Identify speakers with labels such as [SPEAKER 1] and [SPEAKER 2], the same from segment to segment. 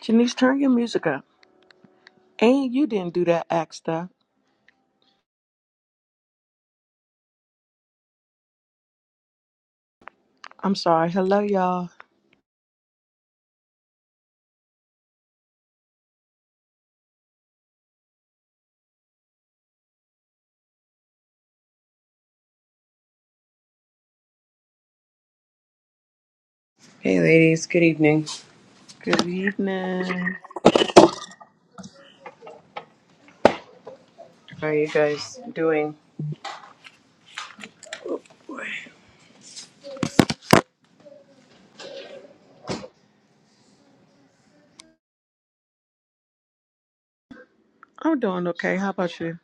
[SPEAKER 1] Janice, turn your music up. And you didn't do that act stuff. I'm sorry. Hello, y'all.
[SPEAKER 2] Hey, ladies. Good evening.
[SPEAKER 1] Good evening.
[SPEAKER 2] How are you guys doing?
[SPEAKER 1] I'm doing okay. How about you?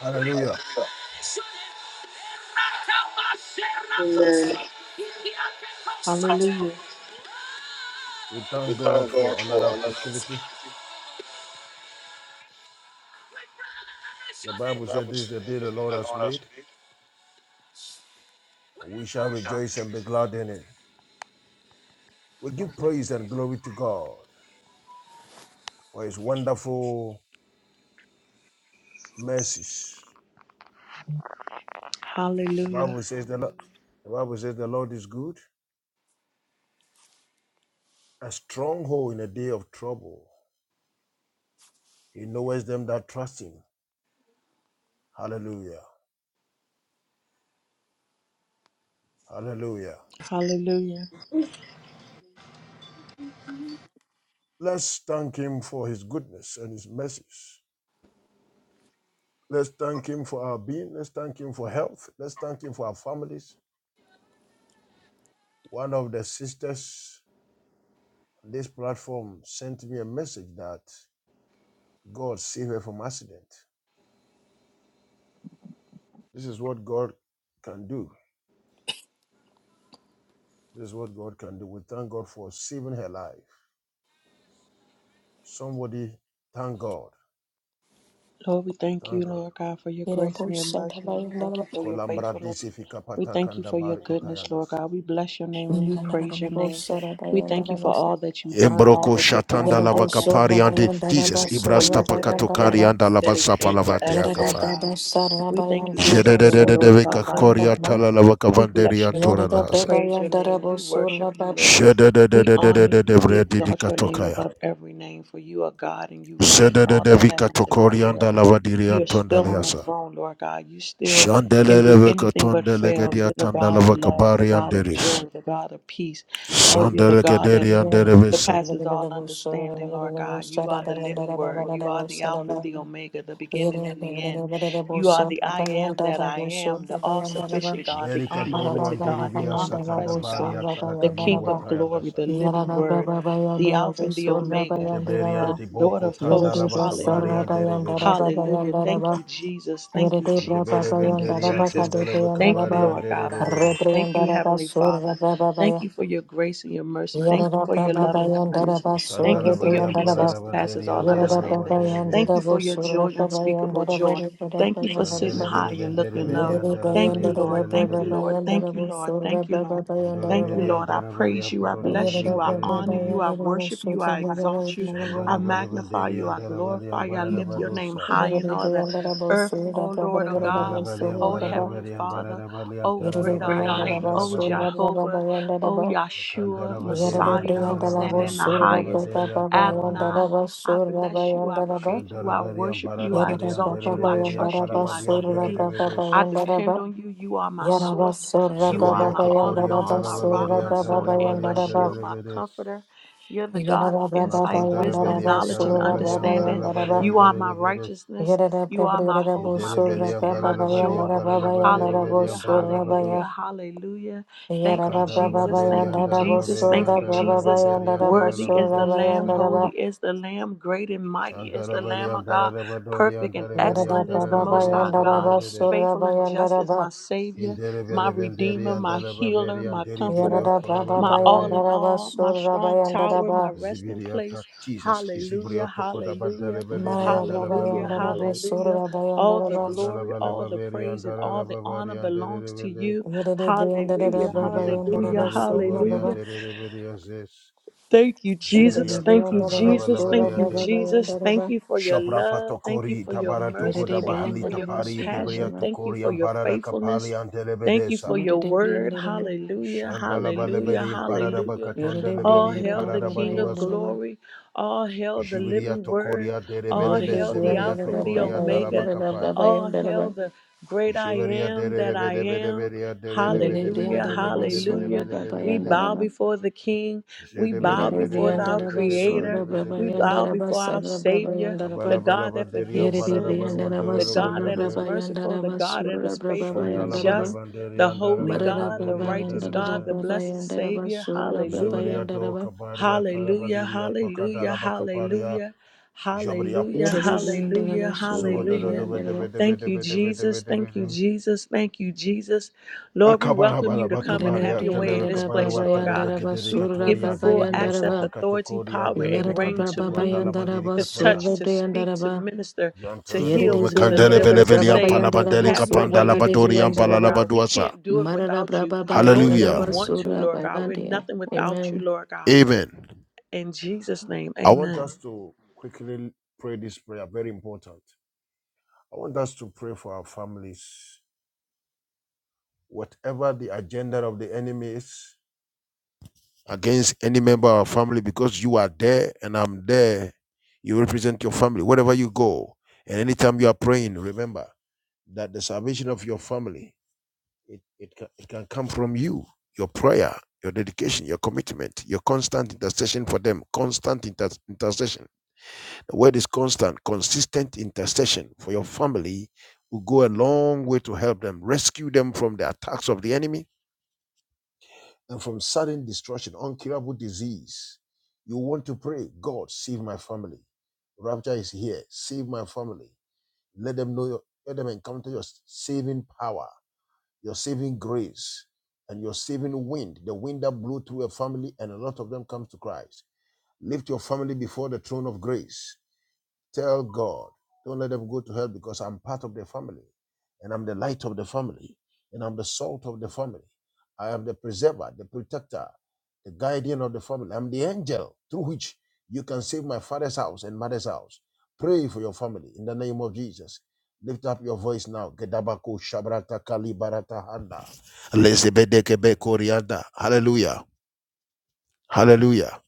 [SPEAKER 3] Hallelujah.
[SPEAKER 2] Amen.
[SPEAKER 1] Hallelujah.
[SPEAKER 3] We thank God for another opportunity. The Bible said, This is the day the Lord has made. and We shall rejoice and be glad in it. We give praise and glory to God for his wonderful mercies. The
[SPEAKER 1] Hallelujah.
[SPEAKER 3] Bible says the, Lo- the Bible says the Lord is good, a stronghold in a day of trouble. He knoweth them that trust him. Hallelujah. Hallelujah.
[SPEAKER 1] Hallelujah.
[SPEAKER 3] Let's thank him for his goodness and his mercies. Let's thank Him for our being. Let's thank Him for health. Let's thank Him for our families. One of the sisters on this platform sent me a message that God saved her from accident. This is what God can do. This is what God can do. We thank God for saving her life. Somebody, thank God.
[SPEAKER 1] Lord, we thank you,
[SPEAKER 3] Thank God.
[SPEAKER 1] Lord God, for your
[SPEAKER 4] Yere
[SPEAKER 1] grace and your mercy. We thank you for your
[SPEAKER 3] Kolambra
[SPEAKER 1] faithfulness.
[SPEAKER 3] disifika
[SPEAKER 1] We thank you
[SPEAKER 3] patakanda
[SPEAKER 1] for your
[SPEAKER 3] bar
[SPEAKER 1] goodness, Lord
[SPEAKER 3] itayadas.
[SPEAKER 1] God. We bless your name and we praise your name. We thank you for all that you've done, all
[SPEAKER 3] Embroko
[SPEAKER 1] that you're doing,
[SPEAKER 3] shatanda
[SPEAKER 1] and all that's to
[SPEAKER 3] labakapari
[SPEAKER 1] come.
[SPEAKER 3] ande
[SPEAKER 1] We
[SPEAKER 3] Jesus.
[SPEAKER 1] thank you for
[SPEAKER 3] Ivrasta
[SPEAKER 1] yesterday, today,
[SPEAKER 3] pakatokari anda
[SPEAKER 1] today,
[SPEAKER 3] labasapa
[SPEAKER 1] and
[SPEAKER 3] lavate
[SPEAKER 1] forever, Lord
[SPEAKER 3] akafa.
[SPEAKER 1] God. We thank you just for being the Lord of our
[SPEAKER 3] Jedededededevika
[SPEAKER 1] life,
[SPEAKER 3] koria
[SPEAKER 1] Lord God.
[SPEAKER 3] talalabaka
[SPEAKER 1] We
[SPEAKER 3] vanderi
[SPEAKER 1] bless your name.
[SPEAKER 3] antora
[SPEAKER 1] We
[SPEAKER 3] rahasa.
[SPEAKER 1] praise your name. We worship you, Lord. We honor you. We exalt
[SPEAKER 3] Jedededededededevredidika
[SPEAKER 1] your name
[SPEAKER 3] tokaya.
[SPEAKER 1] above every name, for you are God and you reign in all the
[SPEAKER 3] Zedededevika
[SPEAKER 1] heavens and all the
[SPEAKER 3] tokoria
[SPEAKER 1] earth.
[SPEAKER 3] ndalavadiri
[SPEAKER 1] You are
[SPEAKER 3] antonda
[SPEAKER 1] still on the
[SPEAKER 3] lehasa.
[SPEAKER 1] throne, Lord God. You still can do
[SPEAKER 3] Shandeleleveka
[SPEAKER 1] anything but fail.
[SPEAKER 3] tondelegedia
[SPEAKER 1] You're the God of
[SPEAKER 3] tandalavaka
[SPEAKER 1] love, the
[SPEAKER 3] bari
[SPEAKER 1] God of
[SPEAKER 3] anderis.
[SPEAKER 1] joy, the God of peace. Oh, you're the God that
[SPEAKER 3] Sandelegederi anderevesata.
[SPEAKER 1] surpasses all understanding, Lord God. You are the living word. You are the Alpha and the Omega, the beginning
[SPEAKER 4] Yere
[SPEAKER 1] and the end.
[SPEAKER 4] Yerede
[SPEAKER 1] You are the
[SPEAKER 4] brasara
[SPEAKER 1] I am that I am, the all sufficient God, the
[SPEAKER 3] Belika doru
[SPEAKER 1] omnipotent God, the
[SPEAKER 3] andiribia satanda
[SPEAKER 1] omnipresent God,
[SPEAKER 3] varia
[SPEAKER 1] the
[SPEAKER 3] talakamiru
[SPEAKER 1] King of glory,
[SPEAKER 3] watayandasa.
[SPEAKER 1] the living word, the Alpha and the Omega,
[SPEAKER 3] Deberi
[SPEAKER 1] the Lord
[SPEAKER 3] antiboko
[SPEAKER 1] of hosts.
[SPEAKER 3] tandalabaka bari
[SPEAKER 1] Hallelujah.
[SPEAKER 3] anderevedis.
[SPEAKER 4] bayandara
[SPEAKER 1] Hallelujah.
[SPEAKER 4] bayandara
[SPEAKER 1] Thank you,
[SPEAKER 4] ba.
[SPEAKER 1] Jesus. Thank you,
[SPEAKER 4] Yerede bra
[SPEAKER 3] Idebere
[SPEAKER 1] Jesus. Thank you,
[SPEAKER 3] benderi
[SPEAKER 4] bayandara ba
[SPEAKER 1] Jesus.
[SPEAKER 4] kade
[SPEAKER 3] antondala
[SPEAKER 1] Thank
[SPEAKER 4] brayandara
[SPEAKER 1] you,
[SPEAKER 3] bakabari
[SPEAKER 4] ba.
[SPEAKER 1] Lord
[SPEAKER 3] andere
[SPEAKER 1] God
[SPEAKER 3] rebedes.
[SPEAKER 1] Almighty. Thank you,
[SPEAKER 4] Rebrayandara ba
[SPEAKER 1] Heavenly
[SPEAKER 4] surra
[SPEAKER 1] Father. Thank you for your grace and your mercy. Thank you
[SPEAKER 4] Yarada
[SPEAKER 1] for your
[SPEAKER 4] Baba
[SPEAKER 1] love and
[SPEAKER 4] Bayandara
[SPEAKER 1] kindness. Thank you
[SPEAKER 3] Ikandala
[SPEAKER 4] Basura
[SPEAKER 1] for
[SPEAKER 3] bali
[SPEAKER 1] your peace
[SPEAKER 3] ampara
[SPEAKER 1] that
[SPEAKER 4] Briandara
[SPEAKER 1] surpasses
[SPEAKER 3] rabanderi
[SPEAKER 1] all
[SPEAKER 3] andala
[SPEAKER 4] Yarada
[SPEAKER 3] balu
[SPEAKER 4] Baba
[SPEAKER 1] understanding.
[SPEAKER 3] andere
[SPEAKER 1] Thank
[SPEAKER 3] rebedes.
[SPEAKER 1] you
[SPEAKER 4] Yandara
[SPEAKER 1] for your
[SPEAKER 4] Basura
[SPEAKER 1] joy,
[SPEAKER 4] Baba
[SPEAKER 1] unspeakable
[SPEAKER 4] Yandara Baba
[SPEAKER 1] joy. Thank you for sitting
[SPEAKER 3] Ikandele
[SPEAKER 4] Yandara
[SPEAKER 3] bere
[SPEAKER 1] high and
[SPEAKER 3] bendere
[SPEAKER 1] looking
[SPEAKER 3] beri
[SPEAKER 1] low.
[SPEAKER 4] Yarada
[SPEAKER 3] andala
[SPEAKER 1] Thank
[SPEAKER 3] bali
[SPEAKER 1] you,
[SPEAKER 4] Bayandara
[SPEAKER 3] andere
[SPEAKER 1] Lord. Thank
[SPEAKER 4] Baba
[SPEAKER 1] you,
[SPEAKER 3] rebedes.
[SPEAKER 1] Lord. Thank
[SPEAKER 4] Bayandara
[SPEAKER 1] you, Lord.
[SPEAKER 4] Basura
[SPEAKER 1] Thank you, Lord.
[SPEAKER 4] Baba
[SPEAKER 3] Andere
[SPEAKER 1] Thank you,
[SPEAKER 3] beri
[SPEAKER 4] Bayandara
[SPEAKER 1] Lord. I
[SPEAKER 3] andala bali
[SPEAKER 1] praise you. I
[SPEAKER 3] amporo
[SPEAKER 1] bless
[SPEAKER 3] reberi
[SPEAKER 1] you.
[SPEAKER 4] Yarada
[SPEAKER 1] I
[SPEAKER 3] andere
[SPEAKER 4] Baba
[SPEAKER 1] honor you.
[SPEAKER 3] rebedes.
[SPEAKER 1] I
[SPEAKER 4] Bayandara
[SPEAKER 1] worship you.
[SPEAKER 4] Basura
[SPEAKER 1] I
[SPEAKER 4] Baba
[SPEAKER 1] exalt you.
[SPEAKER 4] Yandara
[SPEAKER 1] I
[SPEAKER 3] Shandala bali
[SPEAKER 1] magnify
[SPEAKER 3] benderi
[SPEAKER 1] you. I
[SPEAKER 3] andala bali
[SPEAKER 1] glorify you. I
[SPEAKER 3] ampara
[SPEAKER 1] lift your name
[SPEAKER 3] rabadosa.
[SPEAKER 1] high in
[SPEAKER 4] Yarada
[SPEAKER 1] all the
[SPEAKER 4] Bayandara
[SPEAKER 1] earth,
[SPEAKER 4] Basura
[SPEAKER 1] O
[SPEAKER 4] Baba
[SPEAKER 1] Lord, O
[SPEAKER 4] Yandara
[SPEAKER 3] Kandala
[SPEAKER 1] God.
[SPEAKER 3] bali
[SPEAKER 1] O
[SPEAKER 4] Basura
[SPEAKER 3] ampara
[SPEAKER 4] Baba
[SPEAKER 1] Heavenly
[SPEAKER 3] rabari ampara
[SPEAKER 1] Father,
[SPEAKER 3] rabali
[SPEAKER 1] O
[SPEAKER 3] antala
[SPEAKER 1] great
[SPEAKER 4] Yarada
[SPEAKER 1] I
[SPEAKER 3] labaderi
[SPEAKER 4] Bayandara
[SPEAKER 1] am,
[SPEAKER 3] andala
[SPEAKER 1] O
[SPEAKER 4] Basura
[SPEAKER 3] badias.
[SPEAKER 4] Baba
[SPEAKER 1] Jehovah, O
[SPEAKER 4] Yandara
[SPEAKER 3] Ikandala
[SPEAKER 1] Yahshua,
[SPEAKER 3] banderi
[SPEAKER 4] Yarare
[SPEAKER 1] Messiah,
[SPEAKER 4] Brianda
[SPEAKER 3] antala bali
[SPEAKER 1] Hosanna
[SPEAKER 4] Lavo
[SPEAKER 1] in the
[SPEAKER 3] ampara
[SPEAKER 4] Sura
[SPEAKER 1] highest,
[SPEAKER 4] Baba
[SPEAKER 3] rabanderi
[SPEAKER 4] Baba
[SPEAKER 3] antala
[SPEAKER 1] Adonai.
[SPEAKER 3] badias.
[SPEAKER 4] Yandaraba
[SPEAKER 1] I
[SPEAKER 4] Sura
[SPEAKER 1] bless you. I
[SPEAKER 4] Bayandaraba
[SPEAKER 1] praise you. I
[SPEAKER 3] Shandarabarian
[SPEAKER 1] worship you. I
[SPEAKER 4] Yarada
[SPEAKER 3] Barabarian
[SPEAKER 1] exalt
[SPEAKER 4] Baba
[SPEAKER 1] you. I
[SPEAKER 3] Dereberia
[SPEAKER 1] trust you.
[SPEAKER 4] Bayandaraba
[SPEAKER 1] I
[SPEAKER 3] Parabadian
[SPEAKER 4] Sura
[SPEAKER 1] need you.
[SPEAKER 4] Baba
[SPEAKER 3] Derebedes
[SPEAKER 1] I depend
[SPEAKER 4] Bayandaraba
[SPEAKER 1] on you. You are my
[SPEAKER 4] Yaraba
[SPEAKER 1] source.
[SPEAKER 4] Sura
[SPEAKER 1] You are
[SPEAKER 4] Baba
[SPEAKER 3] Zaberia
[SPEAKER 1] my all in
[SPEAKER 3] Tokorian
[SPEAKER 1] all,
[SPEAKER 4] Bayandaraba
[SPEAKER 1] my rock,
[SPEAKER 4] Sura
[SPEAKER 1] my
[SPEAKER 3] Darabarian
[SPEAKER 4] Baba
[SPEAKER 1] sword, and my
[SPEAKER 3] Tarabarian
[SPEAKER 4] Bayandaraba
[SPEAKER 1] shield, my
[SPEAKER 3] Derebedes
[SPEAKER 1] comforter. You're the God of
[SPEAKER 4] Yarada Baba
[SPEAKER 1] insight, wisdom,
[SPEAKER 4] Bayandaraba
[SPEAKER 3] Makondarabarian
[SPEAKER 1] knowledge, and
[SPEAKER 4] Sura Baba
[SPEAKER 3] Tarabarian
[SPEAKER 1] understanding.
[SPEAKER 4] Yandaraba
[SPEAKER 3] Barabarian
[SPEAKER 1] You are my
[SPEAKER 3] Derebedes
[SPEAKER 1] righteousness.
[SPEAKER 4] Yarada
[SPEAKER 1] You are my
[SPEAKER 3] In
[SPEAKER 1] hope,
[SPEAKER 4] Prebriarabo
[SPEAKER 1] my
[SPEAKER 4] Sura
[SPEAKER 1] peace,
[SPEAKER 3] Dereberian
[SPEAKER 1] and
[SPEAKER 4] Baba
[SPEAKER 1] my
[SPEAKER 3] Barabarian
[SPEAKER 1] joy.
[SPEAKER 4] Bayandaraba
[SPEAKER 3] Baraban
[SPEAKER 4] Bayandarabo
[SPEAKER 1] Hallelujah,
[SPEAKER 3] Dereberian
[SPEAKER 4] Sura
[SPEAKER 1] hallelujah,
[SPEAKER 4] Baya
[SPEAKER 3] Barabados
[SPEAKER 1] hallelujah. Thank you,
[SPEAKER 4] Yarada Baba
[SPEAKER 1] Jesus. Thank
[SPEAKER 3] Nikandarabanderian
[SPEAKER 1] you,
[SPEAKER 4] Bayandarabo
[SPEAKER 1] Jesus.
[SPEAKER 4] Sura
[SPEAKER 1] Thank
[SPEAKER 3] Darabarian
[SPEAKER 1] you,
[SPEAKER 4] Baba
[SPEAKER 1] Jesus.
[SPEAKER 3] Darabanderian
[SPEAKER 4] Bayandaraba
[SPEAKER 1] Worthy is the
[SPEAKER 4] Sura
[SPEAKER 3] Darabados
[SPEAKER 1] Lamb,
[SPEAKER 4] Bayandaraba
[SPEAKER 1] holy
[SPEAKER 3] Yatades
[SPEAKER 1] is the Lamb, great and mighty is the Lamb of
[SPEAKER 3] Shandarabarian
[SPEAKER 1] God,
[SPEAKER 3] Barabadorian
[SPEAKER 1] perfect and
[SPEAKER 4] Yarada
[SPEAKER 3] Dareberian
[SPEAKER 1] excellent is the
[SPEAKER 4] Baba
[SPEAKER 1] Most High
[SPEAKER 3] Darabarian
[SPEAKER 1] God,
[SPEAKER 4] Bayandaraba
[SPEAKER 3] Derebedes
[SPEAKER 4] Surra
[SPEAKER 1] faithful and just is my
[SPEAKER 4] Bayandaraba
[SPEAKER 1] Savior,
[SPEAKER 3] Indere
[SPEAKER 1] my
[SPEAKER 3] bele benderi
[SPEAKER 1] Redeemer, my
[SPEAKER 3] andele
[SPEAKER 1] Healer,
[SPEAKER 3] baberi
[SPEAKER 1] my
[SPEAKER 3] anderi
[SPEAKER 1] Comforter,
[SPEAKER 4] Yarada
[SPEAKER 3] birioto laba
[SPEAKER 4] Baba
[SPEAKER 1] my all
[SPEAKER 3] labaze
[SPEAKER 1] in
[SPEAKER 4] Bayandaraba
[SPEAKER 1] all, my
[SPEAKER 4] Surra
[SPEAKER 1] strong tower, my
[SPEAKER 4] Bayandaraba
[SPEAKER 1] resting
[SPEAKER 3] zibiriata
[SPEAKER 1] place.
[SPEAKER 3] Jesus
[SPEAKER 1] Hallelujah,
[SPEAKER 3] izibrioto koda badale
[SPEAKER 1] hallelujah,
[SPEAKER 3] beleri
[SPEAKER 4] Marada
[SPEAKER 3] andele
[SPEAKER 1] hallelujah,
[SPEAKER 3] bele
[SPEAKER 4] Bayandaraba
[SPEAKER 3] bende
[SPEAKER 1] hallelujah.
[SPEAKER 4] Surra
[SPEAKER 1] All the
[SPEAKER 4] Bayandaraba
[SPEAKER 3] shandala
[SPEAKER 1] glory,
[SPEAKER 3] bele
[SPEAKER 1] all the
[SPEAKER 3] baberi
[SPEAKER 1] praise, and
[SPEAKER 3] andele
[SPEAKER 1] all the
[SPEAKER 3] laba bari
[SPEAKER 1] honor
[SPEAKER 3] andele
[SPEAKER 1] belongs to
[SPEAKER 3] bende
[SPEAKER 1] you.
[SPEAKER 4] Vidadi
[SPEAKER 1] Hallelujah,
[SPEAKER 4] Briandaraba
[SPEAKER 3] zibiri antoro de
[SPEAKER 1] hallelujah,
[SPEAKER 4] Bayandaraba Surra
[SPEAKER 3] bekabori
[SPEAKER 1] hallelujah.
[SPEAKER 4] Baba
[SPEAKER 3] andele bele azes
[SPEAKER 1] Thank you, Jesus.
[SPEAKER 4] Vidadi
[SPEAKER 3] zibiriato
[SPEAKER 1] Thank you,
[SPEAKER 3] kandala
[SPEAKER 4] Briandaraba
[SPEAKER 3] bele
[SPEAKER 1] Jesus.
[SPEAKER 4] sura
[SPEAKER 3] bele
[SPEAKER 1] Thank you,
[SPEAKER 4] Baba
[SPEAKER 3] ande
[SPEAKER 1] Jesus. Thank
[SPEAKER 4] Bayandaraba
[SPEAKER 1] you for your
[SPEAKER 3] Shapra
[SPEAKER 1] love. Thank you
[SPEAKER 3] patokori
[SPEAKER 1] for your
[SPEAKER 3] tabarato
[SPEAKER 1] mercy.
[SPEAKER 3] goda
[SPEAKER 4] Vidadi
[SPEAKER 1] Thank you for
[SPEAKER 3] bahalita
[SPEAKER 1] your
[SPEAKER 4] Briandaraba
[SPEAKER 3] pari
[SPEAKER 4] Surra
[SPEAKER 1] compassion.
[SPEAKER 4] Baba
[SPEAKER 3] debriato
[SPEAKER 1] Thank you
[SPEAKER 3] kori
[SPEAKER 1] for your
[SPEAKER 3] amparada kapali
[SPEAKER 1] faithfulness.
[SPEAKER 3] andele
[SPEAKER 1] Thank you
[SPEAKER 3] bedesa
[SPEAKER 1] for your
[SPEAKER 4] Vidadi
[SPEAKER 1] word.
[SPEAKER 4] Briandaraba
[SPEAKER 1] Hallelujah. Hallelujah.
[SPEAKER 3] Shandalabaleberim
[SPEAKER 1] Hallelujah.
[SPEAKER 4] Vidadi
[SPEAKER 1] All
[SPEAKER 3] paradabakatondelebeli
[SPEAKER 1] hail the
[SPEAKER 4] Briandaraba
[SPEAKER 1] King of
[SPEAKER 3] paradabaduasa.
[SPEAKER 4] Bayandaraba
[SPEAKER 1] glory. All hail the
[SPEAKER 3] Jibiria
[SPEAKER 1] living word.
[SPEAKER 3] tokoria
[SPEAKER 1] All
[SPEAKER 3] derebelebe
[SPEAKER 4] Vidadi
[SPEAKER 1] hail the
[SPEAKER 3] zeveria
[SPEAKER 1] Alpha and
[SPEAKER 4] Briandaraba
[SPEAKER 1] the
[SPEAKER 3] tokoria
[SPEAKER 1] Omega.
[SPEAKER 4] Bayandaraba
[SPEAKER 3] dalabakapaya.
[SPEAKER 1] All hail
[SPEAKER 4] Bayandaraba
[SPEAKER 1] the great I
[SPEAKER 3] Jibiria
[SPEAKER 1] am that I am.
[SPEAKER 3] derebedebedeberia
[SPEAKER 4] Yerede
[SPEAKER 1] Hallelujah.
[SPEAKER 4] brianda raba surda
[SPEAKER 1] Hallelujah.
[SPEAKER 4] baba
[SPEAKER 1] We
[SPEAKER 4] yanda
[SPEAKER 3] derebedebedebedebedebedebedebede.
[SPEAKER 1] bow
[SPEAKER 4] raba.
[SPEAKER 1] before the King. We bow
[SPEAKER 4] Yerede
[SPEAKER 1] before
[SPEAKER 4] brianda
[SPEAKER 1] our
[SPEAKER 4] raba
[SPEAKER 1] Creator.
[SPEAKER 4] surda baba
[SPEAKER 1] We
[SPEAKER 3] Zedebedebedebedebedebedebedebede.
[SPEAKER 4] yanda
[SPEAKER 1] bow
[SPEAKER 4] raba
[SPEAKER 1] before our
[SPEAKER 4] sarra baba
[SPEAKER 1] Savior,
[SPEAKER 4] yanda
[SPEAKER 1] the
[SPEAKER 4] raba.
[SPEAKER 1] God that
[SPEAKER 3] Kabalabalabanderia
[SPEAKER 1] forgives
[SPEAKER 4] Yerede
[SPEAKER 1] sins,
[SPEAKER 4] brianda raba
[SPEAKER 1] the God
[SPEAKER 4] sarra
[SPEAKER 1] that is
[SPEAKER 4] baba
[SPEAKER 3] paradabaluanderobodiande.
[SPEAKER 4] yanda
[SPEAKER 1] merciful, the
[SPEAKER 4] raba
[SPEAKER 1] God that is
[SPEAKER 4] surda baba
[SPEAKER 1] faithful and
[SPEAKER 4] yanda
[SPEAKER 1] just,
[SPEAKER 4] raba.
[SPEAKER 1] the
[SPEAKER 3] Shandalabalabanderia
[SPEAKER 1] holy
[SPEAKER 4] Marada
[SPEAKER 1] God, the
[SPEAKER 4] baba
[SPEAKER 3] darabalabanderia
[SPEAKER 1] righteous
[SPEAKER 4] yanda
[SPEAKER 1] God,
[SPEAKER 4] raba
[SPEAKER 1] the
[SPEAKER 3] derebede.
[SPEAKER 4] baba
[SPEAKER 1] blessed
[SPEAKER 4] yanda raba
[SPEAKER 1] Savior.
[SPEAKER 4] surda baba
[SPEAKER 1] Hallelujah.
[SPEAKER 3] Zeberia
[SPEAKER 4] yanda
[SPEAKER 3] do
[SPEAKER 4] raba.
[SPEAKER 3] kabaria
[SPEAKER 1] Hallelujah,
[SPEAKER 3] tarabadiria
[SPEAKER 1] hallelujah,
[SPEAKER 3] tokadalabakaparia.
[SPEAKER 1] hallelujah,
[SPEAKER 3] Jabriyab
[SPEAKER 1] hallelujah,
[SPEAKER 4] Yerede
[SPEAKER 3] Jesus.
[SPEAKER 4] brianda raba
[SPEAKER 1] hallelujah,
[SPEAKER 4] surda baba
[SPEAKER 1] hallelujah.
[SPEAKER 4] yanda raba.
[SPEAKER 1] Thank you, Jesus. Thank you, Jesus. Thank you, Jesus. Lord, we welcome you to come and
[SPEAKER 4] Yerede
[SPEAKER 1] have
[SPEAKER 3] Akabarabababakbaria
[SPEAKER 1] your
[SPEAKER 4] brianda
[SPEAKER 1] way in this
[SPEAKER 4] raba
[SPEAKER 1] place,
[SPEAKER 4] baba
[SPEAKER 3] telebakbarwa
[SPEAKER 1] Lord
[SPEAKER 4] yanda
[SPEAKER 1] God.
[SPEAKER 3] telebke
[SPEAKER 4] raba
[SPEAKER 1] We
[SPEAKER 4] surda
[SPEAKER 1] give you
[SPEAKER 3] dirikatoria
[SPEAKER 4] baba
[SPEAKER 1] full
[SPEAKER 4] yanda
[SPEAKER 3] diribios
[SPEAKER 1] access,
[SPEAKER 4] raba.
[SPEAKER 1] authority,
[SPEAKER 3] tapakatukoria
[SPEAKER 1] power, and
[SPEAKER 3] teleb
[SPEAKER 4] Yerada
[SPEAKER 1] reign to
[SPEAKER 4] baba
[SPEAKER 3] kadukutwa
[SPEAKER 1] move,
[SPEAKER 3] talaba
[SPEAKER 4] yanda raba
[SPEAKER 1] to touch,
[SPEAKER 4] surda
[SPEAKER 3] dirikatoyas.
[SPEAKER 1] to
[SPEAKER 4] brianda
[SPEAKER 1] speak, to
[SPEAKER 4] raba.
[SPEAKER 1] minister, to
[SPEAKER 4] Yere
[SPEAKER 3] Yantarodewe
[SPEAKER 1] heal,
[SPEAKER 4] de
[SPEAKER 1] to
[SPEAKER 4] briandara
[SPEAKER 1] deliver,
[SPEAKER 4] da
[SPEAKER 1] to
[SPEAKER 3] mkandelevelveli
[SPEAKER 4] braba
[SPEAKER 1] save.
[SPEAKER 4] bayandara
[SPEAKER 3] ampanabandele
[SPEAKER 4] bo
[SPEAKER 1] Have your
[SPEAKER 4] surra
[SPEAKER 3] kapanda
[SPEAKER 1] way
[SPEAKER 4] ba
[SPEAKER 1] in
[SPEAKER 4] de
[SPEAKER 1] this
[SPEAKER 3] labaduri
[SPEAKER 1] place,
[SPEAKER 4] briandara
[SPEAKER 1] Lord
[SPEAKER 4] ba
[SPEAKER 1] God. We
[SPEAKER 3] ampalabaduasa.
[SPEAKER 1] can't do it
[SPEAKER 4] marara
[SPEAKER 1] without you,
[SPEAKER 4] braba
[SPEAKER 1] nor do
[SPEAKER 4] bayandara
[SPEAKER 1] we
[SPEAKER 3] Hallelujah.
[SPEAKER 4] ba
[SPEAKER 1] want to,
[SPEAKER 4] surra
[SPEAKER 1] Lord God. We're
[SPEAKER 4] bayandia.
[SPEAKER 1] nothing without you,
[SPEAKER 4] Amen.
[SPEAKER 1] Lord God.
[SPEAKER 3] Amen.
[SPEAKER 1] In Jesus' name,
[SPEAKER 3] I want
[SPEAKER 1] amen.
[SPEAKER 3] us to quickly pray this prayer. Very important. I want us to pray for our families. Whatever the agenda of the enemy is. against any member of our family because you are there and I'm there. You represent your family wherever you go. And anytime you are praying, remember that the salvation of your family, it, it, can, it can come from you, your prayer, your dedication, your commitment, your constant intercession for them, constant inter- intercession. The word is constant, consistent intercession for your family will go a long way to help them, rescue them from the attacks of the enemy, and from sudden destruction, incurable disease. You want to pray, God, save my family. Rapture is here. Save my family. Let them know your, let them encounter your saving power, your saving grace, and your saving wind, the wind that blew through a family, and a lot of them comes to Christ. Lift your family before the throne of grace Tell God, don't let them go to hell because I'm part of the family and I'm the light of the family and I'm the salt of the family. I am the preserver, the protector, the guardian of the family. I'm the angel through which you can save my father's house and mother's house. Pray for your family in the name of Jesus. Lift up your voice now. Gedabako shabrata kalibarata handa. Lezebedekebe korianda. Hallelujah. Hallelujah.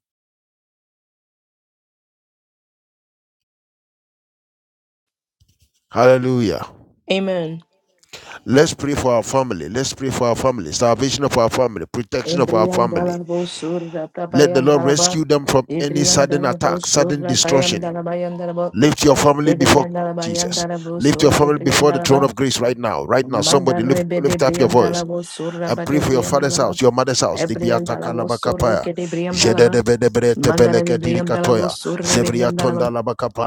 [SPEAKER 3] Hallelujah.
[SPEAKER 4] Amen.
[SPEAKER 3] Let's pray for our family. Let's pray for our family. Salvation of our family. Protection of our
[SPEAKER 4] Ebriandala
[SPEAKER 3] family.
[SPEAKER 4] bo surra braba
[SPEAKER 3] Let the Lord
[SPEAKER 4] yandala ba.
[SPEAKER 3] rescue them from any sudden
[SPEAKER 4] Ebriandala bo
[SPEAKER 3] attack, sudden
[SPEAKER 4] surra
[SPEAKER 3] destruction.
[SPEAKER 4] bayandala bayandala ba.
[SPEAKER 3] Lift your family before
[SPEAKER 4] Ebriandala
[SPEAKER 3] Jesus.
[SPEAKER 4] bayandala bo
[SPEAKER 3] Lift your
[SPEAKER 4] surra
[SPEAKER 3] family before the
[SPEAKER 4] ebriandala
[SPEAKER 3] throne
[SPEAKER 4] ba.
[SPEAKER 3] of grace right now. Right now,
[SPEAKER 4] Manda
[SPEAKER 3] somebody lift,
[SPEAKER 4] rebe de
[SPEAKER 3] lift up your
[SPEAKER 4] briam
[SPEAKER 3] voice
[SPEAKER 4] dalabo surra
[SPEAKER 3] and
[SPEAKER 4] ba
[SPEAKER 3] pray
[SPEAKER 4] de
[SPEAKER 3] for your
[SPEAKER 4] briam
[SPEAKER 3] father's
[SPEAKER 4] dalaba.
[SPEAKER 3] house, your mother's house.
[SPEAKER 4] Ebriam
[SPEAKER 3] Libiata
[SPEAKER 4] dalabo surre
[SPEAKER 3] kalabakapaya.
[SPEAKER 4] ke de briam dalaba. Manda de
[SPEAKER 3] Jededebedebretebeleke
[SPEAKER 4] briam dalabo
[SPEAKER 3] dirikatoya.
[SPEAKER 4] surre briam
[SPEAKER 3] Zevriatonda
[SPEAKER 4] dalaba.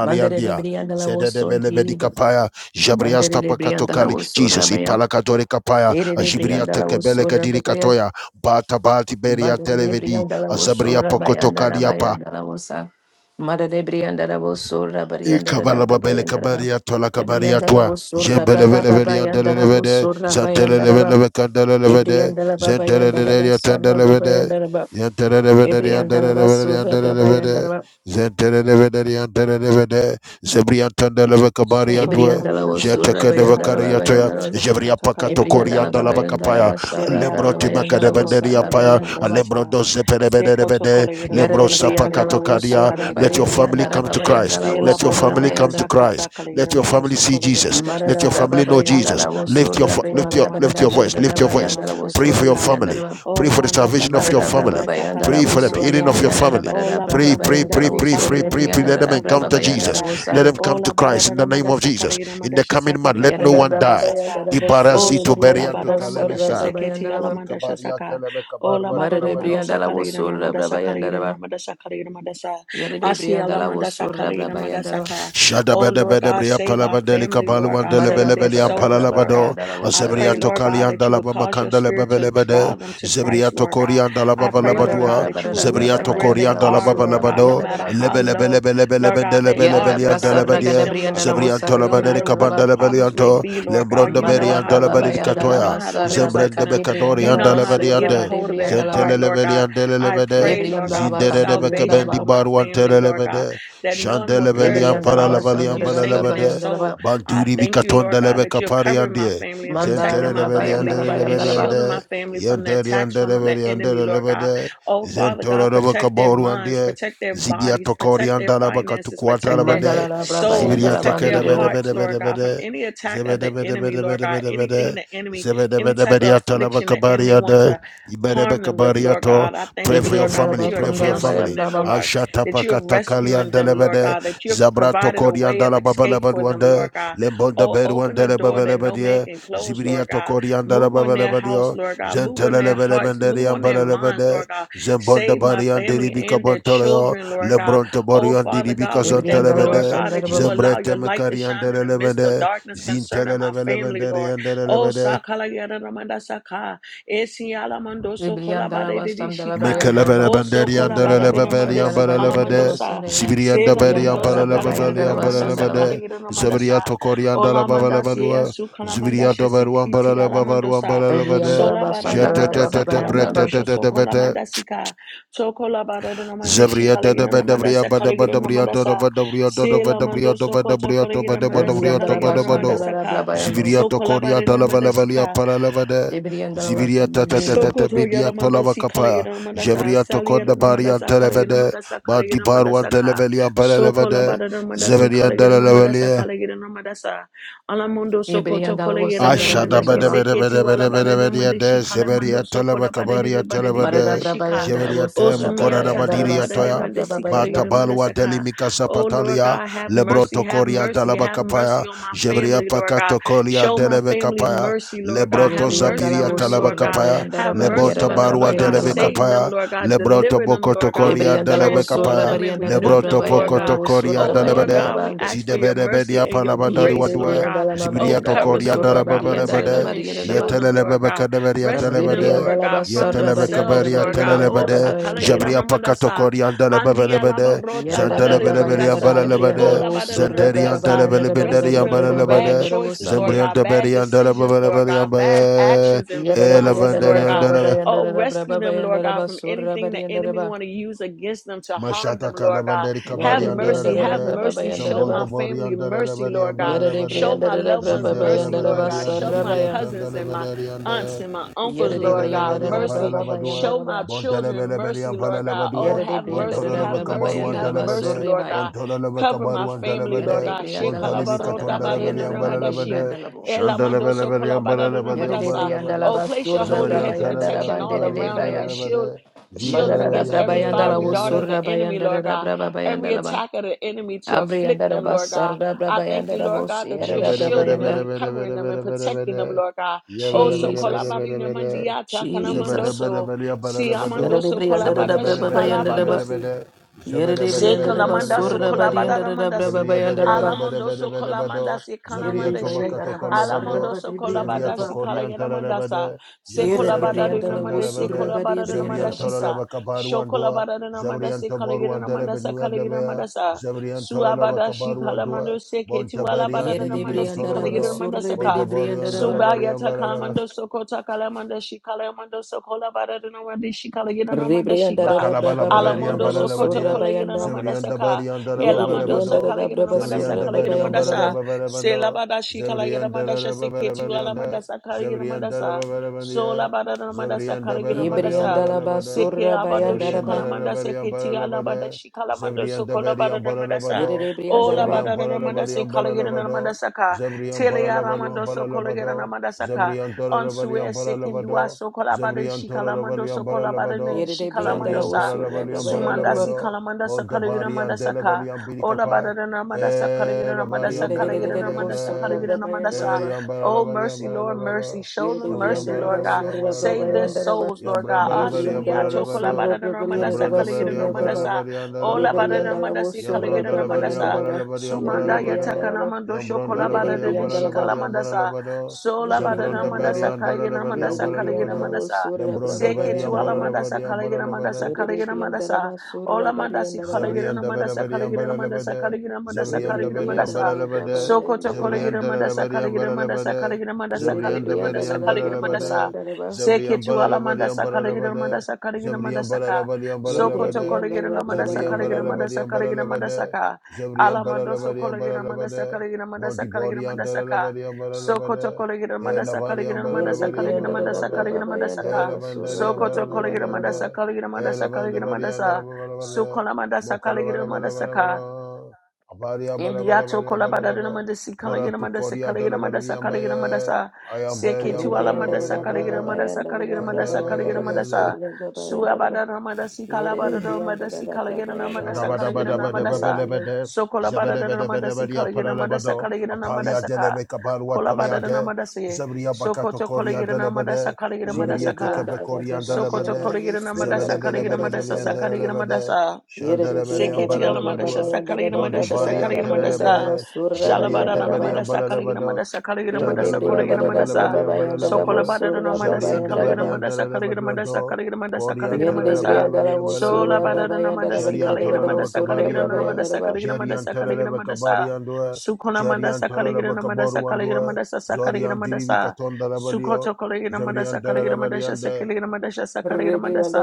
[SPEAKER 4] Manda de briam dalabo sorti.
[SPEAKER 3] Zededebelevedikapaya.
[SPEAKER 4] Manda
[SPEAKER 3] Jabriasta
[SPEAKER 4] de briam
[SPEAKER 3] pakatokali.
[SPEAKER 4] dalabo surra
[SPEAKER 3] Jesus,
[SPEAKER 4] maya.
[SPEAKER 3] ipalakadore kapaya.
[SPEAKER 4] Ere de
[SPEAKER 3] Jibria
[SPEAKER 4] briam dalabo
[SPEAKER 3] tekebeleke
[SPEAKER 4] surra
[SPEAKER 3] dirikatoya. Bata bati beria
[SPEAKER 4] Madre
[SPEAKER 3] televedi.
[SPEAKER 4] Brianda la
[SPEAKER 3] Azabria
[SPEAKER 4] Vosura Bayanda la
[SPEAKER 3] pokotokaliapa.
[SPEAKER 4] Bayanda la Vosa. Madre Brianda la Vosura Bayanda la
[SPEAKER 3] Ikabalababele
[SPEAKER 4] Bayanda la Ba.
[SPEAKER 3] kabaria tola kabaria
[SPEAKER 4] Ebrianda la
[SPEAKER 3] toa.
[SPEAKER 4] Vosura Baba
[SPEAKER 3] Jembelebelebele
[SPEAKER 4] Bayanda la
[SPEAKER 3] yandelelebede.
[SPEAKER 4] Vosura Bayanda la Ba.
[SPEAKER 3] Zantelelebelebe kandelelebede.
[SPEAKER 4] Ebrianda la Baba Yanda la
[SPEAKER 3] Zentelelebele
[SPEAKER 4] Basara Baba
[SPEAKER 3] yandelelebede.
[SPEAKER 4] Yanda la Ba.
[SPEAKER 3] Yantelelebede
[SPEAKER 4] Ebrianda la
[SPEAKER 3] yandelelebede
[SPEAKER 4] Basura Baba Yanda la
[SPEAKER 3] yandelelebede.
[SPEAKER 4] Ba.
[SPEAKER 3] Zentelelebede yandelelebede. Zebri yantandelebe kabari
[SPEAKER 1] Sokoto
[SPEAKER 3] yandwe.
[SPEAKER 4] Ebrianda la
[SPEAKER 1] Kaligida
[SPEAKER 4] Vosura
[SPEAKER 1] Mandasha
[SPEAKER 3] Jetekedebe
[SPEAKER 4] Bayanda la
[SPEAKER 1] Sakata
[SPEAKER 3] kari
[SPEAKER 4] Baba
[SPEAKER 1] Kaligida
[SPEAKER 3] yatoya.
[SPEAKER 4] Yanda la Ba.
[SPEAKER 1] Mandasha
[SPEAKER 3] Jebri
[SPEAKER 1] Sakata Kaligida
[SPEAKER 3] yapakato kori
[SPEAKER 4] Ebrianda la
[SPEAKER 1] Mandasha
[SPEAKER 4] Baba
[SPEAKER 1] Sa
[SPEAKER 3] yandalaba
[SPEAKER 4] Yanda la
[SPEAKER 3] kapaya.
[SPEAKER 4] Basara
[SPEAKER 1] Siliara
[SPEAKER 3] Lembro
[SPEAKER 4] Baba
[SPEAKER 1] Mandosha
[SPEAKER 4] Yanda la
[SPEAKER 1] Sokoto
[SPEAKER 3] Timacadebenderi
[SPEAKER 4] Vosa
[SPEAKER 1] Kaligida
[SPEAKER 3] Empire,
[SPEAKER 4] Bayanda la
[SPEAKER 1] Mandasha
[SPEAKER 4] Ba.
[SPEAKER 3] Lembro
[SPEAKER 1] Sa
[SPEAKER 3] Dose
[SPEAKER 1] Sekoto
[SPEAKER 3] Perebede,
[SPEAKER 1] Kaligida
[SPEAKER 3] Lembro
[SPEAKER 4] Yarare
[SPEAKER 1] Mandasa
[SPEAKER 4] brianda
[SPEAKER 1] Kaligida
[SPEAKER 4] la
[SPEAKER 1] Mandasa
[SPEAKER 3] Sapakatokadia.
[SPEAKER 4] vosorra
[SPEAKER 1] Kaligida
[SPEAKER 3] Let
[SPEAKER 4] bare
[SPEAKER 3] your
[SPEAKER 1] Mandasa
[SPEAKER 3] family
[SPEAKER 4] brianda
[SPEAKER 1] Ka
[SPEAKER 4] la
[SPEAKER 3] come to
[SPEAKER 4] baba
[SPEAKER 3] Christ.
[SPEAKER 4] la
[SPEAKER 1] Sela
[SPEAKER 3] Let your
[SPEAKER 1] Bada
[SPEAKER 4] vosorra
[SPEAKER 3] family come to
[SPEAKER 1] Mandasa
[SPEAKER 4] bayanda.
[SPEAKER 3] Christ.
[SPEAKER 1] Kata Kaligida
[SPEAKER 3] Let your family
[SPEAKER 1] Mandasa
[SPEAKER 3] see
[SPEAKER 1] Kaligida
[SPEAKER 3] Jesus.
[SPEAKER 1] Mandasha
[SPEAKER 3] Let
[SPEAKER 4] Marara
[SPEAKER 3] your
[SPEAKER 1] Sa
[SPEAKER 4] braba
[SPEAKER 3] family know
[SPEAKER 4] bayanda
[SPEAKER 3] Jesus.
[SPEAKER 4] la
[SPEAKER 1] Alamandasha
[SPEAKER 3] Lift your
[SPEAKER 4] vosorra
[SPEAKER 1] Seketi
[SPEAKER 3] lift
[SPEAKER 4] brianda
[SPEAKER 3] your
[SPEAKER 4] la
[SPEAKER 3] lift
[SPEAKER 4] barada
[SPEAKER 3] your
[SPEAKER 1] Alamandasha
[SPEAKER 3] voice.
[SPEAKER 4] braba da
[SPEAKER 3] Lift your
[SPEAKER 1] Seketi
[SPEAKER 3] voice.
[SPEAKER 4] bayanda la
[SPEAKER 1] Alamandasha
[SPEAKER 3] Pray for
[SPEAKER 4] vosorri
[SPEAKER 3] your
[SPEAKER 1] Saka
[SPEAKER 4] brianda
[SPEAKER 3] family.
[SPEAKER 4] la
[SPEAKER 3] Pray
[SPEAKER 1] Ola
[SPEAKER 3] for the
[SPEAKER 1] Mandasa
[SPEAKER 3] salvation of your
[SPEAKER 4] Marara
[SPEAKER 1] Kaligida
[SPEAKER 4] braba
[SPEAKER 3] family.
[SPEAKER 1] Mandasa
[SPEAKER 4] bayanda la
[SPEAKER 3] Pray
[SPEAKER 1] Kaligida
[SPEAKER 3] for the
[SPEAKER 4] vosorri
[SPEAKER 3] healing of
[SPEAKER 1] Mandasa
[SPEAKER 3] your
[SPEAKER 4] brianda la
[SPEAKER 3] family.
[SPEAKER 4] barada
[SPEAKER 1] Ola
[SPEAKER 4] braba
[SPEAKER 3] Pray, pray,
[SPEAKER 4] bayanda la
[SPEAKER 3] pray,
[SPEAKER 1] Mandasa
[SPEAKER 3] pray, pray,
[SPEAKER 4] vosorri
[SPEAKER 1] Kaligida
[SPEAKER 3] pray, pray.
[SPEAKER 4] brianda
[SPEAKER 3] Let
[SPEAKER 1] Mandasa
[SPEAKER 3] them
[SPEAKER 4] la braba
[SPEAKER 1] Kaligida
[SPEAKER 3] encounter
[SPEAKER 4] bayanda la
[SPEAKER 3] Jesus.
[SPEAKER 1] Mandasa
[SPEAKER 3] Let
[SPEAKER 4] vosare.
[SPEAKER 3] them come
[SPEAKER 1] Ola
[SPEAKER 3] to
[SPEAKER 1] bada
[SPEAKER 3] Christ
[SPEAKER 1] da
[SPEAKER 3] in the name
[SPEAKER 1] ramada
[SPEAKER 3] of Jesus.
[SPEAKER 1] sakali
[SPEAKER 3] In
[SPEAKER 1] ramada
[SPEAKER 3] the coming month,
[SPEAKER 1] shasaka
[SPEAKER 3] let no
[SPEAKER 1] takali
[SPEAKER 4] Yarada
[SPEAKER 3] one
[SPEAKER 1] ramada
[SPEAKER 4] braba
[SPEAKER 3] die.
[SPEAKER 4] bayanda
[SPEAKER 1] sasa.
[SPEAKER 4] la
[SPEAKER 1] O
[SPEAKER 4] vosorri
[SPEAKER 3] Dibarazito
[SPEAKER 1] sokola
[SPEAKER 4] brianda la
[SPEAKER 3] beriato
[SPEAKER 1] bada ramada
[SPEAKER 4] basarra
[SPEAKER 3] kalebesa.
[SPEAKER 4] braba
[SPEAKER 1] shaseketi
[SPEAKER 4] yanda la ba.
[SPEAKER 1] alamada
[SPEAKER 3] Ikabaria
[SPEAKER 1] shasaka.
[SPEAKER 3] telebe
[SPEAKER 1] Ola
[SPEAKER 3] kabarwa
[SPEAKER 1] bada ramada
[SPEAKER 4] brianda
[SPEAKER 3] tolebadose.
[SPEAKER 4] la
[SPEAKER 1] sakali
[SPEAKER 4] vosorra
[SPEAKER 1] ramada
[SPEAKER 4] braba
[SPEAKER 1] sakali
[SPEAKER 4] yanda la ba.
[SPEAKER 1] ramada sakali ramada sa. Asi
[SPEAKER 4] brianda la
[SPEAKER 1] alamada
[SPEAKER 4] vosorra
[SPEAKER 1] sakali
[SPEAKER 4] braba
[SPEAKER 1] ramada
[SPEAKER 4] yanda la
[SPEAKER 1] saka. Oh Lord God,
[SPEAKER 3] Shadabadabadabria
[SPEAKER 1] save our
[SPEAKER 3] palabadeli
[SPEAKER 1] family, Lord
[SPEAKER 3] kabaluan
[SPEAKER 1] God, save
[SPEAKER 4] Marada
[SPEAKER 1] their
[SPEAKER 3] delebelebeli
[SPEAKER 4] Brabarada
[SPEAKER 1] souls, Lord God.
[SPEAKER 3] ampalalabado.
[SPEAKER 4] Brabayandala was
[SPEAKER 1] I
[SPEAKER 3] Asebria
[SPEAKER 1] pray,
[SPEAKER 4] Saraba.
[SPEAKER 1] Lord God,
[SPEAKER 3] tokalian
[SPEAKER 1] that you would
[SPEAKER 3] dalaba
[SPEAKER 1] cause your spirit to draw
[SPEAKER 3] makandalebebelebede.
[SPEAKER 1] them to Christ,
[SPEAKER 3] Zebriato
[SPEAKER 1] Lord God.
[SPEAKER 3] Corianda la
[SPEAKER 1] I
[SPEAKER 3] Baba
[SPEAKER 1] pray, Lord
[SPEAKER 4] Marada
[SPEAKER 1] God,
[SPEAKER 3] Labadua,
[SPEAKER 1] that you would
[SPEAKER 4] Brabarada
[SPEAKER 1] reach them
[SPEAKER 3] Zebriato
[SPEAKER 1] where they
[SPEAKER 4] Brabayandala
[SPEAKER 3] Corianda la
[SPEAKER 4] was
[SPEAKER 1] are,
[SPEAKER 3] Baba
[SPEAKER 1] Lord
[SPEAKER 4] Sura
[SPEAKER 1] God, no
[SPEAKER 3] Labado,
[SPEAKER 1] matter
[SPEAKER 4] Bariandaba.
[SPEAKER 1] how low Lord God, they are,
[SPEAKER 4] Yarada
[SPEAKER 1] Lord God,
[SPEAKER 4] Brasaraga
[SPEAKER 1] reach
[SPEAKER 4] de
[SPEAKER 3] Lebelebelebelebelebelebelebeliandalabadia,
[SPEAKER 1] them, Lord
[SPEAKER 4] Briandala
[SPEAKER 1] God,
[SPEAKER 4] was
[SPEAKER 3] Zebrianto
[SPEAKER 1] no matter
[SPEAKER 3] Labanenica
[SPEAKER 1] what the
[SPEAKER 4] Sarregariandalava.
[SPEAKER 1] problems may
[SPEAKER 3] Bandalabelianto,
[SPEAKER 1] be, Lord God,
[SPEAKER 3] Lembrondo
[SPEAKER 1] you know
[SPEAKER 4] Marada
[SPEAKER 1] how to reach them, you
[SPEAKER 4] Brabayandala
[SPEAKER 1] know
[SPEAKER 3] Beriandalabadicatoya,
[SPEAKER 1] how to
[SPEAKER 4] Masara
[SPEAKER 1] minister to
[SPEAKER 3] Zembrende
[SPEAKER 1] them,
[SPEAKER 4] Bacadi
[SPEAKER 1] you
[SPEAKER 4] Briandala
[SPEAKER 1] know
[SPEAKER 3] Becadorianda
[SPEAKER 4] was
[SPEAKER 1] how to get
[SPEAKER 4] Sura
[SPEAKER 1] a
[SPEAKER 3] Labadiande,
[SPEAKER 4] Badi
[SPEAKER 1] hold of their heart,
[SPEAKER 4] Briandalava.
[SPEAKER 1] Lord God. I
[SPEAKER 3] Zentelebeliandelebede,
[SPEAKER 1] pray, Lord God,
[SPEAKER 4] Ebriandalava
[SPEAKER 1] for
[SPEAKER 3] Zindere
[SPEAKER 1] salvation
[SPEAKER 3] Becabendi
[SPEAKER 1] for
[SPEAKER 4] Cambaliandalava.
[SPEAKER 1] my family, Lord God,
[SPEAKER 3] Baruantelebede,
[SPEAKER 1] that none will perish
[SPEAKER 3] Chandelebelian
[SPEAKER 4] Ebriandala
[SPEAKER 1] without
[SPEAKER 3] Paralabalian
[SPEAKER 1] you
[SPEAKER 4] Marsandra
[SPEAKER 1] saving their
[SPEAKER 3] Balabade,
[SPEAKER 1] soul.
[SPEAKER 4] Brabayandalava.
[SPEAKER 1] I
[SPEAKER 3] Banturi
[SPEAKER 1] thank you, Lord
[SPEAKER 3] Vicatonda
[SPEAKER 1] God, that you're covering my
[SPEAKER 3] Lebecapariandie,
[SPEAKER 1] family and protecting
[SPEAKER 4] Mandala
[SPEAKER 1] my family
[SPEAKER 4] Brabayandala
[SPEAKER 1] and
[SPEAKER 4] Bayandalava.
[SPEAKER 1] shielding
[SPEAKER 3] Zentelebeliandelebediande,
[SPEAKER 1] my family from the
[SPEAKER 3] Yandere
[SPEAKER 1] attacks from
[SPEAKER 3] yandere
[SPEAKER 1] the
[SPEAKER 3] bere
[SPEAKER 1] enemy,
[SPEAKER 3] yandere
[SPEAKER 1] Lord God.
[SPEAKER 3] lebede.
[SPEAKER 1] Oh, Father God,
[SPEAKER 3] Zentoro robo
[SPEAKER 1] protect their
[SPEAKER 3] kaboru
[SPEAKER 1] minds,
[SPEAKER 3] andie.
[SPEAKER 1] protect their
[SPEAKER 3] Zibia
[SPEAKER 1] bodies,
[SPEAKER 3] tokori
[SPEAKER 1] protect their
[SPEAKER 3] andara baka
[SPEAKER 1] finances,
[SPEAKER 3] tukuata
[SPEAKER 1] protect their
[SPEAKER 3] rabade.
[SPEAKER 4] Mandala
[SPEAKER 1] souls,
[SPEAKER 3] Zibiria
[SPEAKER 4] Brabayandala
[SPEAKER 1] protect their
[SPEAKER 3] takeda bede
[SPEAKER 4] Bandiro.
[SPEAKER 1] hearts,
[SPEAKER 3] bede
[SPEAKER 1] Lord
[SPEAKER 3] bede
[SPEAKER 1] God, from
[SPEAKER 3] bede.
[SPEAKER 1] any attack of
[SPEAKER 3] Zebede
[SPEAKER 1] the
[SPEAKER 3] bede
[SPEAKER 1] enemy,
[SPEAKER 3] bede
[SPEAKER 1] Lord
[SPEAKER 3] bede
[SPEAKER 1] God,
[SPEAKER 3] bede
[SPEAKER 1] anything
[SPEAKER 3] bede.
[SPEAKER 1] the enemy,
[SPEAKER 3] Zebede
[SPEAKER 1] any
[SPEAKER 3] bede
[SPEAKER 1] type
[SPEAKER 3] bede
[SPEAKER 1] of
[SPEAKER 3] yata laba
[SPEAKER 1] affliction the
[SPEAKER 3] kabari
[SPEAKER 1] enemy wants
[SPEAKER 3] yade.
[SPEAKER 1] to
[SPEAKER 3] Ibede
[SPEAKER 1] harm
[SPEAKER 3] beka
[SPEAKER 1] them with,
[SPEAKER 3] bari
[SPEAKER 1] Lord
[SPEAKER 3] yato.
[SPEAKER 1] God. I thank
[SPEAKER 3] Pray
[SPEAKER 1] you,
[SPEAKER 3] for your
[SPEAKER 1] Lord God,
[SPEAKER 4] Ebriandala
[SPEAKER 1] that
[SPEAKER 3] family.
[SPEAKER 1] you are
[SPEAKER 3] Pray for your
[SPEAKER 4] Basundala
[SPEAKER 3] family.
[SPEAKER 1] counseling it, oh
[SPEAKER 4] Bayandabam,
[SPEAKER 1] Lord,
[SPEAKER 3] Ashata
[SPEAKER 1] that you're
[SPEAKER 3] pakata kali
[SPEAKER 1] rescuing them,
[SPEAKER 3] andele
[SPEAKER 1] Lord
[SPEAKER 3] bede.
[SPEAKER 1] God, that you're
[SPEAKER 3] Zabra
[SPEAKER 1] providing a
[SPEAKER 3] tokori
[SPEAKER 1] way of
[SPEAKER 3] andala baba
[SPEAKER 1] escape for
[SPEAKER 3] labadu
[SPEAKER 1] them, Lord
[SPEAKER 3] ande.
[SPEAKER 1] God.
[SPEAKER 3] Lembonda
[SPEAKER 1] Oh,
[SPEAKER 3] bedu
[SPEAKER 1] open a
[SPEAKER 3] andele
[SPEAKER 1] door
[SPEAKER 3] baba
[SPEAKER 1] that no man
[SPEAKER 3] lebede.
[SPEAKER 1] can close,
[SPEAKER 3] Zibiria
[SPEAKER 1] Lord God.
[SPEAKER 3] tokori andala
[SPEAKER 1] Move on
[SPEAKER 3] baba
[SPEAKER 1] their
[SPEAKER 3] lebede.
[SPEAKER 1] house, Lord God. Move on their hearts. Move
[SPEAKER 3] Zentelelebelebenderian
[SPEAKER 1] on their minds,
[SPEAKER 3] palelebede,
[SPEAKER 1] Lord God.
[SPEAKER 3] Zembonda
[SPEAKER 1] Save my
[SPEAKER 3] barian
[SPEAKER 1] family
[SPEAKER 3] diribica
[SPEAKER 1] and their
[SPEAKER 3] bontoleo,
[SPEAKER 1] children, Lord God.
[SPEAKER 3] Lembronto
[SPEAKER 1] Oh,
[SPEAKER 3] borian
[SPEAKER 1] Father
[SPEAKER 3] diribica
[SPEAKER 1] God, we thank you,
[SPEAKER 4] Ebriandala
[SPEAKER 1] Lord
[SPEAKER 3] zontelebede,
[SPEAKER 1] God, that you
[SPEAKER 4] Sandarabam,
[SPEAKER 1] will allow your
[SPEAKER 3] Zembrete
[SPEAKER 1] light to
[SPEAKER 3] mecarian
[SPEAKER 1] shine in the midst of
[SPEAKER 3] delelebede,
[SPEAKER 1] darkness concerning my family, Lord.
[SPEAKER 3] Zintelelebelebenderian
[SPEAKER 1] Oh,
[SPEAKER 3] delelebede,
[SPEAKER 1] Sakala Yada Ramanda Saka. Esiala Mandoso
[SPEAKER 4] Ibriyam
[SPEAKER 1] Kolabade
[SPEAKER 4] dalaba
[SPEAKER 1] Didi
[SPEAKER 4] sam dalaba
[SPEAKER 1] Shika.
[SPEAKER 4] yam dalaba.
[SPEAKER 1] Oh, so
[SPEAKER 3] Mekelebelebenderian
[SPEAKER 4] Ibriyam
[SPEAKER 1] Kolabada de
[SPEAKER 4] dalaba sam
[SPEAKER 1] Ramanda
[SPEAKER 3] delelebelian
[SPEAKER 4] dalaba
[SPEAKER 1] Sikala
[SPEAKER 4] yam dalaba
[SPEAKER 3] balelebede,
[SPEAKER 4] sam dalaba.
[SPEAKER 3] Zibrian de
[SPEAKER 1] Sela
[SPEAKER 4] Ibriyam
[SPEAKER 3] berian
[SPEAKER 4] dalaba
[SPEAKER 1] Mandosa
[SPEAKER 4] dalaba
[SPEAKER 1] Kala
[SPEAKER 4] yam
[SPEAKER 1] Yada
[SPEAKER 3] balelebelian
[SPEAKER 4] dalaba
[SPEAKER 1] Ramanda
[SPEAKER 4] sam dalaba.
[SPEAKER 1] Sakala
[SPEAKER 3] balelebede, Zebriato corian de la
[SPEAKER 1] Olamanda siya
[SPEAKER 3] babalebadua,
[SPEAKER 1] su kalamanda
[SPEAKER 3] Zibriato
[SPEAKER 1] shesi
[SPEAKER 3] beruan
[SPEAKER 1] kiti alamando
[SPEAKER 3] balelebaruan
[SPEAKER 1] sa
[SPEAKER 4] Ibriyam
[SPEAKER 3] balelebede,
[SPEAKER 1] sola
[SPEAKER 4] dalaba
[SPEAKER 1] bara
[SPEAKER 4] sam dalaba
[SPEAKER 1] ramanda si
[SPEAKER 3] Jetete
[SPEAKER 4] yam dalaba.
[SPEAKER 1] kalamando
[SPEAKER 3] brete
[SPEAKER 1] sho so
[SPEAKER 3] de Bete.
[SPEAKER 1] kolamanda sika so kolabara ramanda shi
[SPEAKER 3] Zevria da da
[SPEAKER 1] kalagira
[SPEAKER 3] ba da
[SPEAKER 1] ramanda
[SPEAKER 3] bria
[SPEAKER 1] sa
[SPEAKER 3] ba da ba
[SPEAKER 1] kalagira
[SPEAKER 3] da bria
[SPEAKER 1] ramanda
[SPEAKER 3] da da
[SPEAKER 1] sa
[SPEAKER 3] ba da bria da da
[SPEAKER 1] si
[SPEAKER 3] ba da bria
[SPEAKER 1] lamando
[SPEAKER 3] da
[SPEAKER 1] so
[SPEAKER 3] ba da
[SPEAKER 1] koto
[SPEAKER 3] bria da
[SPEAKER 1] kalagira
[SPEAKER 3] ba da ba
[SPEAKER 1] ramanda
[SPEAKER 3] da
[SPEAKER 1] si
[SPEAKER 4] Ibriyam
[SPEAKER 3] bria da ba
[SPEAKER 1] kalagira
[SPEAKER 4] dalaba
[SPEAKER 3] da ba
[SPEAKER 4] sam
[SPEAKER 1] ramanda
[SPEAKER 3] do.
[SPEAKER 1] sa ka
[SPEAKER 4] dalaba yam dalaba.
[SPEAKER 3] Ziviria
[SPEAKER 1] so
[SPEAKER 3] to koria
[SPEAKER 1] kolabara
[SPEAKER 3] da la va
[SPEAKER 1] ramanda
[SPEAKER 3] la va lia
[SPEAKER 1] shika
[SPEAKER 3] para la va de.
[SPEAKER 4] Ibriyam dalaba
[SPEAKER 3] Ziviria
[SPEAKER 4] sam
[SPEAKER 3] ta ta ta ta
[SPEAKER 4] dalaba.
[SPEAKER 3] ta bidia
[SPEAKER 1] yada
[SPEAKER 3] to la va
[SPEAKER 1] mandasi kala
[SPEAKER 3] kapa.
[SPEAKER 1] yada mandasa
[SPEAKER 3] Jevria to
[SPEAKER 1] sali yada
[SPEAKER 3] konda baria
[SPEAKER 1] mandasa kala yada
[SPEAKER 3] televede.
[SPEAKER 1] mandasa
[SPEAKER 3] Ma
[SPEAKER 1] kala
[SPEAKER 3] di
[SPEAKER 1] yada
[SPEAKER 3] baru
[SPEAKER 1] mandasa ka
[SPEAKER 3] televelia para la
[SPEAKER 1] soko
[SPEAKER 3] va
[SPEAKER 1] la
[SPEAKER 3] de.
[SPEAKER 1] bada da mandasi
[SPEAKER 3] Zeveria
[SPEAKER 1] kala
[SPEAKER 3] da
[SPEAKER 1] yada
[SPEAKER 3] la la va
[SPEAKER 1] mandasa kala yada mandasa ala mondo soko
[SPEAKER 4] Ibriyam
[SPEAKER 1] to kala
[SPEAKER 4] dalaba
[SPEAKER 1] yada
[SPEAKER 4] sam
[SPEAKER 1] da
[SPEAKER 4] dalaba
[SPEAKER 3] Ashada
[SPEAKER 4] ibriyam
[SPEAKER 1] mandasi
[SPEAKER 4] dalaba.
[SPEAKER 1] seketi wala bada da
[SPEAKER 3] Ashadabadabadabadabadabadabadia de
[SPEAKER 1] mandasi kala mando
[SPEAKER 3] Zeberia
[SPEAKER 1] soko la
[SPEAKER 3] Teleba
[SPEAKER 1] bada di di
[SPEAKER 3] Kabaria
[SPEAKER 1] bada di di
[SPEAKER 4] Marada
[SPEAKER 3] Telebade
[SPEAKER 4] braba
[SPEAKER 1] bashika
[SPEAKER 4] yam dalaba
[SPEAKER 3] Jeveria
[SPEAKER 1] o
[SPEAKER 3] Te
[SPEAKER 4] surra braba yam
[SPEAKER 1] sumiyata kala
[SPEAKER 4] dalaba
[SPEAKER 3] Mukorabadiria
[SPEAKER 1] bada da
[SPEAKER 3] Toya
[SPEAKER 4] sarra braba
[SPEAKER 1] mandasi kala
[SPEAKER 4] yam
[SPEAKER 3] bata
[SPEAKER 4] dalaba.
[SPEAKER 1] yada
[SPEAKER 3] balwa
[SPEAKER 1] mandasa
[SPEAKER 3] deli
[SPEAKER 1] ka
[SPEAKER 3] mikasa
[SPEAKER 1] Oh Lord
[SPEAKER 3] patalia
[SPEAKER 1] God, have
[SPEAKER 3] Lebro
[SPEAKER 1] mercy, have
[SPEAKER 3] Tokoria
[SPEAKER 1] mercy,
[SPEAKER 3] Dalaba
[SPEAKER 1] have mercy
[SPEAKER 3] Kapaya
[SPEAKER 1] on my
[SPEAKER 3] Jeveria
[SPEAKER 1] family, Lord
[SPEAKER 3] Paka
[SPEAKER 1] God.
[SPEAKER 3] Tokolia
[SPEAKER 1] Show my
[SPEAKER 3] Delebe
[SPEAKER 1] family
[SPEAKER 3] Kapaya
[SPEAKER 1] mercy, Lord God. Have
[SPEAKER 3] Lebroto
[SPEAKER 4] Ribriyam
[SPEAKER 1] mercy
[SPEAKER 3] Zapiria
[SPEAKER 1] on
[SPEAKER 4] dalaba
[SPEAKER 1] them,
[SPEAKER 3] Talaba
[SPEAKER 1] Lord
[SPEAKER 4] surra
[SPEAKER 1] God.
[SPEAKER 4] braba
[SPEAKER 3] Kapaya
[SPEAKER 4] yam
[SPEAKER 1] Have
[SPEAKER 4] dalaba.
[SPEAKER 1] mercy
[SPEAKER 3] Lebota
[SPEAKER 4] Yerada
[SPEAKER 1] on them,
[SPEAKER 4] braba
[SPEAKER 3] Barwa
[SPEAKER 1] Lord
[SPEAKER 4] yam
[SPEAKER 1] God.
[SPEAKER 3] Delebe
[SPEAKER 4] dalaba.
[SPEAKER 1] Save them,
[SPEAKER 3] Kapaya
[SPEAKER 1] Lord God.
[SPEAKER 3] Lebroto
[SPEAKER 1] Deliver them,
[SPEAKER 3] Boko
[SPEAKER 1] Lord God.
[SPEAKER 3] Tokoria
[SPEAKER 4] Ebriandala
[SPEAKER 3] Delebe
[SPEAKER 4] was so
[SPEAKER 1] Transform
[SPEAKER 3] Kapaya
[SPEAKER 1] them and
[SPEAKER 4] Bariandara and
[SPEAKER 1] renew them,
[SPEAKER 3] Lebroto
[SPEAKER 4] Rabai
[SPEAKER 1] Lord
[SPEAKER 4] and
[SPEAKER 3] Boko
[SPEAKER 4] Dala
[SPEAKER 1] God.
[SPEAKER 4] was so
[SPEAKER 3] Tokoria
[SPEAKER 1] Oh,
[SPEAKER 4] rabbi
[SPEAKER 1] Lord
[SPEAKER 4] and
[SPEAKER 3] Delebede
[SPEAKER 1] God, we
[SPEAKER 4] Darabande.
[SPEAKER 1] ask for your mercy
[SPEAKER 3] Zidebedebedia
[SPEAKER 1] and your
[SPEAKER 3] Panabadari
[SPEAKER 4] Yet
[SPEAKER 1] grace, Lord
[SPEAKER 3] Wadwe
[SPEAKER 1] God.
[SPEAKER 4] Ebriandala Mama
[SPEAKER 1] Oh,
[SPEAKER 3] Zibriya
[SPEAKER 4] and Dala
[SPEAKER 1] cover
[SPEAKER 4] was
[SPEAKER 3] tokoria
[SPEAKER 4] so
[SPEAKER 1] them, Lord God.
[SPEAKER 4] rabari and
[SPEAKER 1] Protect
[SPEAKER 3] darababade,
[SPEAKER 1] them and
[SPEAKER 4] Darabari and
[SPEAKER 1] shield
[SPEAKER 4] Daba.
[SPEAKER 1] them, Lord
[SPEAKER 3] Yetelebebe
[SPEAKER 1] God.
[SPEAKER 3] Cadeberia
[SPEAKER 1] Rescue them,
[SPEAKER 3] Telebede,
[SPEAKER 1] Lord
[SPEAKER 4] Rebriandala
[SPEAKER 1] God,
[SPEAKER 4] Basa
[SPEAKER 1] from
[SPEAKER 3] Yetelebe
[SPEAKER 4] rabari and
[SPEAKER 1] themselves,
[SPEAKER 3] Caberia
[SPEAKER 1] Lord God.
[SPEAKER 4] Darabari and
[SPEAKER 1] Oh,
[SPEAKER 4] Baba
[SPEAKER 3] Telebede,
[SPEAKER 1] sakala
[SPEAKER 4] and
[SPEAKER 1] yena
[SPEAKER 4] Daraba.
[SPEAKER 3] Jabria
[SPEAKER 1] namadasa.
[SPEAKER 3] Pacatocoria and
[SPEAKER 1] Andia laba
[SPEAKER 3] Delebebelebede,
[SPEAKER 4] Yet
[SPEAKER 1] rota
[SPEAKER 4] a brava
[SPEAKER 1] badadena
[SPEAKER 4] by and
[SPEAKER 3] Zantelebelebelia
[SPEAKER 1] madasa. Oh,
[SPEAKER 4] Darabriandala
[SPEAKER 3] Balebede,
[SPEAKER 4] was so
[SPEAKER 1] labadadena
[SPEAKER 4] rababa
[SPEAKER 3] Zanterian
[SPEAKER 4] by
[SPEAKER 1] madasa.
[SPEAKER 4] and
[SPEAKER 1] Rescue
[SPEAKER 3] Telebelebenderian
[SPEAKER 1] them
[SPEAKER 4] Darabra
[SPEAKER 1] from
[SPEAKER 4] by
[SPEAKER 1] bad
[SPEAKER 3] Balebede,
[SPEAKER 1] choices, Lord
[SPEAKER 4] Sunday.
[SPEAKER 3] Zembrian
[SPEAKER 1] God, bad
[SPEAKER 3] Teberian
[SPEAKER 1] decisions, Lord
[SPEAKER 3] Delebebelebelian
[SPEAKER 1] God, bad
[SPEAKER 3] Bae,
[SPEAKER 1] actions and
[SPEAKER 4] Yet a
[SPEAKER 1] responses, Lord
[SPEAKER 4] briandala
[SPEAKER 1] God.
[SPEAKER 4] brava by
[SPEAKER 3] Elevanderian
[SPEAKER 4] and
[SPEAKER 1] Oh,
[SPEAKER 4] Darabra
[SPEAKER 1] rescue
[SPEAKER 4] by
[SPEAKER 1] them,
[SPEAKER 4] and
[SPEAKER 1] Lord God,
[SPEAKER 4] Daraba
[SPEAKER 1] from
[SPEAKER 4] so
[SPEAKER 1] anything the
[SPEAKER 4] rabari and
[SPEAKER 1] enemy
[SPEAKER 4] Daraba.
[SPEAKER 1] want to use against them to harm
[SPEAKER 3] Mashata
[SPEAKER 1] them, Lord God.
[SPEAKER 3] kalabanderi
[SPEAKER 4] Yet a
[SPEAKER 1] Have
[SPEAKER 3] kabari andara
[SPEAKER 1] mercy, have
[SPEAKER 4] briandala
[SPEAKER 3] lebede.
[SPEAKER 4] brava by
[SPEAKER 1] mercy.
[SPEAKER 4] and
[SPEAKER 1] Show my
[SPEAKER 3] Zambondo bori
[SPEAKER 1] family
[SPEAKER 3] andara
[SPEAKER 1] mercy,
[SPEAKER 3] lebede
[SPEAKER 1] Lord God.
[SPEAKER 3] ambara
[SPEAKER 1] Show
[SPEAKER 3] lebede.
[SPEAKER 1] my loved ones
[SPEAKER 3] Zindara
[SPEAKER 1] mercy, Lord
[SPEAKER 3] lebede
[SPEAKER 1] God.
[SPEAKER 3] riandiri
[SPEAKER 1] Show my
[SPEAKER 3] riantanda
[SPEAKER 1] cousins and my
[SPEAKER 3] lebede riande.
[SPEAKER 1] aunts and my uncles,
[SPEAKER 4] Yada de
[SPEAKER 3] Zendere
[SPEAKER 1] Lord
[SPEAKER 4] brianda
[SPEAKER 1] God,
[SPEAKER 3] lebede
[SPEAKER 4] da da bra
[SPEAKER 3] ambara
[SPEAKER 1] mercy.
[SPEAKER 4] ba ba yanda
[SPEAKER 3] lebedue.
[SPEAKER 1] Show
[SPEAKER 4] da
[SPEAKER 1] my
[SPEAKER 4] ba.
[SPEAKER 3] Bontele
[SPEAKER 1] children
[SPEAKER 3] lebede
[SPEAKER 1] mercy,
[SPEAKER 3] ambara
[SPEAKER 1] Lord God. Oh,
[SPEAKER 4] Yada
[SPEAKER 3] lebedue.
[SPEAKER 4] de
[SPEAKER 1] have
[SPEAKER 4] brianda da
[SPEAKER 1] mercy,
[SPEAKER 3] Bontolo
[SPEAKER 4] da
[SPEAKER 1] have
[SPEAKER 3] lebe
[SPEAKER 4] bra ba ba
[SPEAKER 1] mercy,
[SPEAKER 3] kabaru
[SPEAKER 4] yanda da
[SPEAKER 1] have
[SPEAKER 3] andara
[SPEAKER 4] ba
[SPEAKER 1] mercy,
[SPEAKER 3] lebede.
[SPEAKER 4] surre
[SPEAKER 1] Lord God.
[SPEAKER 4] baya.
[SPEAKER 3] Bontolo lebe
[SPEAKER 1] Cover my
[SPEAKER 3] kabaru andara
[SPEAKER 1] family,
[SPEAKER 4] Yada
[SPEAKER 1] Lord
[SPEAKER 4] de
[SPEAKER 3] lebede.
[SPEAKER 1] God.
[SPEAKER 4] brianda la ba
[SPEAKER 3] Bontoli
[SPEAKER 4] sanda
[SPEAKER 1] Shekalabarota
[SPEAKER 4] da ba
[SPEAKER 3] bikatonda lebede
[SPEAKER 4] yanda da ba
[SPEAKER 3] ambara
[SPEAKER 4] de de
[SPEAKER 1] barinanamadashi.
[SPEAKER 4] yanda
[SPEAKER 3] lebede.
[SPEAKER 4] la bo.
[SPEAKER 3] Shanda lebede
[SPEAKER 1] Elamandoso
[SPEAKER 3] lebede ambara lebede
[SPEAKER 4] Yada de
[SPEAKER 3] ambara
[SPEAKER 1] kolabadadanamadasa.
[SPEAKER 4] brianda
[SPEAKER 3] lebede.
[SPEAKER 4] la
[SPEAKER 1] Oh,
[SPEAKER 4] ba
[SPEAKER 1] place your
[SPEAKER 4] surra
[SPEAKER 1] holy
[SPEAKER 3] Zeberi
[SPEAKER 4] bra ba
[SPEAKER 1] hedge of
[SPEAKER 3] antara
[SPEAKER 4] yanda da
[SPEAKER 3] lebe
[SPEAKER 1] protection
[SPEAKER 4] ba de
[SPEAKER 1] all
[SPEAKER 4] de
[SPEAKER 3] kabari
[SPEAKER 4] de
[SPEAKER 1] around them
[SPEAKER 3] andara
[SPEAKER 1] and
[SPEAKER 4] baya.
[SPEAKER 1] shield.
[SPEAKER 3] lebede.
[SPEAKER 1] Shield
[SPEAKER 4] Manda
[SPEAKER 1] them
[SPEAKER 3] Zindere
[SPEAKER 4] da da
[SPEAKER 3] lebede
[SPEAKER 1] against
[SPEAKER 4] bra ba
[SPEAKER 1] every
[SPEAKER 3] andara
[SPEAKER 4] yanda la
[SPEAKER 1] fiery
[SPEAKER 4] wo
[SPEAKER 1] dart
[SPEAKER 3] lebede
[SPEAKER 1] of
[SPEAKER 4] surra
[SPEAKER 1] the
[SPEAKER 4] ba
[SPEAKER 1] enemy,
[SPEAKER 4] yanda da
[SPEAKER 1] Lord
[SPEAKER 4] da
[SPEAKER 1] God.
[SPEAKER 4] bra ba ba yanda
[SPEAKER 1] Every
[SPEAKER 4] la ba.
[SPEAKER 1] attack of the enemy to
[SPEAKER 4] Abri
[SPEAKER 1] afflict
[SPEAKER 4] yanda da
[SPEAKER 1] them,
[SPEAKER 4] ba
[SPEAKER 1] Lord God.
[SPEAKER 4] sarda bra
[SPEAKER 1] I
[SPEAKER 4] ba
[SPEAKER 1] thank
[SPEAKER 4] yanda
[SPEAKER 1] you,
[SPEAKER 4] da
[SPEAKER 1] Lord
[SPEAKER 4] bo
[SPEAKER 1] God,
[SPEAKER 4] si
[SPEAKER 1] that
[SPEAKER 4] yada
[SPEAKER 3] Yeah,
[SPEAKER 1] you're
[SPEAKER 4] da
[SPEAKER 3] better,
[SPEAKER 4] bra ba
[SPEAKER 3] better,
[SPEAKER 1] shielding them
[SPEAKER 4] yanda.
[SPEAKER 3] better,
[SPEAKER 1] and
[SPEAKER 3] better,
[SPEAKER 1] covering
[SPEAKER 3] better,
[SPEAKER 1] them and
[SPEAKER 3] better, better,
[SPEAKER 1] protecting them,
[SPEAKER 3] better.
[SPEAKER 1] Lord God.
[SPEAKER 3] Yeah,
[SPEAKER 1] Oh,
[SPEAKER 3] better,
[SPEAKER 1] so
[SPEAKER 3] better, better,
[SPEAKER 4] Jesus,
[SPEAKER 3] better,
[SPEAKER 1] kolabarina
[SPEAKER 3] better.
[SPEAKER 1] mandiata
[SPEAKER 3] Zabada,
[SPEAKER 4] Jesus.
[SPEAKER 3] better,
[SPEAKER 1] kanamandoso.
[SPEAKER 3] better,
[SPEAKER 1] Si
[SPEAKER 3] better,
[SPEAKER 4] Yada de
[SPEAKER 1] amandoso
[SPEAKER 4] brianda da da bra
[SPEAKER 1] kolabadashi
[SPEAKER 4] ba ba yanda da ba.
[SPEAKER 1] kalabadosi.
[SPEAKER 3] better.
[SPEAKER 4] Yerede
[SPEAKER 3] Zabada, better,
[SPEAKER 1] Se
[SPEAKER 4] briyanda
[SPEAKER 3] better,
[SPEAKER 4] da
[SPEAKER 1] kalamanda
[SPEAKER 3] better,
[SPEAKER 1] so
[SPEAKER 4] surra
[SPEAKER 3] better,
[SPEAKER 4] ba
[SPEAKER 1] kolabada
[SPEAKER 4] diyanda
[SPEAKER 3] better.
[SPEAKER 4] da da
[SPEAKER 1] ramanda
[SPEAKER 4] bra ba
[SPEAKER 1] si
[SPEAKER 3] Zabada, better, better, better, better, better, better. Zabria,
[SPEAKER 4] bayanda
[SPEAKER 3] better,
[SPEAKER 4] da ba.
[SPEAKER 3] better, better,
[SPEAKER 1] alamondo
[SPEAKER 3] better,
[SPEAKER 1] so
[SPEAKER 3] better,
[SPEAKER 1] kolamanda
[SPEAKER 3] better.
[SPEAKER 1] se
[SPEAKER 3] Zabria,
[SPEAKER 4] Yerede
[SPEAKER 1] kanamanda shi
[SPEAKER 3] tobacco,
[SPEAKER 4] briyanda da
[SPEAKER 3] toko,
[SPEAKER 4] ba sarra
[SPEAKER 1] alamondo
[SPEAKER 3] better.
[SPEAKER 4] ba
[SPEAKER 1] so
[SPEAKER 4] de briyanda
[SPEAKER 3] Zabria,
[SPEAKER 1] kolabada si
[SPEAKER 3] toko, yantara,
[SPEAKER 1] kalayamanda sa
[SPEAKER 3] better.
[SPEAKER 1] se
[SPEAKER 3] Yantara,
[SPEAKER 4] Yerede
[SPEAKER 1] kolabada
[SPEAKER 3] better,
[SPEAKER 4] briyanda la
[SPEAKER 1] ramanda
[SPEAKER 3] kandara,
[SPEAKER 1] se
[SPEAKER 4] surra
[SPEAKER 3] better.
[SPEAKER 4] ba de
[SPEAKER 1] kolabada
[SPEAKER 4] briyanda
[SPEAKER 1] ramanda
[SPEAKER 4] la
[SPEAKER 3] Zabrian
[SPEAKER 4] sa.
[SPEAKER 3] Tola
[SPEAKER 1] sa
[SPEAKER 3] Bacabaru
[SPEAKER 1] sho
[SPEAKER 3] and Dua,
[SPEAKER 1] kolabada ramanda
[SPEAKER 3] Zabrian
[SPEAKER 1] se
[SPEAKER 3] Taboru and
[SPEAKER 1] kalayamanda sa
[SPEAKER 3] Delebenuan Debea,
[SPEAKER 1] kalayamanda sa
[SPEAKER 3] Zabrian Tola
[SPEAKER 1] suabada shi
[SPEAKER 3] Bacabaru and Dua,
[SPEAKER 1] kalamando se keti walabada
[SPEAKER 3] Bontabarian
[SPEAKER 4] Yerede
[SPEAKER 3] DDB
[SPEAKER 1] ramanda
[SPEAKER 3] on
[SPEAKER 1] si
[SPEAKER 4] briyanda da
[SPEAKER 3] Tolobado,
[SPEAKER 1] kalayamanda
[SPEAKER 4] surre
[SPEAKER 1] sa
[SPEAKER 4] be de
[SPEAKER 1] ka
[SPEAKER 4] briyanda
[SPEAKER 3] Bontabarian
[SPEAKER 1] subayata
[SPEAKER 3] Dalabarian
[SPEAKER 1] kalamando so kota kalamanda shi kalayamando so kolabada ramanda shi
[SPEAKER 4] Re
[SPEAKER 1] kalayamanda shi
[SPEAKER 4] briyanda da da
[SPEAKER 3] Makalabala
[SPEAKER 4] bayanda
[SPEAKER 3] Babarian
[SPEAKER 1] Alamondo
[SPEAKER 4] da
[SPEAKER 1] sokoto
[SPEAKER 4] surra
[SPEAKER 3] Balalabadia,
[SPEAKER 1] kolegina
[SPEAKER 4] bayanda.
[SPEAKER 1] namanda
[SPEAKER 3] Zebrian
[SPEAKER 1] saka.
[SPEAKER 3] Dabarian
[SPEAKER 4] Yerede
[SPEAKER 1] Elamando
[SPEAKER 4] briyanda da
[SPEAKER 3] Dalababalabado,
[SPEAKER 4] da
[SPEAKER 1] sakalegina namanda
[SPEAKER 3] Zebrian
[SPEAKER 4] surra bra
[SPEAKER 1] sakalegina
[SPEAKER 3] Dabarian
[SPEAKER 4] bayanda da
[SPEAKER 1] mandasa.
[SPEAKER 4] ba.
[SPEAKER 3] Balalababalabando,
[SPEAKER 1] Selabada shikalegina
[SPEAKER 3] Zebrian
[SPEAKER 1] mandasha seketu
[SPEAKER 3] Dalababalabalianda,
[SPEAKER 1] alamanda sakalegina
[SPEAKER 3] Zebrian
[SPEAKER 1] mandasa. Sola
[SPEAKER 3] Dalababalabandia,
[SPEAKER 1] bada namanda
[SPEAKER 3] Zebrian
[SPEAKER 1] sakalegina
[SPEAKER 4] Ye
[SPEAKER 3] Dabalabalian
[SPEAKER 1] mandasa.
[SPEAKER 3] Balalabada,
[SPEAKER 1] Seke
[SPEAKER 4] surra
[SPEAKER 1] abado
[SPEAKER 4] bayanda da
[SPEAKER 3] Zebrian
[SPEAKER 4] ba.
[SPEAKER 1] shukalamanda
[SPEAKER 3] Dalabalian
[SPEAKER 1] seketi alabada
[SPEAKER 3] Balalabada,
[SPEAKER 1] shikalamando
[SPEAKER 3] Zebrian
[SPEAKER 1] sokola bada
[SPEAKER 3] Dabarian
[SPEAKER 1] namandasa.
[SPEAKER 4] Yerede
[SPEAKER 3] Balalabado,
[SPEAKER 4] briyanda la
[SPEAKER 1] Ola
[SPEAKER 3] Zebrian
[SPEAKER 1] bada namanda
[SPEAKER 3] Balalabalian
[SPEAKER 1] sekalegina namanda
[SPEAKER 3] Balalabado,
[SPEAKER 1] saka.
[SPEAKER 3] Zebrian
[SPEAKER 1] Tele
[SPEAKER 3] Balalabaluan
[SPEAKER 1] aramando sokolegina
[SPEAKER 3] Balalabado,
[SPEAKER 1] namanda saka.
[SPEAKER 3] Zebrian Dalabalian
[SPEAKER 1] Ansue
[SPEAKER 3] Balalabado,
[SPEAKER 1] sekinduaso kolabada
[SPEAKER 3] Zebrian
[SPEAKER 1] shikalamando
[SPEAKER 3] Torabalian
[SPEAKER 1] sokola bada ne
[SPEAKER 3] Baralabado,
[SPEAKER 4] Yerede briyanda la
[SPEAKER 3] Zebrian
[SPEAKER 1] shikalamandosa.
[SPEAKER 4] surra bra
[SPEAKER 3] Paralabalian
[SPEAKER 4] bayanda da
[SPEAKER 1] Sumanda si
[SPEAKER 4] ba.
[SPEAKER 3] Baralabado,
[SPEAKER 1] kalamanda sakaragira manda
[SPEAKER 3] Bontaparian
[SPEAKER 1] saka.
[SPEAKER 3] Delabelian
[SPEAKER 1] Ola
[SPEAKER 3] Biricapai,
[SPEAKER 1] badada na manda sakala gira na manda
[SPEAKER 3] Erabarian
[SPEAKER 4] Yerede de de
[SPEAKER 1] sakaragira manda sakala
[SPEAKER 4] surra
[SPEAKER 3] Baralabalian,
[SPEAKER 1] gira
[SPEAKER 4] bra
[SPEAKER 1] na manda
[SPEAKER 4] bayanda da
[SPEAKER 1] sa.
[SPEAKER 3] Erian
[SPEAKER 1] Oh,
[SPEAKER 3] Baralabalian
[SPEAKER 1] mercy, Lord, mercy.
[SPEAKER 3] Baralabado,
[SPEAKER 1] Show
[SPEAKER 4] Yere
[SPEAKER 1] them
[SPEAKER 4] Yerede
[SPEAKER 3] Yambrian
[SPEAKER 1] mercy, Lord
[SPEAKER 4] briyandaraba
[SPEAKER 1] God.
[SPEAKER 3] Baralabalian
[SPEAKER 4] surra
[SPEAKER 1] Save their
[SPEAKER 3] Baralabado,
[SPEAKER 1] souls, Lord
[SPEAKER 3] Yambran
[SPEAKER 1] God. Ah,
[SPEAKER 3] Barabarian
[SPEAKER 1] sumia chokola
[SPEAKER 3] Baralabado,
[SPEAKER 1] badada na manda
[SPEAKER 3] Yambranda
[SPEAKER 1] sakala gira na
[SPEAKER 3] Barian
[SPEAKER 1] manda sa. Ola
[SPEAKER 3] Baralabarian
[SPEAKER 1] badada na manda si
[SPEAKER 3] Yam branda
[SPEAKER 1] na
[SPEAKER 3] la
[SPEAKER 1] manda
[SPEAKER 3] bari yam
[SPEAKER 1] sa.
[SPEAKER 3] bara la bari yam
[SPEAKER 1] Sumanda
[SPEAKER 3] la
[SPEAKER 1] yata
[SPEAKER 3] bada.
[SPEAKER 1] kalamando
[SPEAKER 3] Yam branda
[SPEAKER 1] shokola
[SPEAKER 3] la bari yam
[SPEAKER 1] badadadi
[SPEAKER 3] bara
[SPEAKER 1] shi
[SPEAKER 3] la bari yam
[SPEAKER 1] manda
[SPEAKER 3] la
[SPEAKER 1] sa.
[SPEAKER 3] bada.
[SPEAKER 1] Sola
[SPEAKER 3] Zam
[SPEAKER 1] badada na manda
[SPEAKER 3] bari
[SPEAKER 1] sakala
[SPEAKER 3] andala bara
[SPEAKER 1] gira
[SPEAKER 3] la
[SPEAKER 1] na
[SPEAKER 3] bari
[SPEAKER 1] manda
[SPEAKER 3] yam la
[SPEAKER 1] sakala gira na manda
[SPEAKER 3] bada.
[SPEAKER 1] sa.
[SPEAKER 3] Lam
[SPEAKER 1] Seke
[SPEAKER 3] bari
[SPEAKER 1] tu
[SPEAKER 3] yam
[SPEAKER 1] ala
[SPEAKER 3] bara la
[SPEAKER 1] mandasa
[SPEAKER 3] bari yam bara
[SPEAKER 1] kalegina
[SPEAKER 3] la
[SPEAKER 1] mandasa
[SPEAKER 3] bada.
[SPEAKER 1] kalegina mandasa. Ola mandasi
[SPEAKER 4] bariyandaraba.
[SPEAKER 1] kalegina
[SPEAKER 3] Zabriyanda bara
[SPEAKER 1] mandasa
[SPEAKER 3] bari yam
[SPEAKER 1] kalegina
[SPEAKER 3] bara la
[SPEAKER 1] mandasa
[SPEAKER 3] bada.
[SPEAKER 1] kalegina mandasa
[SPEAKER 4] Yerede
[SPEAKER 3] Zabriyanda
[SPEAKER 1] kalegina
[SPEAKER 4] briyandarada
[SPEAKER 3] bari yam
[SPEAKER 1] mandasa.
[SPEAKER 3] bara la
[SPEAKER 4] braba
[SPEAKER 3] bada.
[SPEAKER 1] Soko to
[SPEAKER 4] bayandaraba.
[SPEAKER 1] kalegina
[SPEAKER 3] Zabriyanda la
[SPEAKER 1] mandasa
[SPEAKER 3] bari yam
[SPEAKER 1] kalegina
[SPEAKER 3] bara la
[SPEAKER 1] mandasa kalegina mandasa
[SPEAKER 4] Yerede
[SPEAKER 1] kalegina
[SPEAKER 3] bari
[SPEAKER 1] mandasa
[SPEAKER 4] briyandarada
[SPEAKER 3] yam bara
[SPEAKER 1] kalegina
[SPEAKER 3] la
[SPEAKER 4] braba
[SPEAKER 3] bada.
[SPEAKER 1] mandasa.
[SPEAKER 4] bayandaraba.
[SPEAKER 1] Seke
[SPEAKER 3] Zabriyam
[SPEAKER 1] tu
[SPEAKER 3] bara la
[SPEAKER 1] ala
[SPEAKER 3] bari yam
[SPEAKER 1] mandasa
[SPEAKER 3] bara la
[SPEAKER 1] kalegina
[SPEAKER 3] bada.
[SPEAKER 1] mandasa kalegina
[SPEAKER 3] Zabriyam
[SPEAKER 1] mandasa
[SPEAKER 3] la
[SPEAKER 1] ka.
[SPEAKER 3] bari
[SPEAKER 4] Yerede
[SPEAKER 1] Soko to
[SPEAKER 4] briyandarada
[SPEAKER 1] kalegina
[SPEAKER 4] braba
[SPEAKER 1] mandasa
[SPEAKER 3] Jabriya
[SPEAKER 1] kalegina
[SPEAKER 3] bara la
[SPEAKER 4] bayandaraba.
[SPEAKER 3] bara
[SPEAKER 1] mandasa
[SPEAKER 3] ya bara
[SPEAKER 1] kalegina
[SPEAKER 3] la
[SPEAKER 1] mandasa
[SPEAKER 3] bara.
[SPEAKER 1] ka.
[SPEAKER 3] Jabriya
[SPEAKER 1] Ala
[SPEAKER 3] la
[SPEAKER 1] mandoso
[SPEAKER 3] bara ya
[SPEAKER 1] kalegina
[SPEAKER 3] la
[SPEAKER 1] mandasa
[SPEAKER 3] bara.
[SPEAKER 1] kalegina
[SPEAKER 3] Body
[SPEAKER 1] mandasa kalegina
[SPEAKER 3] body ya
[SPEAKER 1] mandasa
[SPEAKER 3] bara la
[SPEAKER 1] ka.
[SPEAKER 3] bara ya bara la bara.
[SPEAKER 1] Sokoto kolegina
[SPEAKER 3] Eh la
[SPEAKER 1] mandasa
[SPEAKER 3] bara ya
[SPEAKER 1] kalegina
[SPEAKER 3] bara la
[SPEAKER 1] mandasa
[SPEAKER 3] bara ya
[SPEAKER 1] kalegina
[SPEAKER 4] Yerebrianda da
[SPEAKER 3] la
[SPEAKER 4] da
[SPEAKER 1] mandasa
[SPEAKER 4] bra
[SPEAKER 3] bara.
[SPEAKER 4] ba
[SPEAKER 1] kalegina
[SPEAKER 4] ba
[SPEAKER 1] mandasa
[SPEAKER 4] yanda
[SPEAKER 1] ka.
[SPEAKER 4] da
[SPEAKER 3] Eh la
[SPEAKER 4] ba
[SPEAKER 3] banda
[SPEAKER 4] surra
[SPEAKER 3] ya
[SPEAKER 4] bra ba
[SPEAKER 1] Sokoto
[SPEAKER 3] bara
[SPEAKER 4] ba
[SPEAKER 3] la bara
[SPEAKER 1] kolegira
[SPEAKER 4] yanda da ba.
[SPEAKER 1] mandasa kolegira
[SPEAKER 3] Eh
[SPEAKER 1] mandasa
[SPEAKER 3] la banda
[SPEAKER 1] kolegira
[SPEAKER 3] bara la
[SPEAKER 1] mandasa.
[SPEAKER 3] bara bara.
[SPEAKER 1] Sukola mandasa
[SPEAKER 3] Moka la
[SPEAKER 1] kolegira
[SPEAKER 3] bara bara bara
[SPEAKER 1] mandasa
[SPEAKER 3] bara. Abari ya bara bara
[SPEAKER 1] Indiato
[SPEAKER 3] bara bara
[SPEAKER 1] kolabadadana
[SPEAKER 3] bara.
[SPEAKER 1] mandasi
[SPEAKER 3] Bora
[SPEAKER 1] kalagina
[SPEAKER 3] tu
[SPEAKER 1] mandasa
[SPEAKER 3] Korea da
[SPEAKER 1] kalagina
[SPEAKER 3] la bara
[SPEAKER 1] mandasa
[SPEAKER 3] ya
[SPEAKER 1] kalagina
[SPEAKER 3] bara.
[SPEAKER 1] mandasa
[SPEAKER 3] Ayam bara
[SPEAKER 1] seke tuala
[SPEAKER 4] Rebrianda da
[SPEAKER 1] mandasa
[SPEAKER 4] da bra ba
[SPEAKER 1] kalagina mandasa
[SPEAKER 4] da
[SPEAKER 1] kalagina
[SPEAKER 4] da bra ba
[SPEAKER 1] mandasa
[SPEAKER 4] yanda
[SPEAKER 1] kalagina
[SPEAKER 4] da ba
[SPEAKER 1] mandasa
[SPEAKER 4] surra bra ba yanda da ba.
[SPEAKER 1] suabada na mandasi kalabadana
[SPEAKER 4] Yerebrianda da
[SPEAKER 1] mandasi
[SPEAKER 4] da bra ba
[SPEAKER 1] kalagina na
[SPEAKER 4] yanda da
[SPEAKER 1] mandasa
[SPEAKER 4] ba
[SPEAKER 1] kalagina
[SPEAKER 4] surra
[SPEAKER 1] na mandasa
[SPEAKER 4] yanda da ba.
[SPEAKER 3] Shadabadabadabadabadabada.
[SPEAKER 1] sokolabadana mandasi
[SPEAKER 3] Zebedebedebedebedi
[SPEAKER 1] kalagina mandasa
[SPEAKER 3] apalalabado.
[SPEAKER 1] kalagina na
[SPEAKER 3] Apalia
[SPEAKER 1] mandasa ka
[SPEAKER 3] delebe kabalua
[SPEAKER 1] kolabada na
[SPEAKER 3] toleade.
[SPEAKER 1] mandasi
[SPEAKER 3] Zebria bakato
[SPEAKER 1] sokoto
[SPEAKER 3] koria
[SPEAKER 1] kalagina na mandasa
[SPEAKER 3] delebede.
[SPEAKER 1] kalagina
[SPEAKER 3] Zibiria
[SPEAKER 1] mandasa ka
[SPEAKER 4] Yerebrianda
[SPEAKER 3] tekebe
[SPEAKER 4] da da
[SPEAKER 3] koria
[SPEAKER 4] bra ba
[SPEAKER 1] sokoto
[SPEAKER 3] delebede.
[SPEAKER 4] da ba
[SPEAKER 1] kalagina na mandasa kalagina
[SPEAKER 4] surra yanda da ba
[SPEAKER 1] mandasa
[SPEAKER 3] Zebedebedebedebedi
[SPEAKER 1] sa
[SPEAKER 4] ba ba.
[SPEAKER 1] kalagina
[SPEAKER 3] andelebede.
[SPEAKER 1] mandasa
[SPEAKER 3] Shandelebedi
[SPEAKER 4] Yerebrianda da da
[SPEAKER 1] Sikitiala
[SPEAKER 4] bra ba
[SPEAKER 1] mandasha
[SPEAKER 3] ambalalabadua.
[SPEAKER 4] da da bra ba
[SPEAKER 1] sakalina
[SPEAKER 4] da
[SPEAKER 3] Brondi
[SPEAKER 1] mandasha
[SPEAKER 3] bari
[SPEAKER 4] da
[SPEAKER 1] sakalina
[SPEAKER 4] bra yanda da
[SPEAKER 1] mandasa
[SPEAKER 4] ba
[SPEAKER 3] antelebede.
[SPEAKER 4] surra
[SPEAKER 3] Zebri
[SPEAKER 1] shalabada
[SPEAKER 4] yanda
[SPEAKER 1] na
[SPEAKER 4] da
[SPEAKER 3] antebedi
[SPEAKER 4] ba.
[SPEAKER 1] mandasa kalina
[SPEAKER 3] ambalalabado.
[SPEAKER 1] mandasa kalina mandasa
[SPEAKER 3] Jandala bala
[SPEAKER 4] Yerebrianda
[SPEAKER 1] kalina
[SPEAKER 4] da
[SPEAKER 3] bala
[SPEAKER 4] da
[SPEAKER 3] bala
[SPEAKER 4] bra
[SPEAKER 1] mandasa
[SPEAKER 4] ba
[SPEAKER 3] bala bala bala
[SPEAKER 4] da ba
[SPEAKER 3] bala
[SPEAKER 1] sokolabada na
[SPEAKER 4] surra
[SPEAKER 1] mandasi
[SPEAKER 3] Zabrianda
[SPEAKER 4] yanda da
[SPEAKER 1] kalina
[SPEAKER 4] ba.
[SPEAKER 3] barianda
[SPEAKER 1] mandasa
[SPEAKER 3] la
[SPEAKER 1] kalina mandasa
[SPEAKER 3] baduando
[SPEAKER 1] kalina mandasa kalina
[SPEAKER 4] Yere
[SPEAKER 3] Borianta la bala
[SPEAKER 1] mandasa
[SPEAKER 3] bala bala
[SPEAKER 1] solabada na mandasi kalina mandasa kalina na
[SPEAKER 3] Jandalabalabalabaliambalabalia,
[SPEAKER 1] mandasa
[SPEAKER 3] Zabriandabadiandalabaduando,
[SPEAKER 1] kalina mandasa kalina mandasa
[SPEAKER 3] Boriantalabalabaliambalabada, Jariantalabakabariandua, Jariantalabakabariandua,
[SPEAKER 1] sukona mandasa kalina na mandasa kalina
[SPEAKER 3] Jariantalabakabaruandua,
[SPEAKER 1] mandasa sakalina mandasa
[SPEAKER 3] Zoriandirivicatonda labalio,
[SPEAKER 1] sukoto kalina mandasa kalina mandasha
[SPEAKER 3] Zabriandalabaliande,
[SPEAKER 1] sakalina mandasha sakalina mandasa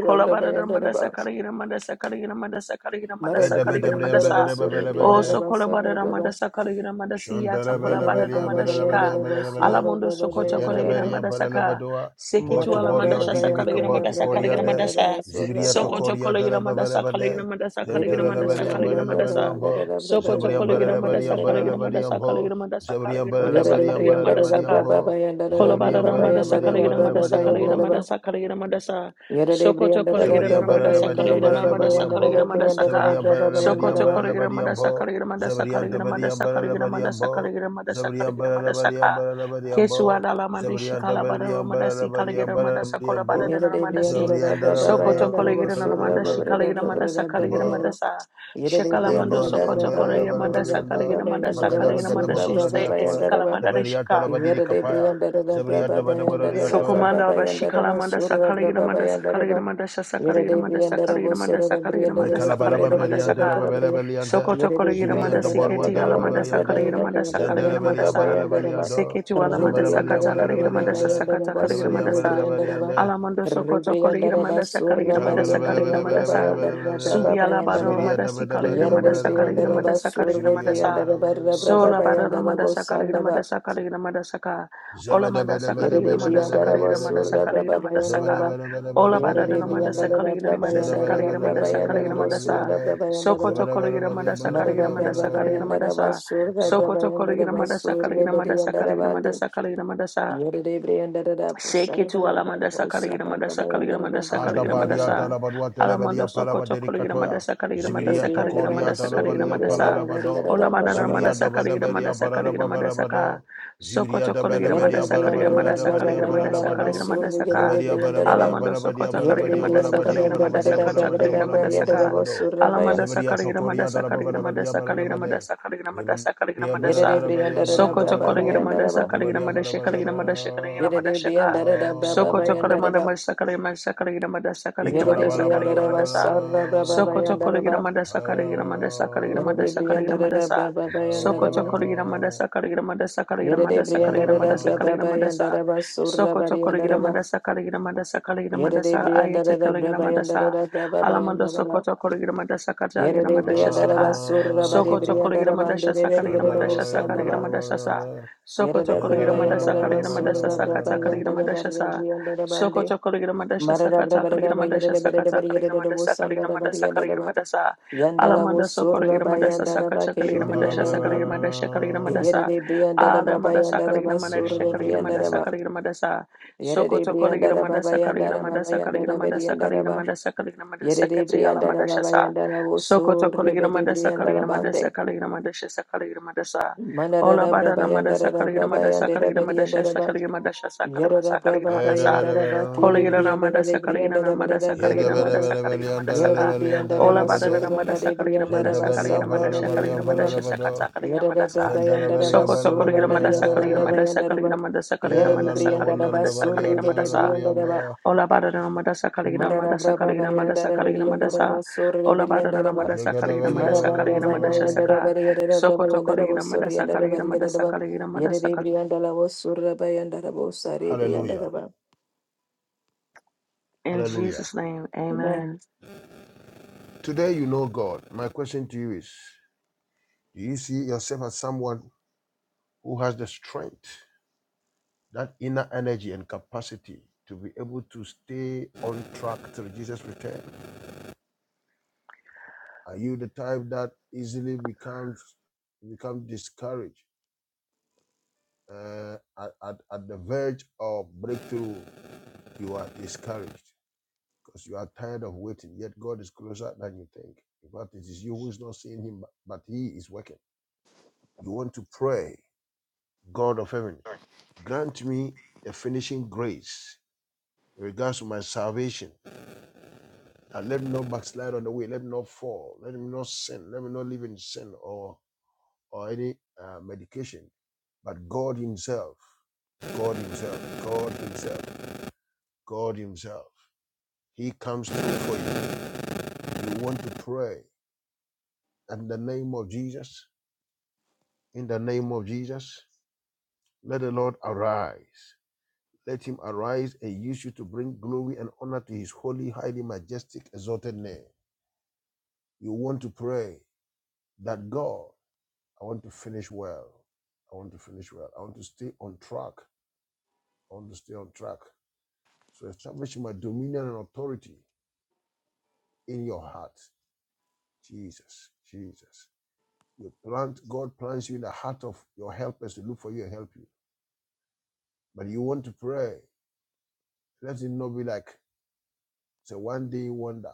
[SPEAKER 1] Kolabada Madasa Karigina Madasa Karigina Madasa Karigina Madasa Karigina Madasa.
[SPEAKER 3] Edabedebriambelebelebele,
[SPEAKER 1] Also Kolabada Madasa Karigina Madasi Yata Kolabada Madashika.
[SPEAKER 3] Shandelebelebeliambelebelebele.
[SPEAKER 1] Alamundo Sokota Kolegina Madasaka.
[SPEAKER 3] Zebriandaberiambelebelebedoa.
[SPEAKER 1] Sekitu
[SPEAKER 3] Botu boria
[SPEAKER 1] Alamandasha
[SPEAKER 3] dinimika
[SPEAKER 1] Sakarigina
[SPEAKER 3] botu
[SPEAKER 1] Madasa
[SPEAKER 3] koria
[SPEAKER 1] Karigina
[SPEAKER 3] de.
[SPEAKER 1] Madasa.
[SPEAKER 3] Zibriato
[SPEAKER 1] Sokoto
[SPEAKER 3] koria
[SPEAKER 1] Kolegina Madasa
[SPEAKER 3] delebelebelebede.
[SPEAKER 1] Karigina Madasa Karigina Madasa Karigina Madasa.
[SPEAKER 3] Zentelebeliambelebeliambo.
[SPEAKER 1] Sokoto Kolegina Madasa Karigina Madasa
[SPEAKER 3] Zebriambelebeliambelebeliambo.
[SPEAKER 1] Karigina Madasa Karigina Madasa Karigina Madasaka.
[SPEAKER 3] Zebriambelebeliambelebeliambo.
[SPEAKER 1] Kolobada Ramadasa Kaligida Madasa
[SPEAKER 3] Zebriambelebeliambelebeliambo.
[SPEAKER 1] Kaligida Madasa Kaligida Madasa Sokoto Kaligida
[SPEAKER 3] Zabadiam
[SPEAKER 1] Ramadasa
[SPEAKER 3] Badalabadiam
[SPEAKER 1] Kaligida Ramadasa
[SPEAKER 3] Badalabadiam
[SPEAKER 1] Kaligida
[SPEAKER 3] Bo,
[SPEAKER 1] Madasaka
[SPEAKER 3] Zabadiam Badalabadiam
[SPEAKER 1] Sokoto
[SPEAKER 4] Yadadabriyandaradabrababayandaradabrababayandaradabriyandaradabrababayandaraba.
[SPEAKER 1] Kaligida
[SPEAKER 3] Badalabadiam
[SPEAKER 1] Madasa
[SPEAKER 3] Bo,
[SPEAKER 1] Kaligida Madasa
[SPEAKER 3] Zabadiam
[SPEAKER 1] Kaligida
[SPEAKER 3] Dabadiam
[SPEAKER 1] Madasa
[SPEAKER 3] Badalabadiam Bo,
[SPEAKER 1] Kaligida Madasa
[SPEAKER 3] Zabadiam
[SPEAKER 1] Kaligida Madasa Kaligida
[SPEAKER 3] Badalabadiam
[SPEAKER 1] Madasaka
[SPEAKER 3] Badalabadiam Bo,
[SPEAKER 1] Kesuada Lamadishi
[SPEAKER 3] Zabadiam
[SPEAKER 1] Kalabada
[SPEAKER 3] Dabadiam
[SPEAKER 1] Ramadasi
[SPEAKER 3] Badalabadiam
[SPEAKER 1] Kaligida Madasa
[SPEAKER 3] Badalabadiam
[SPEAKER 4] Yet
[SPEAKER 1] Kolabada
[SPEAKER 3] Bo,
[SPEAKER 4] Yerede
[SPEAKER 1] Ramadasi
[SPEAKER 4] briyandara
[SPEAKER 3] Zabadiam
[SPEAKER 1] Sokoto
[SPEAKER 3] Dabadiam
[SPEAKER 1] Kaligida Ramadashi
[SPEAKER 3] Badalabadiam
[SPEAKER 1] Kaligida Madasa
[SPEAKER 3] Bo,
[SPEAKER 1] Kaligida Madasa Shekalamando
[SPEAKER 3] Nemboliam
[SPEAKER 1] Sokoto Kaligida Madasa
[SPEAKER 3] Badalabadiam Bo,
[SPEAKER 1] Kaligida Madasa
[SPEAKER 3] Magada
[SPEAKER 1] Kaligida
[SPEAKER 3] Magada
[SPEAKER 1] Madashi
[SPEAKER 3] Bagoda Diatwa,
[SPEAKER 1] Esikalamada
[SPEAKER 3] Zabadiam
[SPEAKER 1] Shika
[SPEAKER 3] Tolabadiri Kapaya, Zabadiam Dabadabadiam
[SPEAKER 1] Sokomanda aba shikala manda sakala gina manda sakala gina manda sakala gina manda sakala gina manda
[SPEAKER 4] bosoro da
[SPEAKER 1] sakala gina
[SPEAKER 4] briyandara
[SPEAKER 1] manda
[SPEAKER 4] vurdu
[SPEAKER 1] sakala gina
[SPEAKER 4] yerede
[SPEAKER 1] manda
[SPEAKER 3] Mekalabalabaliyande
[SPEAKER 4] briyandara
[SPEAKER 1] saka.
[SPEAKER 4] bana briyam.
[SPEAKER 3] lebelebeliyande,
[SPEAKER 1] Sokoto kola
[SPEAKER 4] Yerede
[SPEAKER 1] gina manda
[SPEAKER 3] zibiriyande
[SPEAKER 4] briyandara da
[SPEAKER 3] boruande
[SPEAKER 1] siketi
[SPEAKER 4] braba
[SPEAKER 1] ala manda
[SPEAKER 4] yerede braba
[SPEAKER 3] lebelebeliyande,
[SPEAKER 1] sakala gina manda sakala
[SPEAKER 4] yerede briyandara da
[SPEAKER 1] gina manda
[SPEAKER 4] braba
[SPEAKER 1] sa.
[SPEAKER 4] briyandara ba.
[SPEAKER 3] zendelebeliyambelebeliyando,
[SPEAKER 1] Siketi ala
[SPEAKER 4] Re
[SPEAKER 1] manda
[SPEAKER 4] briyandara
[SPEAKER 1] sakata
[SPEAKER 4] da
[SPEAKER 1] kala gina
[SPEAKER 4] braba
[SPEAKER 1] manda sa
[SPEAKER 3] zembelebeliyambelebeliyande,
[SPEAKER 4] briyandara
[SPEAKER 1] sakata
[SPEAKER 4] ba
[SPEAKER 1] kala gina manda
[SPEAKER 4] surlu
[SPEAKER 1] sa.
[SPEAKER 4] briyandara ba.
[SPEAKER 3] zebeliyambelebeliyande,
[SPEAKER 1] Ala sokoto kola gina
[SPEAKER 4] Rebriandaraba
[SPEAKER 1] manda sakala gina
[SPEAKER 4] Surra
[SPEAKER 1] manda sakala gina
[SPEAKER 4] Bariandaraba
[SPEAKER 1] manda sa.
[SPEAKER 4] Brabayandaraba
[SPEAKER 1] Subi
[SPEAKER 3] kalabalabalabalabalabalabalabala,
[SPEAKER 1] ala bara
[SPEAKER 4] Brabayandaraba
[SPEAKER 1] manda sikala gina
[SPEAKER 4] Yere
[SPEAKER 1] manda sakala gina
[SPEAKER 3] zibiriyandabadabadiyabadabadiya,
[SPEAKER 1] manda
[SPEAKER 4] Rebriandaraba
[SPEAKER 1] sakala
[SPEAKER 4] Surra
[SPEAKER 1] gina manda sa.
[SPEAKER 4] Rebriandaraba
[SPEAKER 3] zibiriyandabadabadiya,
[SPEAKER 1] Sola bara manda
[SPEAKER 4] Brabayandaraba
[SPEAKER 1] sakala gina manda
[SPEAKER 4] Sandaba
[SPEAKER 1] sakala gina manda saka. Ola manda sakala
[SPEAKER 4] Yere
[SPEAKER 1] gina manda sakala
[SPEAKER 4] Rebriandaraba
[SPEAKER 1] gina manda
[SPEAKER 4] Surra
[SPEAKER 3] zebedebedebedebedebedebedebediya,
[SPEAKER 1] sakala manda saka.
[SPEAKER 4] Brabayandaraba
[SPEAKER 1] Ola
[SPEAKER 4] Yere
[SPEAKER 1] bada dana manda
[SPEAKER 3] zebedebedebedebedebedebede,
[SPEAKER 1] sakala
[SPEAKER 4] Rebriandaraba
[SPEAKER 1] gina manda sakala
[SPEAKER 4] Brabayandaraba
[SPEAKER 1] gina manda sakala gina
[SPEAKER 4] Brabayandaraba
[SPEAKER 1] manda
[SPEAKER 3] zebedebedebedebedebedebedebede,
[SPEAKER 1] sa.
[SPEAKER 4] Surra Brabayandaraba
[SPEAKER 1] Sokoto kola gina manda sakala gina
[SPEAKER 4] Marada
[SPEAKER 1] manda sakala gina
[SPEAKER 3] zebedebedebedebedebedebede,
[SPEAKER 1] manda
[SPEAKER 4] Brabayandaraba
[SPEAKER 1] sa.
[SPEAKER 4] Surra
[SPEAKER 1] Sokoto kola
[SPEAKER 4] Brabayandaraba
[SPEAKER 1] manda sakala
[SPEAKER 4] Surra
[SPEAKER 1] manda sakala
[SPEAKER 4] Bariandaraba
[SPEAKER 1] manda
[SPEAKER 4] Andi
[SPEAKER 1] sakala manda sa.
[SPEAKER 4] Yere Rebriandaraba
[SPEAKER 1] Seke tu alamanda
[SPEAKER 4] Sarabayandaraba
[SPEAKER 1] sakaligira
[SPEAKER 4] Usaba
[SPEAKER 1] manda sakaligira manda
[SPEAKER 4] Brabayandaraba
[SPEAKER 1] sakaligira manda
[SPEAKER 3] Adabaria
[SPEAKER 1] sa
[SPEAKER 4] Brabayandaraba
[SPEAKER 3] dalabalua telebaria
[SPEAKER 1] alamando soko tokoligira manda
[SPEAKER 3] palabadericatoya.
[SPEAKER 1] sakaligira manda
[SPEAKER 4] Yere de
[SPEAKER 3] Zibiria
[SPEAKER 4] brianda
[SPEAKER 1] sakaligira
[SPEAKER 4] da da
[SPEAKER 1] manda
[SPEAKER 3] tocoria
[SPEAKER 1] sakaligira
[SPEAKER 3] dalabalia
[SPEAKER 1] manda sa
[SPEAKER 3] palalabado.
[SPEAKER 4] bra
[SPEAKER 1] olamana
[SPEAKER 4] ba
[SPEAKER 1] na manda
[SPEAKER 3] Zibiria
[SPEAKER 4] ba
[SPEAKER 1] sakaligira manda
[SPEAKER 3] dabadabaria
[SPEAKER 1] sakaligira manda Ka
[SPEAKER 3] paralababarabado.
[SPEAKER 1] soko
[SPEAKER 3] Zibiria
[SPEAKER 4] yanda
[SPEAKER 1] tokoligira manda
[SPEAKER 3] dabadabaria
[SPEAKER 1] sakaligira manda
[SPEAKER 3] parabadabaria
[SPEAKER 1] sakaligira manda sakaligira
[SPEAKER 3] paralabado.
[SPEAKER 1] manda saka
[SPEAKER 3] Lebaria barabaria
[SPEAKER 1] alamando soko
[SPEAKER 3] barabaria
[SPEAKER 1] tokoligira
[SPEAKER 3] barabaria
[SPEAKER 1] manda
[SPEAKER 3] barabaria
[SPEAKER 1] sakaligira manda
[SPEAKER 3] barabaria barabaria
[SPEAKER 1] sakaligira manda
[SPEAKER 3] barabaria
[SPEAKER 1] saka
[SPEAKER 3] barabado.
[SPEAKER 1] alamanda
[SPEAKER 3] Zibiria
[SPEAKER 1] sakaligira manda
[SPEAKER 3] tocoria
[SPEAKER 1] sakaligira manda
[SPEAKER 3] dalabarabaria
[SPEAKER 1] sakaligira manda
[SPEAKER 3] barabade.
[SPEAKER 1] sakaligira manda sakaligira manda sa kaligira mandasa kaligira mandasa kaligira mandasa kaligira mandasa kaligira
[SPEAKER 3] Iberia
[SPEAKER 1] mandasa
[SPEAKER 3] barabaria barabaria
[SPEAKER 1] Sokoto
[SPEAKER 3] barabaria
[SPEAKER 1] Kolegina Madasa Kaligina
[SPEAKER 3] barabaria
[SPEAKER 1] Madasha
[SPEAKER 3] barabaria
[SPEAKER 1] Kaligina Madasha Kaligina Madashaka Sokoto
[SPEAKER 3] barabaria.
[SPEAKER 1] Kalamanda Madasa Kaligina Madasa Kaligina Madasa Kaligina Madasa Kaligina Madasa Sokoto
[SPEAKER 3] Ikarabarabarabarabara.
[SPEAKER 1] Kolegina Madasa Kaligina Madasa Kaligina Madasa Kaligina Madasa Sokoto Kolegina Madasa Kaligina Madasa Kaligina Madasa Kaligina Madasa Kaligina Madasa
[SPEAKER 4] da ba surra
[SPEAKER 1] Sokoto
[SPEAKER 4] bari yanda
[SPEAKER 1] Kolegina
[SPEAKER 4] da ba
[SPEAKER 1] Madasa Kaligina Madasa Kaligina
[SPEAKER 4] Yerede
[SPEAKER 1] Madasa Ayata
[SPEAKER 4] briyandara da
[SPEAKER 1] Kaligina
[SPEAKER 4] brabayandara
[SPEAKER 1] Madasa
[SPEAKER 4] da
[SPEAKER 1] Alamando
[SPEAKER 4] brababayandara da. da.
[SPEAKER 1] Sokoto Kolegina Madasa Kaligina
[SPEAKER 4] Yerede
[SPEAKER 1] Madasha
[SPEAKER 4] briyandara
[SPEAKER 1] Saka
[SPEAKER 4] ba surra bari
[SPEAKER 1] Soko tokorira
[SPEAKER 4] briyandara
[SPEAKER 1] madasha
[SPEAKER 4] bandere ver
[SPEAKER 1] sakarira
[SPEAKER 4] yerede
[SPEAKER 1] madasha
[SPEAKER 4] bosanda
[SPEAKER 1] sakarira
[SPEAKER 4] ba.
[SPEAKER 1] madasha sa. Soko
[SPEAKER 4] Yerede
[SPEAKER 1] tokorira madasha
[SPEAKER 4] brabayandara ba
[SPEAKER 1] sakarira madasha
[SPEAKER 4] surra
[SPEAKER 3] Shandarabarabarabarabarabara.
[SPEAKER 1] sakatakarira
[SPEAKER 4] brabayandara
[SPEAKER 1] madasha
[SPEAKER 4] bari
[SPEAKER 1] sa.
[SPEAKER 4] briyandara
[SPEAKER 1] Soko
[SPEAKER 4] bande.
[SPEAKER 1] tokorira madasha
[SPEAKER 4] Marada
[SPEAKER 1] sakatakarira
[SPEAKER 4] brabarada ba
[SPEAKER 1] madasha
[SPEAKER 4] yerede berede bari
[SPEAKER 1] sakatakarira
[SPEAKER 4] yerede
[SPEAKER 1] madasha
[SPEAKER 4] bosanda
[SPEAKER 1] sakarira
[SPEAKER 4] da bari
[SPEAKER 1] madasha
[SPEAKER 4] yandara
[SPEAKER 1] sakarira
[SPEAKER 4] ba.
[SPEAKER 1] madasha.
[SPEAKER 4] Yandala wo
[SPEAKER 1] Alamanda
[SPEAKER 4] surra
[SPEAKER 1] sokorira madasha
[SPEAKER 4] bayandara ba kere
[SPEAKER 1] sakatakarira madasha
[SPEAKER 4] briyandara ba.
[SPEAKER 1] sakarira madasha sakarira
[SPEAKER 3] Shandarabarabarabarabarabara.
[SPEAKER 1] madasha.
[SPEAKER 4] Yerede briyandara ba
[SPEAKER 1] Alamanda
[SPEAKER 4] bayandara
[SPEAKER 1] sakarira
[SPEAKER 4] ba surra
[SPEAKER 1] madasha sakarira madasha
[SPEAKER 4] briyandara
[SPEAKER 3] Shandarabarabarabara.
[SPEAKER 4] ba.
[SPEAKER 1] sakarira madasha. Soko
[SPEAKER 4] Yerede
[SPEAKER 1] tokorira
[SPEAKER 4] briyandara ba
[SPEAKER 1] madasha sakarira
[SPEAKER 4] bayandara ba
[SPEAKER 1] madasha sakarira
[SPEAKER 4] bayandara
[SPEAKER 1] madasha
[SPEAKER 4] beriyandara
[SPEAKER 1] sakarira
[SPEAKER 4] ba.
[SPEAKER 1] madasha sakarira madasha
[SPEAKER 4] Yerere
[SPEAKER 1] sakati alamanda
[SPEAKER 4] briandara baba
[SPEAKER 1] sa.
[SPEAKER 4] yandara
[SPEAKER 1] Sokoto
[SPEAKER 4] woso
[SPEAKER 1] Kolegira
[SPEAKER 4] rebede
[SPEAKER 1] Madasa
[SPEAKER 4] briandara
[SPEAKER 1] Kolegira Madasa
[SPEAKER 4] bande.
[SPEAKER 1] Kolegira Madasha Sakalegira Madasa
[SPEAKER 4] Manara
[SPEAKER 1] Ola
[SPEAKER 4] rabra
[SPEAKER 1] Bada Madasa
[SPEAKER 4] bayandara
[SPEAKER 1] Kolegira
[SPEAKER 4] rabra
[SPEAKER 1] Madasa
[SPEAKER 4] bayandara
[SPEAKER 1] Kolegira Madasha
[SPEAKER 4] beriandara ba.
[SPEAKER 1] Sakalegira Madasha Sakalema
[SPEAKER 4] Yerara
[SPEAKER 1] Sakalegira
[SPEAKER 4] braba
[SPEAKER 1] Madasa
[SPEAKER 4] bayandara ba kere
[SPEAKER 1] Kolegira
[SPEAKER 4] briandara de
[SPEAKER 1] Madasa Kolegira
[SPEAKER 4] briandara barada
[SPEAKER 1] Madasa Kolegira
[SPEAKER 4] brabara baba.
[SPEAKER 1] Madasa Kolegira Madasaka
[SPEAKER 4] Yerere briandara ba Yara de brianda da
[SPEAKER 1] Ola
[SPEAKER 4] ba
[SPEAKER 1] Bada
[SPEAKER 4] surra
[SPEAKER 1] Madasa
[SPEAKER 4] bade
[SPEAKER 1] Kolegira
[SPEAKER 4] briandara
[SPEAKER 1] Madasa
[SPEAKER 4] ba
[SPEAKER 1] Kolegira
[SPEAKER 4] sarra
[SPEAKER 1] Madasha Kolegira
[SPEAKER 4] briandara ba.
[SPEAKER 1] Madasha Sakata Kolegira
[SPEAKER 4] Yerere
[SPEAKER 1] Madasa
[SPEAKER 4] braba yandara ba
[SPEAKER 1] Sokoto
[SPEAKER 4] surra
[SPEAKER 1] Kolegira Madasa
[SPEAKER 4] bariandara
[SPEAKER 1] Kolegira
[SPEAKER 4] braba
[SPEAKER 1] Madasa
[SPEAKER 4] yandara
[SPEAKER 1] Kolegira
[SPEAKER 4] ba.
[SPEAKER 1] Madasa Kolegira
[SPEAKER 4] Yerere
[SPEAKER 1] Madasa Kolegira
[SPEAKER 4] briandara ba
[SPEAKER 1] Madasa
[SPEAKER 4] surre
[SPEAKER 1] Kolegira
[SPEAKER 4] gede
[SPEAKER 1] Madasa
[SPEAKER 4] briandara ba.
[SPEAKER 1] Ola barana madasa kaligina
[SPEAKER 4] Amen. Amen.
[SPEAKER 1] madasa kaligina madasa kaligina madasa Ola barana madasa kaligina madasa kaligina madasa saka Sokoto kaligina madasa kaligina madasa kaligina madasa kal-
[SPEAKER 3] Hallelujah.
[SPEAKER 1] In
[SPEAKER 3] Hallelujah.
[SPEAKER 1] Jesus name, amen.
[SPEAKER 3] Today you know God. My question to you is Do you see yourself as someone who has the strength? that inner energy and capacity to be able to stay on track till Jesus return? Are you the type that easily becomes become discouraged uh, at, at, at the verge of breakthrough? You are discouraged because you are tired of waiting. Yet God is closer than you think. In fact, it is you who is not seeing Him, but but He is working. You want to pray, God of Heaven, grant me the finishing grace in regards to my salvation Now, let me not backslide on the way. Let me not fall. Let me not sin. Let me not live in sin or or any uh, medication. But God Himself, God Himself, God Himself, God Himself, He comes through for you. You want to pray in the name of Jesus. In the name of Jesus, let the Lord arise. Let Him arise and use you to bring glory and honor to His holy, highly majestic, exalted name. You want to pray that God I want to finish well. I want to finish well. I want to stay on track. I want to stay on track. So establish my dominion and authority in your heart. Jesus, Jesus. You plant, God plants you in the heart of your helpers to look for you and help you. But you want to pray. Let it not be like it's a one day wonder.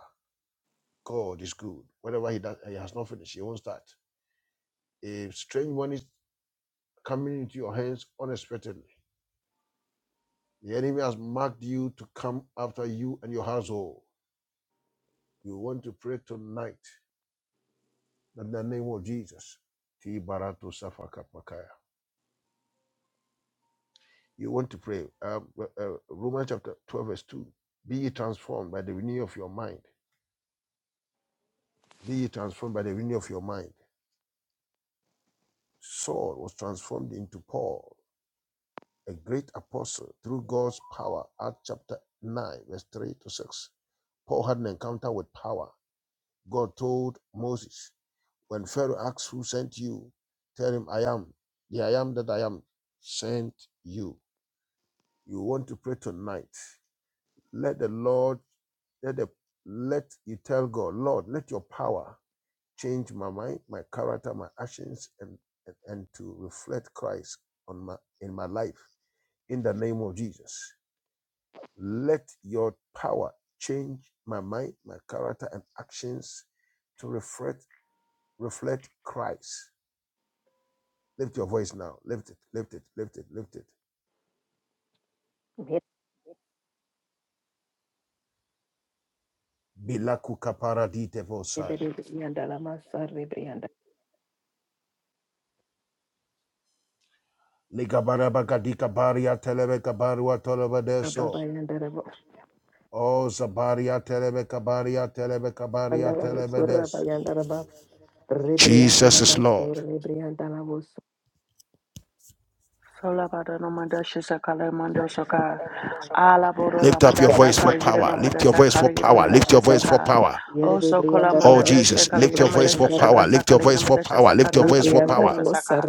[SPEAKER 3] God is good. Whatever He does, He has not finished. He won't start. If strange money is coming into your hands unexpectedly, the enemy has marked you to come after you and your household. You want to pray tonight in the name of Jesus. Ti barato safaka pakaya. You want to pray. Um, uh, uh, Romans chapter 12, verse 2. Be ye transformed by the renewing of your mind. Be ye transformed by the renewing of your mind. Saul was transformed into Paul, a great apostle through God's power. Acts chapter 9, verse 3 to 6. Paul had an encounter with power. God told Moses, When Pharaoh asks who sent you, tell him I am. The I am that I am sent you. You want to pray tonight. Let the Lord, let the let you tell God, Lord, let your power change my mind, my character, my actions, and and, and to reflect Christ on my in my life. In the name of Jesus. Let your power change my mind, my character, and actions to reflect reflect Christ Lift your voice now. Lift it, lift it, lift it, lift it. Bilaku kaparadite vosai. Ligabarabakadika baria telebeka barua tolobedeso. Oh, Zabaria telebeka baria telebeka baria telebedes. Jesus is Lord.
[SPEAKER 1] Sola bara no manda shisa kala mando soka. Ala boro
[SPEAKER 3] Lift up
[SPEAKER 1] ramanda
[SPEAKER 3] your
[SPEAKER 1] sa
[SPEAKER 3] voice for
[SPEAKER 1] kala gira
[SPEAKER 3] power.
[SPEAKER 1] no manda
[SPEAKER 3] Lift your
[SPEAKER 1] sa
[SPEAKER 3] voice for
[SPEAKER 1] kala gira
[SPEAKER 3] power.
[SPEAKER 1] manda
[SPEAKER 3] Lift your
[SPEAKER 1] shisa
[SPEAKER 3] voice for
[SPEAKER 1] ka.
[SPEAKER 3] power.
[SPEAKER 1] O so kola manda
[SPEAKER 3] Oh,
[SPEAKER 1] de she
[SPEAKER 3] Jesus,
[SPEAKER 1] kala
[SPEAKER 3] lift
[SPEAKER 1] gira
[SPEAKER 3] your
[SPEAKER 1] manda
[SPEAKER 3] voice for
[SPEAKER 1] shisa ka
[SPEAKER 3] power.
[SPEAKER 1] ta
[SPEAKER 3] Lift your
[SPEAKER 1] kala gira
[SPEAKER 3] voice for
[SPEAKER 1] manda
[SPEAKER 3] power.
[SPEAKER 1] shisa ka
[SPEAKER 3] Lift your
[SPEAKER 1] ta
[SPEAKER 3] voice
[SPEAKER 1] kala
[SPEAKER 3] for
[SPEAKER 1] gira manda
[SPEAKER 3] power.
[SPEAKER 4] Rebriandaraba
[SPEAKER 1] shisa ka.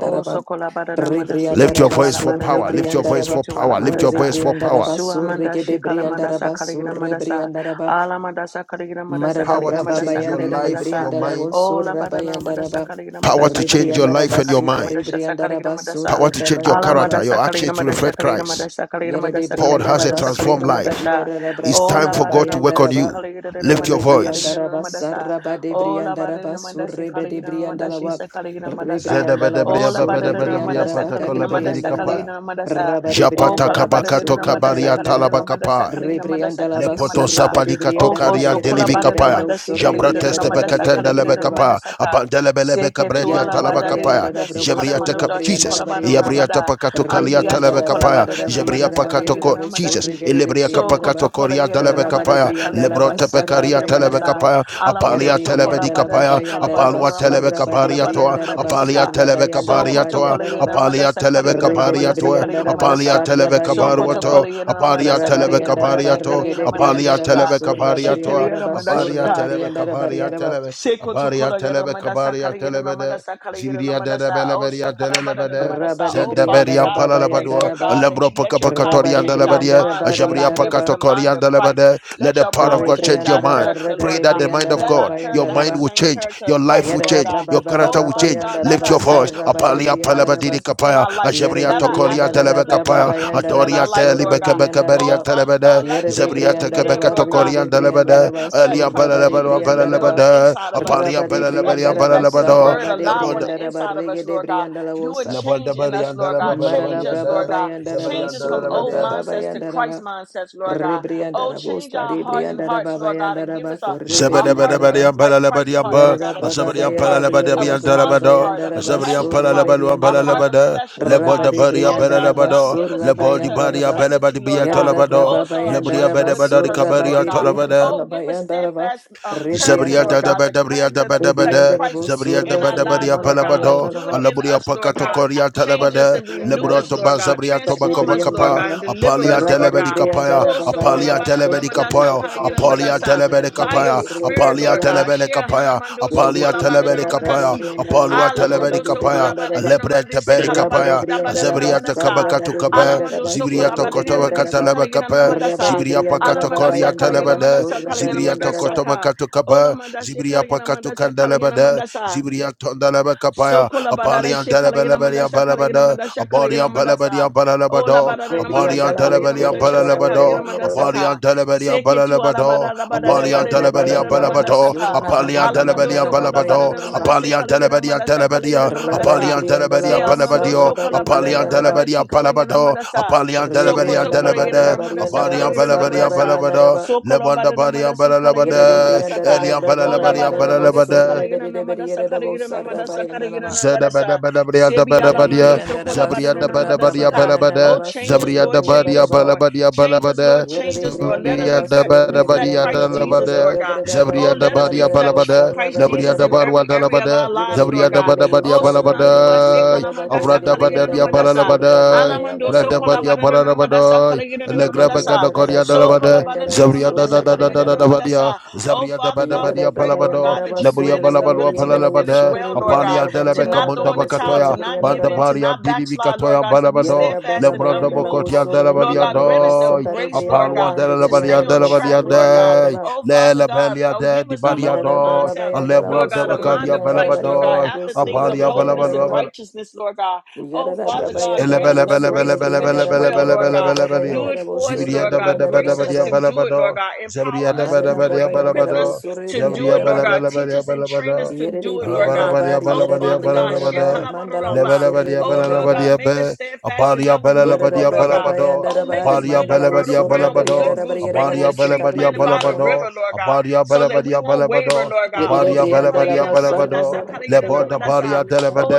[SPEAKER 1] O so kola bara no manda si ke
[SPEAKER 3] Lift your
[SPEAKER 4] Rebriandaraba
[SPEAKER 1] tu
[SPEAKER 3] voice
[SPEAKER 1] ala
[SPEAKER 3] for
[SPEAKER 4] Sur
[SPEAKER 1] bara no
[SPEAKER 3] power.
[SPEAKER 1] manda
[SPEAKER 3] Lift your
[SPEAKER 1] shisa
[SPEAKER 3] voice
[SPEAKER 1] ke
[SPEAKER 3] for
[SPEAKER 4] Rebriandaraba
[SPEAKER 1] tu ala
[SPEAKER 3] power. Lift
[SPEAKER 1] manda
[SPEAKER 4] Wara
[SPEAKER 3] your
[SPEAKER 1] sa.
[SPEAKER 3] voice for power.
[SPEAKER 4] Rebriandaraba
[SPEAKER 1] Su
[SPEAKER 4] Sur
[SPEAKER 1] amanda
[SPEAKER 4] Rigede
[SPEAKER 1] shi kala manda sa
[SPEAKER 4] Briandaraba
[SPEAKER 1] kala
[SPEAKER 4] Sur
[SPEAKER 1] gira manda sa.
[SPEAKER 4] Rebriandaraba
[SPEAKER 1] Ala manda sa kala gira manda sa
[SPEAKER 4] Marada
[SPEAKER 1] kala
[SPEAKER 3] Power
[SPEAKER 1] gira
[SPEAKER 3] to
[SPEAKER 4] Braba
[SPEAKER 1] manda sa
[SPEAKER 3] change your
[SPEAKER 1] kala gira
[SPEAKER 4] Bayandara
[SPEAKER 1] manda
[SPEAKER 3] life,
[SPEAKER 1] sa.
[SPEAKER 3] your
[SPEAKER 4] Rebriandalavo
[SPEAKER 3] mind,
[SPEAKER 1] O
[SPEAKER 4] Sur
[SPEAKER 1] la bara no manda sa
[SPEAKER 4] Rabayandaraba
[SPEAKER 1] kala gira manda
[SPEAKER 3] power
[SPEAKER 1] sa
[SPEAKER 3] to
[SPEAKER 1] kala
[SPEAKER 3] change
[SPEAKER 1] gira
[SPEAKER 3] your
[SPEAKER 1] manda
[SPEAKER 3] life
[SPEAKER 1] sa
[SPEAKER 4] Rebriandaraba
[SPEAKER 3] and
[SPEAKER 1] kala
[SPEAKER 3] your
[SPEAKER 1] gira
[SPEAKER 4] Suka
[SPEAKER 3] mind,
[SPEAKER 1] manda shisa kala gira
[SPEAKER 4] Rebriandaraba
[SPEAKER 1] manda
[SPEAKER 4] Sur
[SPEAKER 1] sa.
[SPEAKER 3] power to change your
[SPEAKER 1] Alamada
[SPEAKER 3] character, your actions
[SPEAKER 1] Sakalina
[SPEAKER 3] to
[SPEAKER 1] madasha
[SPEAKER 3] reflect Christ.
[SPEAKER 1] Alamadasa
[SPEAKER 4] Yerede
[SPEAKER 1] Kaliganamadasha
[SPEAKER 3] Paul has a
[SPEAKER 4] Briandaraba
[SPEAKER 1] Kaliganamadasa Kaliganamadasa
[SPEAKER 3] transformed life.
[SPEAKER 1] Kaliganamadasa Kaliganamadasha.
[SPEAKER 4] Surabadiara
[SPEAKER 3] It's time
[SPEAKER 1] Ola
[SPEAKER 3] for God to work on
[SPEAKER 1] Badanamadasi
[SPEAKER 4] Brasarabayandaraba
[SPEAKER 3] you. Lift your
[SPEAKER 1] Kaliganamadasa
[SPEAKER 3] voice.
[SPEAKER 4] Rebriandaraba
[SPEAKER 1] Kaliganamadasa.
[SPEAKER 4] Sarabade
[SPEAKER 1] Ola
[SPEAKER 4] Briandaraba
[SPEAKER 1] Badanamadasi
[SPEAKER 4] Surrebede
[SPEAKER 1] Kaliganamadasi
[SPEAKER 4] Briandalaba
[SPEAKER 1] Kaliganamadasa.
[SPEAKER 4] Rebriandalaba
[SPEAKER 1] Ola Badanamadasa
[SPEAKER 4] Surrebriandaraba
[SPEAKER 1] Kaliganamadasa
[SPEAKER 4] Cadebriandaraba
[SPEAKER 1] Kaliganamadasa.
[SPEAKER 4] Rabade
[SPEAKER 1] O
[SPEAKER 3] Zapata
[SPEAKER 4] Briandaraba
[SPEAKER 3] kabakato
[SPEAKER 1] Kalabadanamadasa
[SPEAKER 3] kabaria
[SPEAKER 4] Surabrayandaraba
[SPEAKER 1] Kaliganamadasa
[SPEAKER 3] talabakapa.
[SPEAKER 1] Kaliganamadasa
[SPEAKER 4] Rebriandalaba
[SPEAKER 3] Lepoto
[SPEAKER 1] Kaliganamadasa.
[SPEAKER 4] Surabade
[SPEAKER 3] sapalika
[SPEAKER 1] O
[SPEAKER 4] Briandaraba
[SPEAKER 3] tokarian
[SPEAKER 1] Foso
[SPEAKER 4] Yerada
[SPEAKER 3] delivika paya.
[SPEAKER 4] Briandaraba
[SPEAKER 1] Kolabadanamadasi
[SPEAKER 3] Jambra teste
[SPEAKER 4] Surrebriandaraba
[SPEAKER 1] Kaliganamadasa
[SPEAKER 3] bekatenda lebeka
[SPEAKER 4] Yerada
[SPEAKER 3] paya.
[SPEAKER 1] Kaliganamadasa.
[SPEAKER 3] Abandelebe lebeka
[SPEAKER 1] Seke tu
[SPEAKER 3] bredia
[SPEAKER 1] ala
[SPEAKER 4] Yarada
[SPEAKER 1] mada
[SPEAKER 3] talabaka
[SPEAKER 1] de
[SPEAKER 3] paya.
[SPEAKER 4] Brabayanda
[SPEAKER 1] yamada si kala
[SPEAKER 3] Jebria
[SPEAKER 1] mano
[SPEAKER 4] Brabosura
[SPEAKER 3] teka.
[SPEAKER 1] da shi
[SPEAKER 3] Jesus.
[SPEAKER 4] Brianda
[SPEAKER 1] kala bada na
[SPEAKER 3] Iabria
[SPEAKER 4] Bariada
[SPEAKER 1] mada.
[SPEAKER 3] tapakato kalia
[SPEAKER 1] Andia
[SPEAKER 4] Rebrianda
[SPEAKER 1] so
[SPEAKER 3] talabeka
[SPEAKER 1] kala
[SPEAKER 3] paya.
[SPEAKER 1] bada
[SPEAKER 4] Bariada
[SPEAKER 1] da na mada
[SPEAKER 3] Jebria
[SPEAKER 4] Briada
[SPEAKER 1] sa kala
[SPEAKER 3] pakato
[SPEAKER 1] yida
[SPEAKER 4] Bariada
[SPEAKER 3] ko.
[SPEAKER 1] na mada
[SPEAKER 4] Bosur
[SPEAKER 3] Jesus.
[SPEAKER 1] si.
[SPEAKER 4] Regada
[SPEAKER 3] Ilibria
[SPEAKER 1] So
[SPEAKER 4] Brianda
[SPEAKER 1] koto
[SPEAKER 3] kapakato
[SPEAKER 4] Raba
[SPEAKER 1] kala
[SPEAKER 3] koria
[SPEAKER 1] yida da na
[SPEAKER 3] delebeka
[SPEAKER 1] mada
[SPEAKER 4] Rabare
[SPEAKER 3] paya.
[SPEAKER 1] sa kala
[SPEAKER 4] Brianda
[SPEAKER 1] yida
[SPEAKER 3] Lebro
[SPEAKER 4] Laba
[SPEAKER 1] mada sa kala
[SPEAKER 3] tepekaria
[SPEAKER 1] yida mada
[SPEAKER 4] Sarabayanda
[SPEAKER 3] telebeka
[SPEAKER 1] sa.
[SPEAKER 4] Raba
[SPEAKER 3] paya.
[SPEAKER 1] Ala mundo
[SPEAKER 3] Abalia
[SPEAKER 4] Yarade
[SPEAKER 1] so kala
[SPEAKER 4] Brianda
[SPEAKER 3] telebedika
[SPEAKER 1] bada
[SPEAKER 4] Laba
[SPEAKER 3] paya.
[SPEAKER 1] shi kala
[SPEAKER 4] Bayanda
[SPEAKER 1] bada ro
[SPEAKER 4] Raba
[SPEAKER 3] Abalwa
[SPEAKER 1] na mada
[SPEAKER 4] Sura
[SPEAKER 3] telebeka
[SPEAKER 1] si kala
[SPEAKER 4] Bade
[SPEAKER 3] baria
[SPEAKER 1] bada da
[SPEAKER 3] toa.
[SPEAKER 1] na
[SPEAKER 4] Brianda
[SPEAKER 1] mada
[SPEAKER 4] Raba
[SPEAKER 1] si
[SPEAKER 3] Abalia
[SPEAKER 1] ka.
[SPEAKER 4] Sura
[SPEAKER 3] telebeka
[SPEAKER 4] Bayanda
[SPEAKER 1] So
[SPEAKER 3] baria
[SPEAKER 1] koto
[SPEAKER 3] toa.
[SPEAKER 1] kala
[SPEAKER 4] Rabarianda
[SPEAKER 1] yida na
[SPEAKER 4] Raba
[SPEAKER 1] mada
[SPEAKER 3] Abalia
[SPEAKER 1] sa kala
[SPEAKER 3] telebeka
[SPEAKER 1] yida na
[SPEAKER 3] baria
[SPEAKER 4] Rebede
[SPEAKER 1] mada sa
[SPEAKER 3] toa.
[SPEAKER 1] kala
[SPEAKER 4] Brianda
[SPEAKER 1] yida
[SPEAKER 4] Raba
[SPEAKER 1] mada
[SPEAKER 3] Abalia
[SPEAKER 1] sa.
[SPEAKER 4] Sara
[SPEAKER 3] telebeka
[SPEAKER 1] So
[SPEAKER 4] Barianda
[SPEAKER 1] koto
[SPEAKER 4] Raba
[SPEAKER 3] baruato,
[SPEAKER 1] kala yida na mada
[SPEAKER 3] Abaria
[SPEAKER 1] sa kala
[SPEAKER 4] Rabari
[SPEAKER 1] yida
[SPEAKER 3] telebeka
[SPEAKER 4] and
[SPEAKER 1] mada shi
[SPEAKER 4] Rabari
[SPEAKER 1] kala
[SPEAKER 3] bariato,
[SPEAKER 1] yida
[SPEAKER 4] Gede
[SPEAKER 1] mada da
[SPEAKER 4] Brianda
[SPEAKER 3] Abalia
[SPEAKER 1] shi ka.
[SPEAKER 3] telebeka
[SPEAKER 4] Rabasur
[SPEAKER 1] Shi
[SPEAKER 4] Rabari
[SPEAKER 1] kala
[SPEAKER 4] and
[SPEAKER 3] bariato,
[SPEAKER 1] yida mada
[SPEAKER 4] Rabasur
[SPEAKER 1] shi
[SPEAKER 3] Abaria
[SPEAKER 1] ka.
[SPEAKER 4] Rabari and
[SPEAKER 3] telebeka
[SPEAKER 4] Rabari
[SPEAKER 3] baria
[SPEAKER 4] Rabba
[SPEAKER 3] telebe,
[SPEAKER 1] Seko to
[SPEAKER 3] Abaria
[SPEAKER 1] kola yada
[SPEAKER 3] telebeka
[SPEAKER 1] namadasa
[SPEAKER 3] baria
[SPEAKER 1] kala yada
[SPEAKER 3] telebede,
[SPEAKER 1] namadasa kala yada
[SPEAKER 3] Zibiria de
[SPEAKER 1] namadasa oh so
[SPEAKER 3] beleberia
[SPEAKER 1] kala bada da
[SPEAKER 3] delebede,
[SPEAKER 1] namadasa
[SPEAKER 4] Rabadi
[SPEAKER 1] oh Father
[SPEAKER 4] Brianda
[SPEAKER 3] Zendeberia
[SPEAKER 1] God we
[SPEAKER 4] Rababa
[SPEAKER 1] pray
[SPEAKER 3] palalabadua,
[SPEAKER 1] Lord
[SPEAKER 4] and
[SPEAKER 1] God that
[SPEAKER 3] Lembro
[SPEAKER 1] you let your power
[SPEAKER 3] pakapakatoria
[SPEAKER 4] Rabari
[SPEAKER 1] change our
[SPEAKER 3] delebedia,
[SPEAKER 4] Briandara
[SPEAKER 1] minds Lord
[SPEAKER 3] Ajabria
[SPEAKER 1] God give us
[SPEAKER 4] Bariandaraba,
[SPEAKER 1] the mind
[SPEAKER 3] pakatokoria
[SPEAKER 1] of Christ
[SPEAKER 3] delebede. Let
[SPEAKER 1] let
[SPEAKER 3] the
[SPEAKER 1] your
[SPEAKER 3] power of
[SPEAKER 1] power
[SPEAKER 3] God
[SPEAKER 1] change
[SPEAKER 3] change your
[SPEAKER 1] our
[SPEAKER 4] Rebriandara
[SPEAKER 3] mind.
[SPEAKER 1] character
[SPEAKER 4] Barraga
[SPEAKER 3] Pray
[SPEAKER 1] Lord
[SPEAKER 4] de
[SPEAKER 3] that
[SPEAKER 1] God
[SPEAKER 3] the mind of
[SPEAKER 1] let
[SPEAKER 4] Briandaraba
[SPEAKER 1] our
[SPEAKER 3] God, your
[SPEAKER 1] character have the
[SPEAKER 3] mind
[SPEAKER 4] Bayandaraba,
[SPEAKER 3] will
[SPEAKER 1] same
[SPEAKER 3] change,
[SPEAKER 1] character of
[SPEAKER 3] your life
[SPEAKER 1] Christ
[SPEAKER 3] will
[SPEAKER 1] Lord
[SPEAKER 4] Yerada
[SPEAKER 3] change,
[SPEAKER 1] God
[SPEAKER 3] your
[SPEAKER 4] Braba
[SPEAKER 1] oh
[SPEAKER 3] character
[SPEAKER 4] Baba
[SPEAKER 3] will
[SPEAKER 1] Father
[SPEAKER 3] change.
[SPEAKER 1] God let
[SPEAKER 3] Lift
[SPEAKER 4] Bayandaraba,
[SPEAKER 1] our
[SPEAKER 3] your voice.
[SPEAKER 1] actions
[SPEAKER 4] Sarabari
[SPEAKER 1] reflect
[SPEAKER 3] Apalia
[SPEAKER 1] Christ
[SPEAKER 3] palabadiri
[SPEAKER 4] Briandaraba,
[SPEAKER 1] Jesus in
[SPEAKER 3] kapaya,
[SPEAKER 1] our life
[SPEAKER 3] ajebria
[SPEAKER 1] let
[SPEAKER 4] Yerade
[SPEAKER 1] our
[SPEAKER 3] tokolia
[SPEAKER 1] actions
[SPEAKER 4] Briandara
[SPEAKER 3] telebe
[SPEAKER 1] reflect
[SPEAKER 4] Braba
[SPEAKER 3] kapaya,
[SPEAKER 1] Christ Jesus in
[SPEAKER 4] Bayandaraba,
[SPEAKER 1] our
[SPEAKER 3] adoria
[SPEAKER 1] life
[SPEAKER 3] telebe
[SPEAKER 1] Lord
[SPEAKER 4] Surre
[SPEAKER 1] God
[SPEAKER 3] kebekeberia
[SPEAKER 1] oh
[SPEAKER 4] Briandaraba,
[SPEAKER 1] Father
[SPEAKER 3] telebede,
[SPEAKER 1] God let the
[SPEAKER 4] Yerade
[SPEAKER 1] way
[SPEAKER 3] zebria
[SPEAKER 1] that we live
[SPEAKER 3] tekebeke
[SPEAKER 4] Briandaraba,
[SPEAKER 1] Lord God
[SPEAKER 3] tokoria
[SPEAKER 4] Rigade
[SPEAKER 1] reflect
[SPEAKER 3] telebede,
[SPEAKER 4] Briandaraba,
[SPEAKER 1] reflect
[SPEAKER 3] eliam
[SPEAKER 1] Christ
[SPEAKER 4] Surabari
[SPEAKER 3] pelelebelo
[SPEAKER 1] Jesus living on
[SPEAKER 4] Briandaraba,
[SPEAKER 1] the
[SPEAKER 3] pelelebede,
[SPEAKER 1] inside of us.
[SPEAKER 3] apaliam
[SPEAKER 4] Rabari
[SPEAKER 1] Reflect
[SPEAKER 3] pelelebeliam
[SPEAKER 4] Briandaraba,
[SPEAKER 1] reflect his
[SPEAKER 3] pelelebado,
[SPEAKER 1] word
[SPEAKER 4] Sarabari
[SPEAKER 1] alive on
[SPEAKER 3] lebonde
[SPEAKER 1] the
[SPEAKER 4] Briandaraba,
[SPEAKER 1] inside of us,
[SPEAKER 4] Rigade
[SPEAKER 1] Lord God. Do a
[SPEAKER 4] Briandalawosa.
[SPEAKER 3] lebonde
[SPEAKER 1] change in us,
[SPEAKER 3] berian
[SPEAKER 1] Lord
[SPEAKER 3] telebe
[SPEAKER 1] God.
[SPEAKER 4] Marara
[SPEAKER 1] Change us,
[SPEAKER 4] braba
[SPEAKER 1] Lord
[SPEAKER 3] belebeliande,
[SPEAKER 1] God.
[SPEAKER 4] bayandaraba
[SPEAKER 1] Change
[SPEAKER 3] zeberian
[SPEAKER 1] us from
[SPEAKER 4] sora
[SPEAKER 1] old
[SPEAKER 3] telebede,
[SPEAKER 4] braba
[SPEAKER 1] mindsets to Christ
[SPEAKER 4] bayandaraba
[SPEAKER 1] mindsets, Lord God. Oh,
[SPEAKER 4] rebriandarabo
[SPEAKER 1] change our heart and
[SPEAKER 4] staribriandaraba
[SPEAKER 1] hearts, Lord God, and give
[SPEAKER 4] bayandaraba
[SPEAKER 1] us a a
[SPEAKER 3] zebedebedebedian
[SPEAKER 1] heart uh,
[SPEAKER 4] korrebriandaraba
[SPEAKER 1] like
[SPEAKER 3] telebe,
[SPEAKER 1] Christ's heart, Lord
[SPEAKER 4] yarada
[SPEAKER 1] God, a
[SPEAKER 4] braba
[SPEAKER 3] azebria
[SPEAKER 1] sensitive heart,
[SPEAKER 4] bayaraba
[SPEAKER 3] lebede
[SPEAKER 1] a
[SPEAKER 4] yarada
[SPEAKER 3] bian
[SPEAKER 4] braba
[SPEAKER 3] telebe.
[SPEAKER 1] responsive heart, a
[SPEAKER 4] bayandaraba
[SPEAKER 3] Azabriya
[SPEAKER 1] compassionate heart,
[SPEAKER 3] Palalabadu
[SPEAKER 1] a
[SPEAKER 4] sorrebriandaraba
[SPEAKER 1] heart of
[SPEAKER 3] Palalabada,
[SPEAKER 1] flesh, Lord God.
[SPEAKER 3] Leboda
[SPEAKER 4] rabade
[SPEAKER 3] Baria
[SPEAKER 1] Oh, Father
[SPEAKER 4] briandaraba
[SPEAKER 1] God,
[SPEAKER 3] Palalabado,
[SPEAKER 1] give us
[SPEAKER 4] sora
[SPEAKER 3] Lebodi
[SPEAKER 1] character of
[SPEAKER 3] Baria
[SPEAKER 4] bayandaraba
[SPEAKER 1] integrity,
[SPEAKER 3] Benabadi Bia
[SPEAKER 1] Lord God.
[SPEAKER 4] yarada
[SPEAKER 3] Tolabado,
[SPEAKER 4] braba
[SPEAKER 1] Also, a
[SPEAKER 3] Lebria
[SPEAKER 4] bayandaraba
[SPEAKER 1] trustworthy
[SPEAKER 3] Benabadari
[SPEAKER 4] sora
[SPEAKER 1] person,
[SPEAKER 3] Cabaria
[SPEAKER 1] Lord
[SPEAKER 4] bade
[SPEAKER 1] God
[SPEAKER 3] Tolabada.
[SPEAKER 1] Oh,
[SPEAKER 4] briandaraba
[SPEAKER 1] give us
[SPEAKER 4] bayandaraba
[SPEAKER 1] steadfast um, character,
[SPEAKER 3] Zabriya da
[SPEAKER 1] Lord
[SPEAKER 3] da
[SPEAKER 4] rebriandaraba
[SPEAKER 1] God,
[SPEAKER 3] ba
[SPEAKER 1] the
[SPEAKER 3] da briya da
[SPEAKER 1] character
[SPEAKER 3] ba
[SPEAKER 1] that
[SPEAKER 3] da ba
[SPEAKER 1] reflects
[SPEAKER 3] da
[SPEAKER 1] Christ
[SPEAKER 4] rebriandarabo
[SPEAKER 3] Zabriya da
[SPEAKER 1] in
[SPEAKER 4] sora
[SPEAKER 3] ba
[SPEAKER 1] our
[SPEAKER 3] da ba da
[SPEAKER 1] lives,
[SPEAKER 4] bayandaraba
[SPEAKER 1] Lord God. Oh,
[SPEAKER 3] palabado
[SPEAKER 1] do it
[SPEAKER 4] bayandaraba
[SPEAKER 1] in
[SPEAKER 3] Alabriya
[SPEAKER 1] us, Lord
[SPEAKER 3] pakato
[SPEAKER 1] God.
[SPEAKER 3] koria
[SPEAKER 1] Change
[SPEAKER 4] Rabare
[SPEAKER 1] us
[SPEAKER 3] talabada
[SPEAKER 1] and renew
[SPEAKER 4] brianda
[SPEAKER 1] us,
[SPEAKER 3] Lebroto ba
[SPEAKER 1] Lord God.
[SPEAKER 3] Zabriya toba
[SPEAKER 1] Transform
[SPEAKER 3] kopa
[SPEAKER 1] us, Lord
[SPEAKER 4] la
[SPEAKER 3] kapa
[SPEAKER 1] God, and
[SPEAKER 4] basa,
[SPEAKER 1] deliver
[SPEAKER 3] Apalia
[SPEAKER 1] us, Lord
[SPEAKER 4] rabare
[SPEAKER 3] telebedi
[SPEAKER 1] God.
[SPEAKER 4] brianda la
[SPEAKER 3] kapaya
[SPEAKER 1] Oh, so
[SPEAKER 3] Apalia
[SPEAKER 1] kolabada
[SPEAKER 3] telebedi
[SPEAKER 1] namadasa
[SPEAKER 3] kapaya
[SPEAKER 1] kalagira
[SPEAKER 3] Apalia
[SPEAKER 4] baso,
[SPEAKER 1] madasa.
[SPEAKER 3] telebedi
[SPEAKER 1] By your
[SPEAKER 3] kapaya
[SPEAKER 1] spirit,
[SPEAKER 3] Apalia
[SPEAKER 1] Lord God.
[SPEAKER 3] telebedi
[SPEAKER 1] Share
[SPEAKER 3] kapaya
[SPEAKER 1] hanamando so
[SPEAKER 3] Apalia
[SPEAKER 1] kolabada
[SPEAKER 3] telebedi kapaya
[SPEAKER 1] namadasi.
[SPEAKER 3] Apalua telebedi
[SPEAKER 1] Alamondo so
[SPEAKER 3] kapaya
[SPEAKER 1] kolabada
[SPEAKER 3] Alebre
[SPEAKER 1] namadisi
[SPEAKER 3] tebedi
[SPEAKER 4] rabare
[SPEAKER 1] kalabada
[SPEAKER 3] kapaya
[SPEAKER 4] brianda
[SPEAKER 3] Zabriya
[SPEAKER 1] namadasa.
[SPEAKER 3] takabakatu kapa
[SPEAKER 1] Alamando so
[SPEAKER 3] Zibriya
[SPEAKER 1] kolabada
[SPEAKER 3] tokotawa
[SPEAKER 4] la
[SPEAKER 1] namadisi
[SPEAKER 4] ba,
[SPEAKER 3] katalaba
[SPEAKER 1] kalagira
[SPEAKER 3] kapa
[SPEAKER 1] namadasa.
[SPEAKER 4] rabare
[SPEAKER 3] Zibriya
[SPEAKER 4] brianda la
[SPEAKER 3] pakato
[SPEAKER 4] baba
[SPEAKER 1] Alamandasha
[SPEAKER 3] koria
[SPEAKER 4] yanda la
[SPEAKER 3] talabada
[SPEAKER 4] baso,
[SPEAKER 1] Kalinamandasha
[SPEAKER 4] rabare
[SPEAKER 3] Zibriya
[SPEAKER 4] yanda
[SPEAKER 1] Kalinamandasha
[SPEAKER 3] tokotoma
[SPEAKER 1] Ka.
[SPEAKER 3] katukapa,
[SPEAKER 1] Olamandasha
[SPEAKER 3] Zibriya pakato
[SPEAKER 1] Kalinamandasha
[SPEAKER 3] kandalabada,
[SPEAKER 1] Kalinamandasha.
[SPEAKER 3] Zibriya tondalaba kapaya,
[SPEAKER 1] Sokola badada
[SPEAKER 3] Apalian
[SPEAKER 1] shekala yina manda
[SPEAKER 3] Dalabalabadian
[SPEAKER 1] shakala yina
[SPEAKER 3] Palabada,
[SPEAKER 1] manda
[SPEAKER 3] a balabada,
[SPEAKER 1] shakala yina
[SPEAKER 3] Abadian
[SPEAKER 1] manda sa.
[SPEAKER 3] palabadian
[SPEAKER 1] Ola
[SPEAKER 3] palalabado,
[SPEAKER 1] badada namada
[SPEAKER 3] Abadian
[SPEAKER 4] la
[SPEAKER 1] sakala
[SPEAKER 4] ba,
[SPEAKER 1] yina
[SPEAKER 3] dalabalian
[SPEAKER 1] manda
[SPEAKER 4] rabare brianda
[SPEAKER 1] shasaka
[SPEAKER 4] la
[SPEAKER 1] yina
[SPEAKER 4] baso,
[SPEAKER 3] palalabado,
[SPEAKER 4] rabare yanda la
[SPEAKER 1] manda
[SPEAKER 3] Abadian
[SPEAKER 1] saka.
[SPEAKER 3] dalabalian
[SPEAKER 1] Seke tu ala
[SPEAKER 3] palalabado,
[SPEAKER 1] badada badada
[SPEAKER 4] Yarada
[SPEAKER 3] Abalian
[SPEAKER 1] badada
[SPEAKER 3] dalabalian
[SPEAKER 1] badada
[SPEAKER 4] Brabayandara
[SPEAKER 1] namada
[SPEAKER 3] palabado,
[SPEAKER 1] saka.
[SPEAKER 4] Basura Badi
[SPEAKER 3] Apalian
[SPEAKER 1] Alamando
[SPEAKER 3] dalabalian
[SPEAKER 4] Briandara
[SPEAKER 1] sokola
[SPEAKER 3] palabado,
[SPEAKER 1] badada namada
[SPEAKER 4] Babayandaraba
[SPEAKER 3] Apalian
[SPEAKER 1] sekala yina manda
[SPEAKER 3] dalabalian
[SPEAKER 1] sakala yina
[SPEAKER 3] dalabadia,
[SPEAKER 1] namada
[SPEAKER 4] Rabari
[SPEAKER 1] sa.
[SPEAKER 3] Apalian
[SPEAKER 1] Se
[SPEAKER 3] dalabalian
[SPEAKER 4] Briandaraba
[SPEAKER 1] amando
[SPEAKER 3] palabadio,
[SPEAKER 4] Sarabari
[SPEAKER 1] sokola badada
[SPEAKER 3] Apalian
[SPEAKER 4] Briandaraba
[SPEAKER 1] namada
[SPEAKER 3] dalabalian
[SPEAKER 1] shikala yina
[SPEAKER 3] palabado,
[SPEAKER 1] namada sa.
[SPEAKER 3] Apalian dalabalian
[SPEAKER 1] Sokoto kola
[SPEAKER 4] Rebriandaraba
[SPEAKER 1] yina
[SPEAKER 3] dalabada,
[SPEAKER 1] namada sakala
[SPEAKER 4] Rabariandaraba
[SPEAKER 3] Apalian
[SPEAKER 1] yina namada
[SPEAKER 3] palabadian
[SPEAKER 1] sa.
[SPEAKER 4] Sarabariandaraba
[SPEAKER 3] palabado,
[SPEAKER 1] Sokola badada namada sikala yina
[SPEAKER 4] Yere
[SPEAKER 1] namada saka.
[SPEAKER 4] Briandara
[SPEAKER 1] Ola bara na
[SPEAKER 4] Brabayandarabo
[SPEAKER 1] madasi kala yina
[SPEAKER 4] Surreberi
[SPEAKER 1] na madasa kala
[SPEAKER 4] Beriadabo
[SPEAKER 1] yina na madasa kala yina
[SPEAKER 4] Sarabayandaraba
[SPEAKER 1] na madasa. Sebi
[SPEAKER 4] Yere
[SPEAKER 1] ala mando so kola
[SPEAKER 4] Briandaraba
[SPEAKER 1] bara na
[SPEAKER 4] Surra
[SPEAKER 1] madasi ka. Oh,
[SPEAKER 4] Brabayandaraba
[SPEAKER 1] change us,
[SPEAKER 4] Surra
[SPEAKER 1] Lord, change us,
[SPEAKER 4] Briandaraba
[SPEAKER 1] Lord. Change us, Lord, change
[SPEAKER 4] Yere
[SPEAKER 1] us, Lord. Let us
[SPEAKER 4] Briandaraba
[SPEAKER 1] reflect
[SPEAKER 4] Surre
[SPEAKER 1] reflect
[SPEAKER 4] Briandara
[SPEAKER 1] Christ Jesus,
[SPEAKER 4] Briandara
[SPEAKER 1] Lord God. Oh, let us
[SPEAKER 4] Brabayandaraba Yere
[SPEAKER 1] reflect Ch- Christ Jesus in
[SPEAKER 4] Sarabariandaraba
[SPEAKER 1] every area of our
[SPEAKER 4] Yere
[SPEAKER 1] lives,
[SPEAKER 4] de
[SPEAKER 1] Lord
[SPEAKER 4] brianda
[SPEAKER 1] God.
[SPEAKER 4] le wo
[SPEAKER 1] Oh,
[SPEAKER 4] sarra yere de
[SPEAKER 1] sumandua se
[SPEAKER 4] brianda
[SPEAKER 1] kala
[SPEAKER 4] raba kere
[SPEAKER 1] mandasa
[SPEAKER 4] de
[SPEAKER 1] kala yina
[SPEAKER 4] brianda
[SPEAKER 1] na
[SPEAKER 4] raba
[SPEAKER 1] madasa.
[SPEAKER 4] surra braba
[SPEAKER 1] Ala mando
[SPEAKER 4] yanda
[SPEAKER 1] so kola
[SPEAKER 4] rabande.
[SPEAKER 1] bara na madasa kala yina na
[SPEAKER 4] Yere de
[SPEAKER 1] madasa.
[SPEAKER 4] brianda raba
[SPEAKER 1] So
[SPEAKER 4] braba
[SPEAKER 1] kola
[SPEAKER 4] yanda
[SPEAKER 1] bara
[SPEAKER 4] raba
[SPEAKER 1] na
[SPEAKER 3] Zabria da da
[SPEAKER 4] surra
[SPEAKER 1] madasa kala yina
[SPEAKER 4] brianda
[SPEAKER 1] na
[SPEAKER 4] raba.
[SPEAKER 1] madasa. Oh,
[SPEAKER 3] Zabria da
[SPEAKER 1] Father
[SPEAKER 3] ba da
[SPEAKER 1] God,
[SPEAKER 4] Yere de
[SPEAKER 1] we pray,
[SPEAKER 4] braba
[SPEAKER 1] Lord
[SPEAKER 4] yanda
[SPEAKER 1] God,
[SPEAKER 4] raba
[SPEAKER 1] that you
[SPEAKER 3] Labria
[SPEAKER 4] surra
[SPEAKER 1] grant
[SPEAKER 3] ba
[SPEAKER 1] us
[SPEAKER 3] la
[SPEAKER 1] the
[SPEAKER 4] yere de
[SPEAKER 1] ability
[SPEAKER 4] yanda
[SPEAKER 1] to
[SPEAKER 4] la wo
[SPEAKER 1] finish well,
[SPEAKER 4] surra
[SPEAKER 1] Lord
[SPEAKER 4] brianda
[SPEAKER 1] God,
[SPEAKER 3] Apalia da
[SPEAKER 4] raba
[SPEAKER 3] la
[SPEAKER 1] to
[SPEAKER 4] yere
[SPEAKER 1] not
[SPEAKER 4] de
[SPEAKER 1] throw in
[SPEAKER 4] braba
[SPEAKER 1] the towel, to
[SPEAKER 4] surra
[SPEAKER 1] not
[SPEAKER 4] brianda
[SPEAKER 1] give
[SPEAKER 3] Banda
[SPEAKER 1] in,
[SPEAKER 4] raba.
[SPEAKER 1] to
[SPEAKER 3] baria
[SPEAKER 1] not
[SPEAKER 3] diri bi ka
[SPEAKER 1] backslide, Lord God, to be
[SPEAKER 4] Yere de
[SPEAKER 1] steadfast and
[SPEAKER 4] braba
[SPEAKER 3] Lembrando
[SPEAKER 4] yanda la wo
[SPEAKER 1] unremovable.
[SPEAKER 3] bokotia da la
[SPEAKER 4] surra
[SPEAKER 1] Lord God,
[SPEAKER 4] brianda
[SPEAKER 1] grant
[SPEAKER 4] raba
[SPEAKER 1] us the
[SPEAKER 4] sokare
[SPEAKER 1] grace,
[SPEAKER 4] brianda
[SPEAKER 1] Lord
[SPEAKER 4] la
[SPEAKER 3] Apalwa
[SPEAKER 1] God,
[SPEAKER 4] mande
[SPEAKER 1] to
[SPEAKER 3] Delabadi
[SPEAKER 1] stay
[SPEAKER 4] brianda
[SPEAKER 3] and
[SPEAKER 1] on
[SPEAKER 4] raba
[SPEAKER 1] track,
[SPEAKER 3] Delabadi and
[SPEAKER 4] sarra
[SPEAKER 1] Lord God.
[SPEAKER 4] brianda
[SPEAKER 3] Day,
[SPEAKER 4] raba.
[SPEAKER 1] Oh, Father
[SPEAKER 3] Lela
[SPEAKER 1] God,
[SPEAKER 3] Belia
[SPEAKER 1] oh,
[SPEAKER 3] de
[SPEAKER 1] give us a
[SPEAKER 4] Mara
[SPEAKER 1] holy
[SPEAKER 4] da
[SPEAKER 3] Bariado,
[SPEAKER 4] braba
[SPEAKER 1] mindset,
[SPEAKER 4] yanda la wo
[SPEAKER 3] Alebra
[SPEAKER 1] Lord God, a
[SPEAKER 4] surra
[SPEAKER 1] mind
[SPEAKER 3] Debacaria
[SPEAKER 1] of
[SPEAKER 4] brianda
[SPEAKER 1] Christ,
[SPEAKER 4] raba yere
[SPEAKER 1] Lord
[SPEAKER 4] de
[SPEAKER 1] God,
[SPEAKER 3] Balabadoi,
[SPEAKER 4] braba
[SPEAKER 1] after things
[SPEAKER 4] surra
[SPEAKER 1] of
[SPEAKER 4] braba
[SPEAKER 1] holiness
[SPEAKER 4] yanda
[SPEAKER 1] and
[SPEAKER 4] raba.
[SPEAKER 3] Abalia
[SPEAKER 1] righteousness, Lord God. Oh, Father
[SPEAKER 3] Jesus.
[SPEAKER 1] God, grant us the
[SPEAKER 4] bari
[SPEAKER 1] grace to finish well, Lord God. Do it for us, Lord God. Grace us to do it, Lord God. Empower us to do it. Equip us to do it, Lord
[SPEAKER 4] bari
[SPEAKER 1] God. Teach us and train us to do
[SPEAKER 4] Yerede
[SPEAKER 1] it, Lord God.
[SPEAKER 4] brianda bari
[SPEAKER 1] Oh,
[SPEAKER 4] yerede
[SPEAKER 1] Father God.
[SPEAKER 4] brianda bari mandala was
[SPEAKER 1] Shekalabaramba.
[SPEAKER 4] so
[SPEAKER 1] Oh,
[SPEAKER 4] rebrianda
[SPEAKER 1] Lord
[SPEAKER 4] ba.
[SPEAKER 1] God, make us steadfast and
[SPEAKER 4] Yarada
[SPEAKER 1] unremovable, Lord
[SPEAKER 4] braba
[SPEAKER 1] God.
[SPEAKER 4] by
[SPEAKER 1] Oh,
[SPEAKER 4] andara
[SPEAKER 1] make
[SPEAKER 4] bari,
[SPEAKER 1] us good and
[SPEAKER 4] mandala was
[SPEAKER 1] fertile
[SPEAKER 4] so
[SPEAKER 1] ground with good
[SPEAKER 4] rebrianda
[SPEAKER 1] roots. Make
[SPEAKER 4] barriera
[SPEAKER 1] us a
[SPEAKER 4] was so
[SPEAKER 1] tree planted by the
[SPEAKER 4] rebrianda ba.
[SPEAKER 1] river, Lord God, so that we won't waver, Lord God. Oh,
[SPEAKER 4] Yerede brianda la basarra
[SPEAKER 1] Sekalayedanamandasa,
[SPEAKER 4] braba
[SPEAKER 1] Kalayedanamandasa.
[SPEAKER 4] yandala.
[SPEAKER 1] Oh,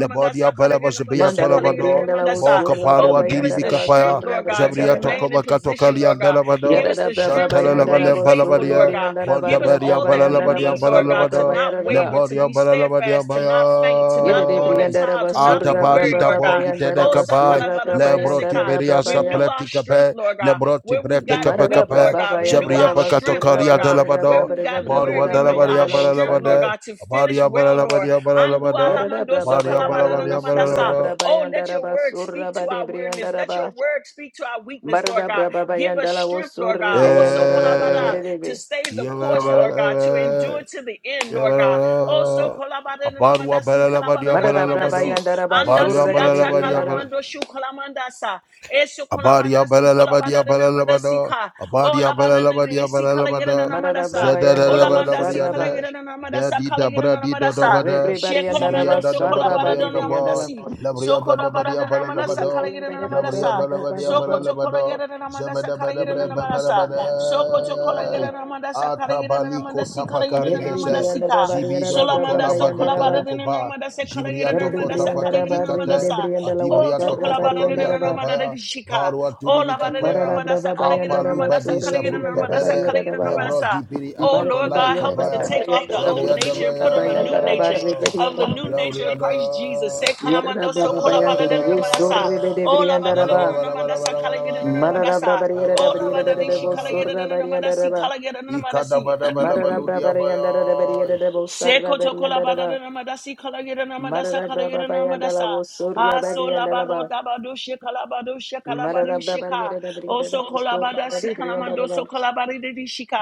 [SPEAKER 3] Labodia Balabazabia
[SPEAKER 1] Kalayedanamandasa,
[SPEAKER 4] Mandara de
[SPEAKER 3] Tolabado,
[SPEAKER 4] Briandala was
[SPEAKER 1] Kalayedanamandasa.
[SPEAKER 3] Boka
[SPEAKER 4] Surra
[SPEAKER 3] Parwa
[SPEAKER 1] Oh, give
[SPEAKER 3] Diri
[SPEAKER 1] us the
[SPEAKER 4] Brabayandara,
[SPEAKER 1] strength,
[SPEAKER 3] Bikapaya,
[SPEAKER 4] Surra
[SPEAKER 1] Lord God, to
[SPEAKER 3] Zabria
[SPEAKER 4] Briandala,
[SPEAKER 1] remain in
[SPEAKER 3] Tokoba
[SPEAKER 1] position,
[SPEAKER 3] Katokalian
[SPEAKER 1] Lord God.
[SPEAKER 3] Dalabado,
[SPEAKER 1] Give us
[SPEAKER 4] Yadada
[SPEAKER 1] the
[SPEAKER 4] braba
[SPEAKER 1] strength to
[SPEAKER 3] Jantala
[SPEAKER 4] bayandara
[SPEAKER 1] remain
[SPEAKER 3] Labalem
[SPEAKER 1] faithful,
[SPEAKER 4] basuri
[SPEAKER 1] Lord
[SPEAKER 3] Balabadia,
[SPEAKER 1] God.
[SPEAKER 4] briandara
[SPEAKER 1] Give us
[SPEAKER 4] barra
[SPEAKER 3] Bontabarian
[SPEAKER 1] all
[SPEAKER 4] braba
[SPEAKER 1] that we
[SPEAKER 4] yandara
[SPEAKER 3] Balalabadia
[SPEAKER 1] need, Lord
[SPEAKER 4] basura
[SPEAKER 1] God, to
[SPEAKER 4] braba
[SPEAKER 3] Balalabado,
[SPEAKER 1] not
[SPEAKER 4] yaraba.
[SPEAKER 1] waver, to
[SPEAKER 3] Lambodia
[SPEAKER 1] be
[SPEAKER 3] Balalabadia
[SPEAKER 1] steadfast, to not faint, to not
[SPEAKER 4] Yadada
[SPEAKER 1] throw in
[SPEAKER 3] Baya.
[SPEAKER 1] the
[SPEAKER 4] briandara
[SPEAKER 1] towel, to not be
[SPEAKER 4] basura
[SPEAKER 3] Atabari
[SPEAKER 1] weary,
[SPEAKER 4] braba
[SPEAKER 1] Lord God.
[SPEAKER 3] Dabori
[SPEAKER 4] babayandara
[SPEAKER 1] Oh,
[SPEAKER 3] Denekabai,
[SPEAKER 4] basura braba
[SPEAKER 3] Lebro
[SPEAKER 1] Sakalabaramanasika.
[SPEAKER 4] yandara
[SPEAKER 3] Tuberia
[SPEAKER 4] braba ya.
[SPEAKER 1] renew our strength,
[SPEAKER 3] Sapleticape,
[SPEAKER 1] Lord God.
[SPEAKER 3] Lebroti
[SPEAKER 1] Where we've gotten
[SPEAKER 4] Marada
[SPEAKER 1] weak,
[SPEAKER 3] Bretecape,
[SPEAKER 1] Lord
[SPEAKER 4] braba
[SPEAKER 1] God, renew
[SPEAKER 3] Jabria
[SPEAKER 4] bayandara
[SPEAKER 1] our strength,
[SPEAKER 4] basura
[SPEAKER 3] Pacatocaria
[SPEAKER 1] Lord
[SPEAKER 4] braba
[SPEAKER 1] God.
[SPEAKER 4] da
[SPEAKER 1] Where
[SPEAKER 3] Dalabado,
[SPEAKER 1] we've
[SPEAKER 4] braba da
[SPEAKER 1] gotten
[SPEAKER 4] braba
[SPEAKER 1] weary,
[SPEAKER 3] Borwa
[SPEAKER 4] da
[SPEAKER 1] renew
[SPEAKER 3] Dalabaria
[SPEAKER 1] our
[SPEAKER 4] bayandala
[SPEAKER 1] strength, Lord
[SPEAKER 4] usande.
[SPEAKER 3] Balalabade,
[SPEAKER 1] God, to finish
[SPEAKER 3] Baria
[SPEAKER 1] well, Lord.
[SPEAKER 3] Balalabaria
[SPEAKER 1] Andu
[SPEAKER 3] Balalabada,
[SPEAKER 4] Yadada
[SPEAKER 1] alamandoso
[SPEAKER 4] braba
[SPEAKER 3] Abadi abada
[SPEAKER 4] bayandala
[SPEAKER 3] abadi abada
[SPEAKER 1] kalabaranamandasa.
[SPEAKER 4] usura
[SPEAKER 3] abada.
[SPEAKER 4] braba
[SPEAKER 1] Oh, let
[SPEAKER 4] yandara
[SPEAKER 1] your word speak
[SPEAKER 4] basura
[SPEAKER 1] to
[SPEAKER 4] bade
[SPEAKER 1] our weariness.
[SPEAKER 4] briandara
[SPEAKER 1] Let your
[SPEAKER 4] ba.
[SPEAKER 1] word speak to our weakness, Lord
[SPEAKER 4] Marada
[SPEAKER 1] God.
[SPEAKER 4] braba
[SPEAKER 1] Give us
[SPEAKER 4] bayandala
[SPEAKER 1] strength, Lord
[SPEAKER 4] usuri
[SPEAKER 1] God. Also,
[SPEAKER 4] briandara barre
[SPEAKER 3] Eh,
[SPEAKER 1] kolabada, to
[SPEAKER 4] gedebe.
[SPEAKER 1] stay the
[SPEAKER 3] ya abada
[SPEAKER 1] course,
[SPEAKER 3] abada
[SPEAKER 1] Lord God,
[SPEAKER 3] abada.
[SPEAKER 1] to endure to the end,
[SPEAKER 3] Ya
[SPEAKER 1] Lord
[SPEAKER 3] abada
[SPEAKER 1] God.
[SPEAKER 3] abada.
[SPEAKER 1] Also, kolabada,
[SPEAKER 3] Abadu
[SPEAKER 1] namandasi,
[SPEAKER 3] abada abadi
[SPEAKER 1] kolabada,
[SPEAKER 3] abada
[SPEAKER 4] Marada
[SPEAKER 3] abada.
[SPEAKER 4] braba
[SPEAKER 1] namandasi.
[SPEAKER 4] yandara
[SPEAKER 3] Abadu
[SPEAKER 1] Andasi,
[SPEAKER 4] basura
[SPEAKER 3] abada
[SPEAKER 1] ata,
[SPEAKER 4] gedebe
[SPEAKER 3] abadi abada.
[SPEAKER 1] kalamando, shu, kolamandasa. Eso,
[SPEAKER 3] Abadia
[SPEAKER 1] kolamandasu,
[SPEAKER 3] balalabadia
[SPEAKER 1] kolabada, namandasi,
[SPEAKER 3] balalabada.
[SPEAKER 1] ka.
[SPEAKER 3] Abadia
[SPEAKER 1] Ola barene
[SPEAKER 3] balalabadia
[SPEAKER 1] si kala yera na
[SPEAKER 3] balalabada.
[SPEAKER 4] Marada
[SPEAKER 1] namadasa. Ola
[SPEAKER 4] Brabayandala was
[SPEAKER 1] manda si kala
[SPEAKER 4] Saraba,
[SPEAKER 3] Zadadadabadabriada.
[SPEAKER 1] yera na namadasa
[SPEAKER 3] Dadi
[SPEAKER 1] kala yera na
[SPEAKER 3] dabradi
[SPEAKER 1] namadasa.
[SPEAKER 3] dodobada.
[SPEAKER 4] Rebri
[SPEAKER 1] She kola
[SPEAKER 3] Zibria
[SPEAKER 1] mando
[SPEAKER 4] Bariandaraba
[SPEAKER 1] so kola
[SPEAKER 4] Saraba
[SPEAKER 3] dadabadabria
[SPEAKER 4] de
[SPEAKER 1] barada na
[SPEAKER 3] daba.
[SPEAKER 4] Briandala.
[SPEAKER 1] namadasi. So
[SPEAKER 3] Labria
[SPEAKER 1] kola barada
[SPEAKER 3] badabadia
[SPEAKER 1] na namadasa kala
[SPEAKER 3] balalabada.
[SPEAKER 1] yera na
[SPEAKER 3] Alabria
[SPEAKER 1] namadasa.
[SPEAKER 3] balabadia
[SPEAKER 1] So koto kola
[SPEAKER 3] balalabada.
[SPEAKER 1] yera na namadasa kala yera na
[SPEAKER 3] Zabadabadabria
[SPEAKER 1] namadasa.
[SPEAKER 3] babalabada.
[SPEAKER 1] So sokola yere na manda sakara yere na manda
[SPEAKER 3] Atabaliko
[SPEAKER 1] sikala yere
[SPEAKER 3] tabakari
[SPEAKER 1] na
[SPEAKER 4] Little
[SPEAKER 1] manda
[SPEAKER 3] dese.
[SPEAKER 1] sika.
[SPEAKER 4] Briandaraba
[SPEAKER 3] Zibido
[SPEAKER 1] Sola
[SPEAKER 4] Yaraba
[SPEAKER 1] manda
[SPEAKER 3] tokola
[SPEAKER 1] sokola
[SPEAKER 3] badita
[SPEAKER 1] bara
[SPEAKER 4] Bayandaraba,
[SPEAKER 1] de na
[SPEAKER 3] mukoba.
[SPEAKER 1] manda sekala
[SPEAKER 3] Jibria
[SPEAKER 1] yere na
[SPEAKER 4] Verdi
[SPEAKER 1] manda
[SPEAKER 3] tokota
[SPEAKER 1] sakala yere
[SPEAKER 3] pakati
[SPEAKER 4] Briandaraba
[SPEAKER 1] na manda
[SPEAKER 3] kate.
[SPEAKER 1] sa.
[SPEAKER 4] Rigade Briandala was
[SPEAKER 1] O
[SPEAKER 3] Adibria
[SPEAKER 1] tokola
[SPEAKER 4] Saraba
[SPEAKER 3] tokopa
[SPEAKER 1] bara de
[SPEAKER 3] kolia
[SPEAKER 1] na
[SPEAKER 4] Yandaraba,
[SPEAKER 1] manda de
[SPEAKER 3] Tabaya.
[SPEAKER 1] shika.
[SPEAKER 3] Barua
[SPEAKER 1] O la bara de na
[SPEAKER 3] Turibikatoya,
[SPEAKER 4] Marada
[SPEAKER 1] manda sakala yere na
[SPEAKER 4] Brabayandaraba
[SPEAKER 1] manda
[SPEAKER 4] Sur
[SPEAKER 3] Apalubadi
[SPEAKER 1] sakala yere na manda
[SPEAKER 4] Briandaraba
[SPEAKER 3] Savrutapele,
[SPEAKER 1] sakala yere na manda
[SPEAKER 4] Yaraba.
[SPEAKER 3] Nebro
[SPEAKER 1] sa.
[SPEAKER 3] Dipiri
[SPEAKER 1] Oh
[SPEAKER 4] Mara
[SPEAKER 1] Lord
[SPEAKER 3] Atokolai
[SPEAKER 1] God, help us
[SPEAKER 4] Briandaraba
[SPEAKER 1] to
[SPEAKER 3] Kabaya,
[SPEAKER 1] take off the old
[SPEAKER 4] Yandaraba
[SPEAKER 1] nature and
[SPEAKER 4] Sur
[SPEAKER 1] put on a new
[SPEAKER 4] Bayandaraba
[SPEAKER 1] nature
[SPEAKER 4] Rigade.
[SPEAKER 3] Zavriadabaya,
[SPEAKER 1] of the new
[SPEAKER 4] Yandaraba.
[SPEAKER 1] nature of
[SPEAKER 3] Yauriada,
[SPEAKER 1] Christ Jesus. Se
[SPEAKER 4] Yarada
[SPEAKER 1] kalamando
[SPEAKER 3] uh,
[SPEAKER 1] so
[SPEAKER 4] Brava
[SPEAKER 1] kolabada de na
[SPEAKER 4] Bayanda,
[SPEAKER 1] manda sa.
[SPEAKER 4] Sorri de
[SPEAKER 1] O la
[SPEAKER 4] Brianda
[SPEAKER 1] bara de
[SPEAKER 3] Abalaba,
[SPEAKER 4] Raba,
[SPEAKER 1] na
[SPEAKER 3] Abalaba,
[SPEAKER 1] manda
[SPEAKER 3] Abalaba,
[SPEAKER 1] sakala
[SPEAKER 4] Marada Brava Yada
[SPEAKER 1] Oh, la ba
[SPEAKER 4] Brianda
[SPEAKER 1] da
[SPEAKER 4] de
[SPEAKER 1] shi
[SPEAKER 4] Debo
[SPEAKER 1] kala yada
[SPEAKER 3] Abalaba,
[SPEAKER 1] da
[SPEAKER 4] Sorra
[SPEAKER 1] na na ma da
[SPEAKER 4] Barianda
[SPEAKER 1] si
[SPEAKER 4] Raba,
[SPEAKER 1] kala yada na na ma si.
[SPEAKER 4] Marada Brava
[SPEAKER 3] Ikadabadabalabaludiabaya,
[SPEAKER 4] Yanda de Brianda de Bosarra
[SPEAKER 1] Sekoto
[SPEAKER 4] Barianda
[SPEAKER 1] kolabada
[SPEAKER 4] Raba,
[SPEAKER 1] de namadasi kalagida namadasa
[SPEAKER 4] Marada Brava
[SPEAKER 1] kalagida
[SPEAKER 4] Bayanda la
[SPEAKER 1] namadasa.
[SPEAKER 4] Vosurra
[SPEAKER 1] Aso
[SPEAKER 4] Barianda
[SPEAKER 1] labaro
[SPEAKER 4] Raba,
[SPEAKER 1] tabado shekalabado shekalabado
[SPEAKER 4] Marada Brava
[SPEAKER 1] shika.
[SPEAKER 4] Yada de Brianda de
[SPEAKER 1] Oso
[SPEAKER 4] Bosorra
[SPEAKER 1] kolabada si
[SPEAKER 4] Barianda
[SPEAKER 1] kalamando so
[SPEAKER 4] Raba,
[SPEAKER 1] kolabari de shika.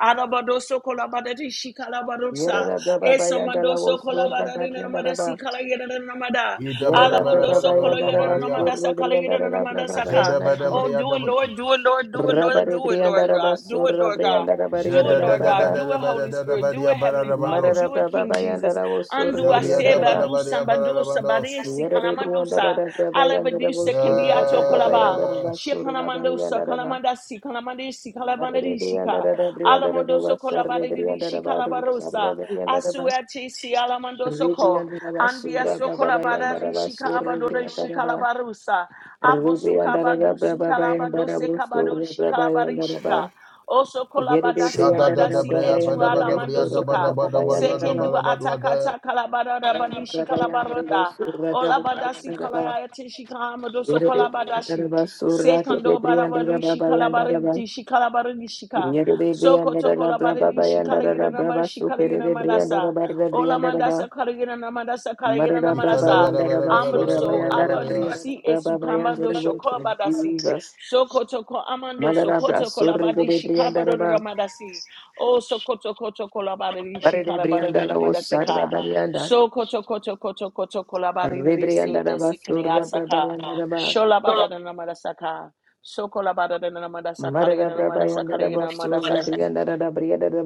[SPEAKER 1] Arabado so kolabada de shika labarosa.
[SPEAKER 4] Yarada Brava
[SPEAKER 1] Eso
[SPEAKER 4] Bayanda
[SPEAKER 1] mando
[SPEAKER 4] la
[SPEAKER 1] so
[SPEAKER 4] Vosurra
[SPEAKER 1] kolabada de
[SPEAKER 4] Barianda
[SPEAKER 1] namadasi
[SPEAKER 4] Raba,
[SPEAKER 1] kalagida namada.
[SPEAKER 4] Yarada
[SPEAKER 1] Alamando
[SPEAKER 4] Brava
[SPEAKER 1] so
[SPEAKER 4] Bayanda
[SPEAKER 1] kolagida
[SPEAKER 4] Raba,
[SPEAKER 3] Idabadabalabalukabaria,
[SPEAKER 4] Sorri
[SPEAKER 1] namadasa
[SPEAKER 4] Brianda
[SPEAKER 1] kalagida
[SPEAKER 4] Raba, Brava
[SPEAKER 1] namadasaka.
[SPEAKER 4] Bayanda Raba.
[SPEAKER 1] Oh, do it,
[SPEAKER 3] Zedabadabriadab-
[SPEAKER 1] Lord, do
[SPEAKER 3] Jesus.
[SPEAKER 1] it, Lord, do it, Lord,
[SPEAKER 4] Rabari
[SPEAKER 1] do it,
[SPEAKER 4] Brianda
[SPEAKER 1] Lord God. Do it,
[SPEAKER 4] Rabasura
[SPEAKER 1] Lord God.
[SPEAKER 4] Brianda
[SPEAKER 1] Do
[SPEAKER 4] Rabariera
[SPEAKER 1] it, Lord God.
[SPEAKER 4] Rababa
[SPEAKER 1] Do it, Holy Spirit. Do it, Heavenly Father.
[SPEAKER 4] Marara
[SPEAKER 3] Zedadadadadadabadadabadiabadadabadosa.
[SPEAKER 1] Do it,
[SPEAKER 4] Braba
[SPEAKER 1] King
[SPEAKER 4] Bayanda
[SPEAKER 1] Jesus.
[SPEAKER 4] Rabosur
[SPEAKER 1] Undo
[SPEAKER 3] Zebria
[SPEAKER 4] Brianda
[SPEAKER 3] da ba
[SPEAKER 1] aseba
[SPEAKER 3] da
[SPEAKER 4] Rabba
[SPEAKER 1] do
[SPEAKER 3] ba da
[SPEAKER 1] samba
[SPEAKER 3] ba da ba dos.
[SPEAKER 1] sabadesi
[SPEAKER 4] Yere Brianda
[SPEAKER 1] kalamandusa.
[SPEAKER 4] Rabba Yanda
[SPEAKER 1] Alabadisa
[SPEAKER 4] Rabosur
[SPEAKER 1] kendiato
[SPEAKER 4] Braba
[SPEAKER 1] kolaba.
[SPEAKER 4] Bayanda
[SPEAKER 3] Yeah.
[SPEAKER 4] Rabasur
[SPEAKER 1] Shikalamandosa
[SPEAKER 4] Rabayanda Rabba
[SPEAKER 1] kalamandasi kalamandesi
[SPEAKER 4] Marare Brianda
[SPEAKER 1] kalamandarishika.
[SPEAKER 4] Rabba Brianda
[SPEAKER 1] Alamondoso
[SPEAKER 4] Rabba Sarre Brianda
[SPEAKER 1] kolabadidishika
[SPEAKER 4] Rabba Sarre
[SPEAKER 1] kalabarosa.
[SPEAKER 4] Brianda Rabba
[SPEAKER 1] Asuatesi
[SPEAKER 4] Ri
[SPEAKER 1] alamondoso ko.
[SPEAKER 4] Rabasura
[SPEAKER 1] Andiaso
[SPEAKER 4] Braba Bayanda
[SPEAKER 1] kolabadarishika
[SPEAKER 4] Rabasur Brianda
[SPEAKER 1] abadorishika
[SPEAKER 4] Rabba
[SPEAKER 1] labarosa.
[SPEAKER 4] Ri
[SPEAKER 1] Abosu
[SPEAKER 4] Rabba Braba Bayanda
[SPEAKER 1] kalabadose
[SPEAKER 4] Rabosur
[SPEAKER 1] kabadoshi
[SPEAKER 4] Brabayanda Rabba
[SPEAKER 1] kalabarishika. Oso
[SPEAKER 4] Yerede
[SPEAKER 1] kolabada
[SPEAKER 3] Shada
[SPEAKER 4] priyandara
[SPEAKER 3] da
[SPEAKER 1] sumanda
[SPEAKER 3] da
[SPEAKER 1] si
[SPEAKER 3] bria ba da
[SPEAKER 4] brabayandara
[SPEAKER 3] ba
[SPEAKER 1] etuada
[SPEAKER 3] da
[SPEAKER 4] da
[SPEAKER 1] mando
[SPEAKER 3] bria da
[SPEAKER 4] surra
[SPEAKER 3] ba
[SPEAKER 1] soka.
[SPEAKER 3] da ba da bria
[SPEAKER 4] brabayandara
[SPEAKER 3] da ba
[SPEAKER 4] da
[SPEAKER 3] da
[SPEAKER 1] Sekendua
[SPEAKER 3] ba da da.
[SPEAKER 1] atakata kalabada rabadi
[SPEAKER 4] brabayandara da
[SPEAKER 1] kalabarota
[SPEAKER 4] surra
[SPEAKER 1] Olabada si
[SPEAKER 4] brabayandara da
[SPEAKER 1] kalaya tishikahamado so
[SPEAKER 4] yerede priyandara
[SPEAKER 1] kolabadashi.
[SPEAKER 4] da surra tete
[SPEAKER 1] Sekando
[SPEAKER 4] priyandara
[SPEAKER 1] barabari
[SPEAKER 4] brabayandara
[SPEAKER 1] shikalabari
[SPEAKER 4] da
[SPEAKER 1] shikalabari shika.
[SPEAKER 4] yerede
[SPEAKER 1] Soko to
[SPEAKER 4] priyandara da
[SPEAKER 1] kolabari
[SPEAKER 4] brabayandara
[SPEAKER 1] shikalagina
[SPEAKER 4] da
[SPEAKER 1] namar
[SPEAKER 4] brabasu
[SPEAKER 1] shikalagina
[SPEAKER 4] kerede
[SPEAKER 1] manasa.
[SPEAKER 4] priyandara barda priyandara da
[SPEAKER 1] Olamandasa kalagina namandasa kalagina
[SPEAKER 4] marada
[SPEAKER 3] Ika da ba
[SPEAKER 1] namanasa.
[SPEAKER 3] da ba
[SPEAKER 4] brabayandara
[SPEAKER 3] da
[SPEAKER 4] da
[SPEAKER 3] ba da ba
[SPEAKER 4] surra
[SPEAKER 3] da
[SPEAKER 1] Amroso
[SPEAKER 3] ba da ba da
[SPEAKER 4] bayandara
[SPEAKER 3] ba
[SPEAKER 1] abadi
[SPEAKER 3] da.
[SPEAKER 1] si
[SPEAKER 4] priyandara
[SPEAKER 1] esukamado
[SPEAKER 4] brabayandara da
[SPEAKER 1] shokolabadasi.
[SPEAKER 4] Jesus
[SPEAKER 1] Sokoto ko amando
[SPEAKER 4] madara
[SPEAKER 1] sokoto
[SPEAKER 4] brasurra
[SPEAKER 1] kolabadi
[SPEAKER 4] kerede
[SPEAKER 1] shikabado
[SPEAKER 4] priyandara
[SPEAKER 1] de
[SPEAKER 4] da
[SPEAKER 1] ramadasi. Oh sokoto koto kolabadi
[SPEAKER 4] Barede
[SPEAKER 1] shikarabado de
[SPEAKER 4] Brianda la Osarda
[SPEAKER 1] ramadasika.
[SPEAKER 4] Barianda,
[SPEAKER 1] Sokoto koto koto koto kolabadi ndisi
[SPEAKER 4] Rebriandara
[SPEAKER 1] esikini
[SPEAKER 4] Basura
[SPEAKER 1] asaka.
[SPEAKER 4] Brabayandaraba,
[SPEAKER 1] Sholabada de ramadasaka. Sokolabada de ramadasaka de
[SPEAKER 4] Marada
[SPEAKER 1] ramadasaka
[SPEAKER 4] Brabayandara
[SPEAKER 1] de
[SPEAKER 4] Basura
[SPEAKER 1] ramadasaka.
[SPEAKER 4] Briandara Briandara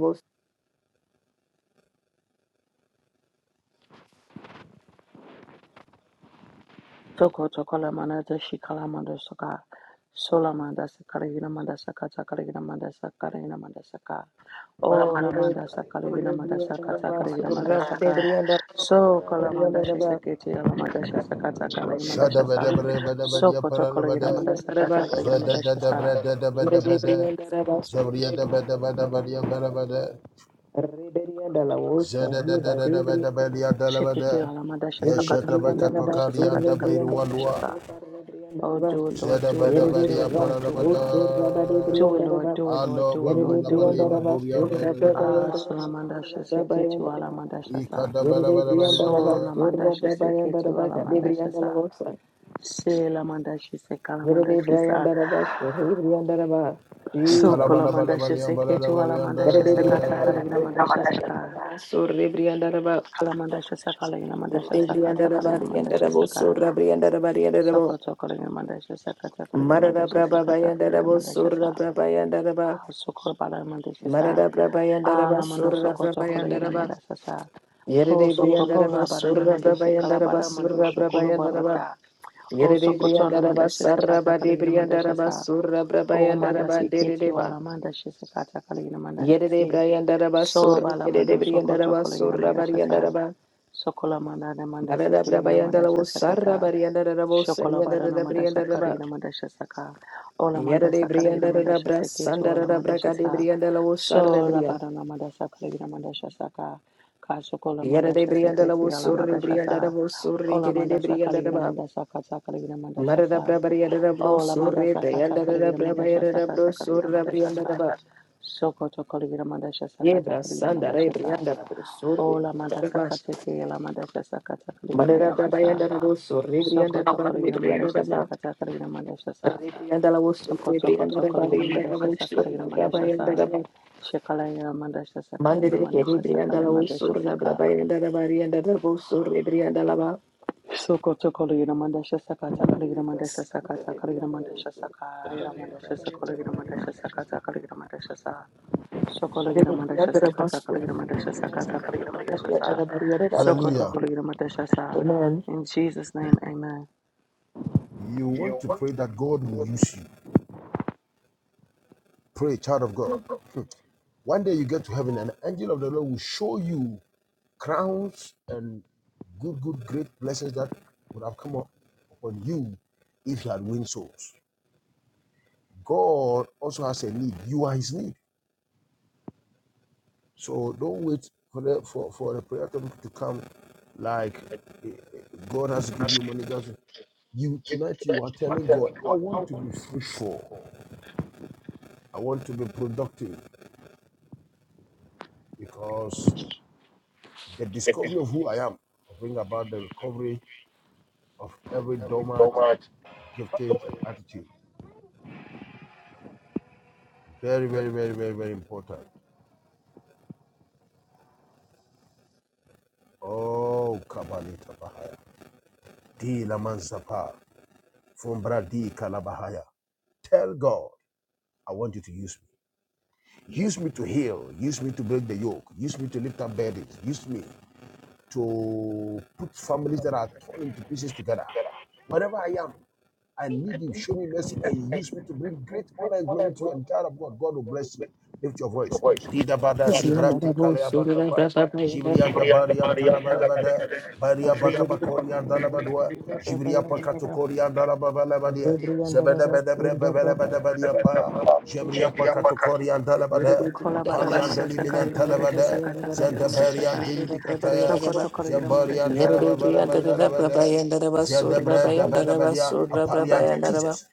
[SPEAKER 1] Sokoto kolamanata shikalamando soka. Solamanda sakara yina manda sakata kara yina manda sakara yina manda
[SPEAKER 4] Basura
[SPEAKER 1] Oh, la manda sakala gina manda sakata kala gina
[SPEAKER 4] Basura Debriandara
[SPEAKER 1] So kala manda
[SPEAKER 4] Briandara
[SPEAKER 1] shasakete ala manda shasakata kala gina manda
[SPEAKER 3] Shada ba da bria ba da ba
[SPEAKER 1] So
[SPEAKER 3] da
[SPEAKER 1] koto
[SPEAKER 3] ba da
[SPEAKER 1] kala
[SPEAKER 3] ba
[SPEAKER 1] gina
[SPEAKER 3] da.
[SPEAKER 1] manda sakata kala gina
[SPEAKER 3] Zada
[SPEAKER 1] manda
[SPEAKER 3] da da
[SPEAKER 1] shasa.
[SPEAKER 3] bria da da ba da ba da.
[SPEAKER 4] Rebriandara Basura
[SPEAKER 3] Zebria da ba da ba da ba da ba da ba da.
[SPEAKER 4] Rebriandala Osa
[SPEAKER 3] Zada da da
[SPEAKER 4] Reba
[SPEAKER 3] da da ba da ba da
[SPEAKER 4] Rebriandara
[SPEAKER 3] da ba
[SPEAKER 1] Shikiti
[SPEAKER 3] da.
[SPEAKER 1] ala manda
[SPEAKER 4] Yerde
[SPEAKER 1] shasakata
[SPEAKER 3] Yeshata
[SPEAKER 1] kala
[SPEAKER 3] ba
[SPEAKER 1] gina manda
[SPEAKER 4] briandaraba
[SPEAKER 3] katokari
[SPEAKER 4] surra
[SPEAKER 1] shasakata
[SPEAKER 3] anda ba
[SPEAKER 1] kala gina
[SPEAKER 3] iruwa
[SPEAKER 4] briandaraba
[SPEAKER 3] luwa.
[SPEAKER 4] shofarra
[SPEAKER 1] Oh,
[SPEAKER 4] briandaraba.
[SPEAKER 1] do it, Lord,
[SPEAKER 3] Zada
[SPEAKER 1] do
[SPEAKER 3] ba
[SPEAKER 1] it,
[SPEAKER 3] da
[SPEAKER 1] Lord,
[SPEAKER 3] ba
[SPEAKER 4] Yerde
[SPEAKER 1] do
[SPEAKER 3] da
[SPEAKER 1] it,
[SPEAKER 4] brian
[SPEAKER 1] Lord,
[SPEAKER 3] ba da
[SPEAKER 1] do
[SPEAKER 3] ba
[SPEAKER 1] it,
[SPEAKER 4] go
[SPEAKER 1] Lord.
[SPEAKER 4] surra bari
[SPEAKER 3] da.
[SPEAKER 1] Do it, Lord,
[SPEAKER 4] briandaraba.
[SPEAKER 1] do it, Lord,
[SPEAKER 3] Alo
[SPEAKER 1] do it, Lord,
[SPEAKER 4] Yerde
[SPEAKER 3] balula
[SPEAKER 1] do it,
[SPEAKER 3] balila
[SPEAKER 1] Lord.
[SPEAKER 4] briandaraba
[SPEAKER 3] boria bala
[SPEAKER 4] surra
[SPEAKER 3] bala bala.
[SPEAKER 1] Ah,
[SPEAKER 4] briandaraba
[SPEAKER 1] salamanda
[SPEAKER 4] surra
[SPEAKER 1] shasakete ala
[SPEAKER 4] briandaraba.
[SPEAKER 1] manda shasa.
[SPEAKER 3] Ikada bala
[SPEAKER 4] Yerde
[SPEAKER 3] bala bala
[SPEAKER 1] So
[SPEAKER 4] briandaraba
[SPEAKER 3] yada.
[SPEAKER 1] lamanda
[SPEAKER 4] surra
[SPEAKER 1] shasakete
[SPEAKER 4] briandaraba
[SPEAKER 1] ala
[SPEAKER 4] kade
[SPEAKER 1] manda shasa.
[SPEAKER 4] briandaraba sa.
[SPEAKER 1] Se se la Selamandashe
[SPEAKER 4] Yerde
[SPEAKER 1] sekalamandashe sa
[SPEAKER 4] briandaraba surra briandaraba.
[SPEAKER 1] So
[SPEAKER 3] Ikala
[SPEAKER 4] Jesus.
[SPEAKER 3] bala bala bala
[SPEAKER 1] sokolamandashe
[SPEAKER 3] bala bala
[SPEAKER 1] seketu
[SPEAKER 3] bala
[SPEAKER 1] se
[SPEAKER 4] Yerde
[SPEAKER 1] sekata
[SPEAKER 4] briandaraba
[SPEAKER 1] kaligina mandashe saka
[SPEAKER 4] surra briandaraba.
[SPEAKER 1] kalamandashe sakaligina mandashe
[SPEAKER 4] Yerde
[SPEAKER 1] sakata
[SPEAKER 4] briandaraba
[SPEAKER 1] kaligina mandashe
[SPEAKER 4] briandaraba
[SPEAKER 1] saka
[SPEAKER 4] surra briandaraba briandaraba.
[SPEAKER 1] sokoto kaligina mandashe sakata kaligina
[SPEAKER 4] Marada
[SPEAKER 1] mandashe kata kaligina
[SPEAKER 4] Brabayandarabo
[SPEAKER 1] mandashe
[SPEAKER 4] Surra
[SPEAKER 1] sa pa
[SPEAKER 4] Brabayandaraba
[SPEAKER 1] sokolabala mandashe sa
[SPEAKER 4] Marada Brabayandaraba
[SPEAKER 1] alamando
[SPEAKER 4] Surra
[SPEAKER 1] sokoto kaligina
[SPEAKER 4] Brabayandaraba
[SPEAKER 1] mandashe sa
[SPEAKER 4] Yere
[SPEAKER 1] po
[SPEAKER 4] Briandaraba
[SPEAKER 1] sokopola barina
[SPEAKER 4] Surra
[SPEAKER 1] mandashe
[SPEAKER 4] Brabayandaraba
[SPEAKER 1] kalabara
[SPEAKER 4] Surra
[SPEAKER 1] mandashe
[SPEAKER 4] Brabayandaraba
[SPEAKER 1] barata. o
[SPEAKER 4] Yere
[SPEAKER 1] sokoto na
[SPEAKER 4] Briandaraba
[SPEAKER 1] mandashe
[SPEAKER 4] Sarra
[SPEAKER 1] kata
[SPEAKER 4] Badi
[SPEAKER 1] kaligina mandashe
[SPEAKER 4] Briandaraba
[SPEAKER 1] sa
[SPEAKER 4] Surra
[SPEAKER 1] O manda
[SPEAKER 4] Brabayandaraba
[SPEAKER 1] siketi
[SPEAKER 4] Dedeba
[SPEAKER 1] wala manda shese kata kala ina manda
[SPEAKER 4] Yere
[SPEAKER 1] shese.
[SPEAKER 4] Briandaraba
[SPEAKER 1] So
[SPEAKER 4] Surra
[SPEAKER 1] bala
[SPEAKER 4] Yere
[SPEAKER 1] mando soko
[SPEAKER 4] Briandaraba
[SPEAKER 1] toko la ina
[SPEAKER 4] Surra
[SPEAKER 1] manda shasa.
[SPEAKER 4] Bariandaraba
[SPEAKER 1] Sokola manda na manda
[SPEAKER 4] Marada
[SPEAKER 1] sikili ina manda
[SPEAKER 4] Brabayandarabo
[SPEAKER 1] shasa
[SPEAKER 4] Sarra
[SPEAKER 1] kata.
[SPEAKER 4] Bariandarabo
[SPEAKER 1] Shokola bara na
[SPEAKER 4] Sariandaraba
[SPEAKER 1] manda shakala
[SPEAKER 4] Briandaraba
[SPEAKER 1] ina manda shasa ka. Ola manda
[SPEAKER 4] Yere
[SPEAKER 1] sakala ina manda
[SPEAKER 4] Briandarabra
[SPEAKER 1] shase keti wala manda
[SPEAKER 4] Sandarabra Kadi
[SPEAKER 1] shasa.
[SPEAKER 4] Briandalabo Sarra
[SPEAKER 1] So la
[SPEAKER 4] Briandaraba
[SPEAKER 1] bara na manda sakala ina manda shasa ka. Ka sokola
[SPEAKER 4] Yada
[SPEAKER 1] manda
[SPEAKER 4] de
[SPEAKER 1] shase
[SPEAKER 4] Brianda la
[SPEAKER 1] keti wala
[SPEAKER 4] Wosuri,
[SPEAKER 1] manda
[SPEAKER 4] Brianda la
[SPEAKER 1] shasa.
[SPEAKER 4] Wosuri,
[SPEAKER 1] Ola
[SPEAKER 4] Kede de
[SPEAKER 1] manda sakala
[SPEAKER 4] Brianda la
[SPEAKER 1] ina
[SPEAKER 4] Ba,
[SPEAKER 1] manda sakata kala ina manda
[SPEAKER 4] Marada
[SPEAKER 1] shasa.
[SPEAKER 4] Brabariada da
[SPEAKER 1] Oh, la
[SPEAKER 4] Brosuri,
[SPEAKER 1] mandasa kata
[SPEAKER 4] Brianda da
[SPEAKER 1] kaligira mandasha
[SPEAKER 4] Brabayada da
[SPEAKER 1] sakata kaligira
[SPEAKER 4] Brosura,
[SPEAKER 1] mandasha
[SPEAKER 4] Brianda da
[SPEAKER 1] sa.
[SPEAKER 4] Ba,
[SPEAKER 1] Sokoto kaligira mandasha sakata
[SPEAKER 4] Yebra
[SPEAKER 1] kaligira
[SPEAKER 4] Sanda, Re
[SPEAKER 1] mandasha sa.
[SPEAKER 4] Brianda da
[SPEAKER 1] Oh,
[SPEAKER 4] Brosuri,
[SPEAKER 1] la
[SPEAKER 4] Brianda da
[SPEAKER 1] mandasa
[SPEAKER 4] Ba,
[SPEAKER 1] kate ke la mandasha sakata kaligira
[SPEAKER 4] Marada
[SPEAKER 1] mandasha sa.
[SPEAKER 4] Brabayada da Brosuri, Brianda da
[SPEAKER 1] Sokoto
[SPEAKER 4] Ba,
[SPEAKER 1] kaligira
[SPEAKER 4] Brianda da
[SPEAKER 1] mandasha
[SPEAKER 4] Ba,
[SPEAKER 1] sakata kaligira mandasha sa.
[SPEAKER 4] Re Brianda la Wosuri,
[SPEAKER 1] Sokoto
[SPEAKER 4] Brianda
[SPEAKER 1] koto
[SPEAKER 4] da Ba,
[SPEAKER 1] kaligira
[SPEAKER 4] Brianda da
[SPEAKER 1] mandasha sa kaligira
[SPEAKER 4] Wosura,
[SPEAKER 1] mandasha
[SPEAKER 4] Brabayada
[SPEAKER 1] sa.
[SPEAKER 4] da Ba,
[SPEAKER 1] Shikaligira mandasha sa
[SPEAKER 4] Mande
[SPEAKER 1] kaligira
[SPEAKER 4] de Kede
[SPEAKER 1] mandasha sa
[SPEAKER 4] Brianda la
[SPEAKER 1] kaligira mandasha sa
[SPEAKER 4] Wosura, Brabayada da Ba, Brianda da Wosuri, Brianda la
[SPEAKER 1] Sokoto kaligira mandasha sakata kaligira mandasha sakata kaligira
[SPEAKER 4] Ba,
[SPEAKER 1] mandasha sa Ira mandasha sa
[SPEAKER 4] Amen.
[SPEAKER 1] kaligira mandasha sakata kaligira mandasha sa. Sokola gira madasha sa kata kala gira madasha sa kata kala gira madasha sa. Sokoto
[SPEAKER 3] Hallelujah.
[SPEAKER 1] kala gira madasha sa. In Jesus' name, amen.
[SPEAKER 3] You want to pray that God will use you. Pray, child of God. One day you get to heaven and the angel of the Lord will show you crowns and good, good, great blessings that would have come up upon you if you had win souls. God also has a need. You are his need. So don't wait for the for, for the prayer topic to come like eh, eh, God has to give you money. God has- to- you tonight you are telling God, I want to be fruitful, I want to be productive because the discovery of who I am will bring about the recovery of every dormant giftings and attitude. Very, very, very, very, very important. Oh Kabalita Bahaya. Di Laman Zapa. Fumbra di Kalabahaya. Tell God, I want you to use me. Use me to heal. Use me to break the yoke. Use me to lift up burdens. Use me to put families that are torn into pieces together. Wherever I am, I need you. Show me mercy and use me to bring great honor and glory to you. And child of God, God will bless you. Lift your voice. Dida bada zibrati kalea bakapaya. Jibrianta barianta labalabada. Baria bakabakorianda labadua. Jibria pakatokorianda lababalabadia. Zebedebedebrebebelebedebadia paya. Jibria pakatokorianda labada.
[SPEAKER 1] Kola bada no
[SPEAKER 3] Apalianda
[SPEAKER 1] madasha kala gira
[SPEAKER 3] liminanta
[SPEAKER 1] madasha sa
[SPEAKER 3] labada.
[SPEAKER 1] kata kala gira madasha sa.
[SPEAKER 3] Zendabariandiri bikataya.
[SPEAKER 1] Sokoto
[SPEAKER 4] Amen.
[SPEAKER 1] kala gira madasha sa
[SPEAKER 3] Zambarianda
[SPEAKER 4] Yere de bria surra
[SPEAKER 3] lababalabanda
[SPEAKER 4] gade briandara baba
[SPEAKER 3] labada. Zedebredebedebedia, Apaliad, Jesus.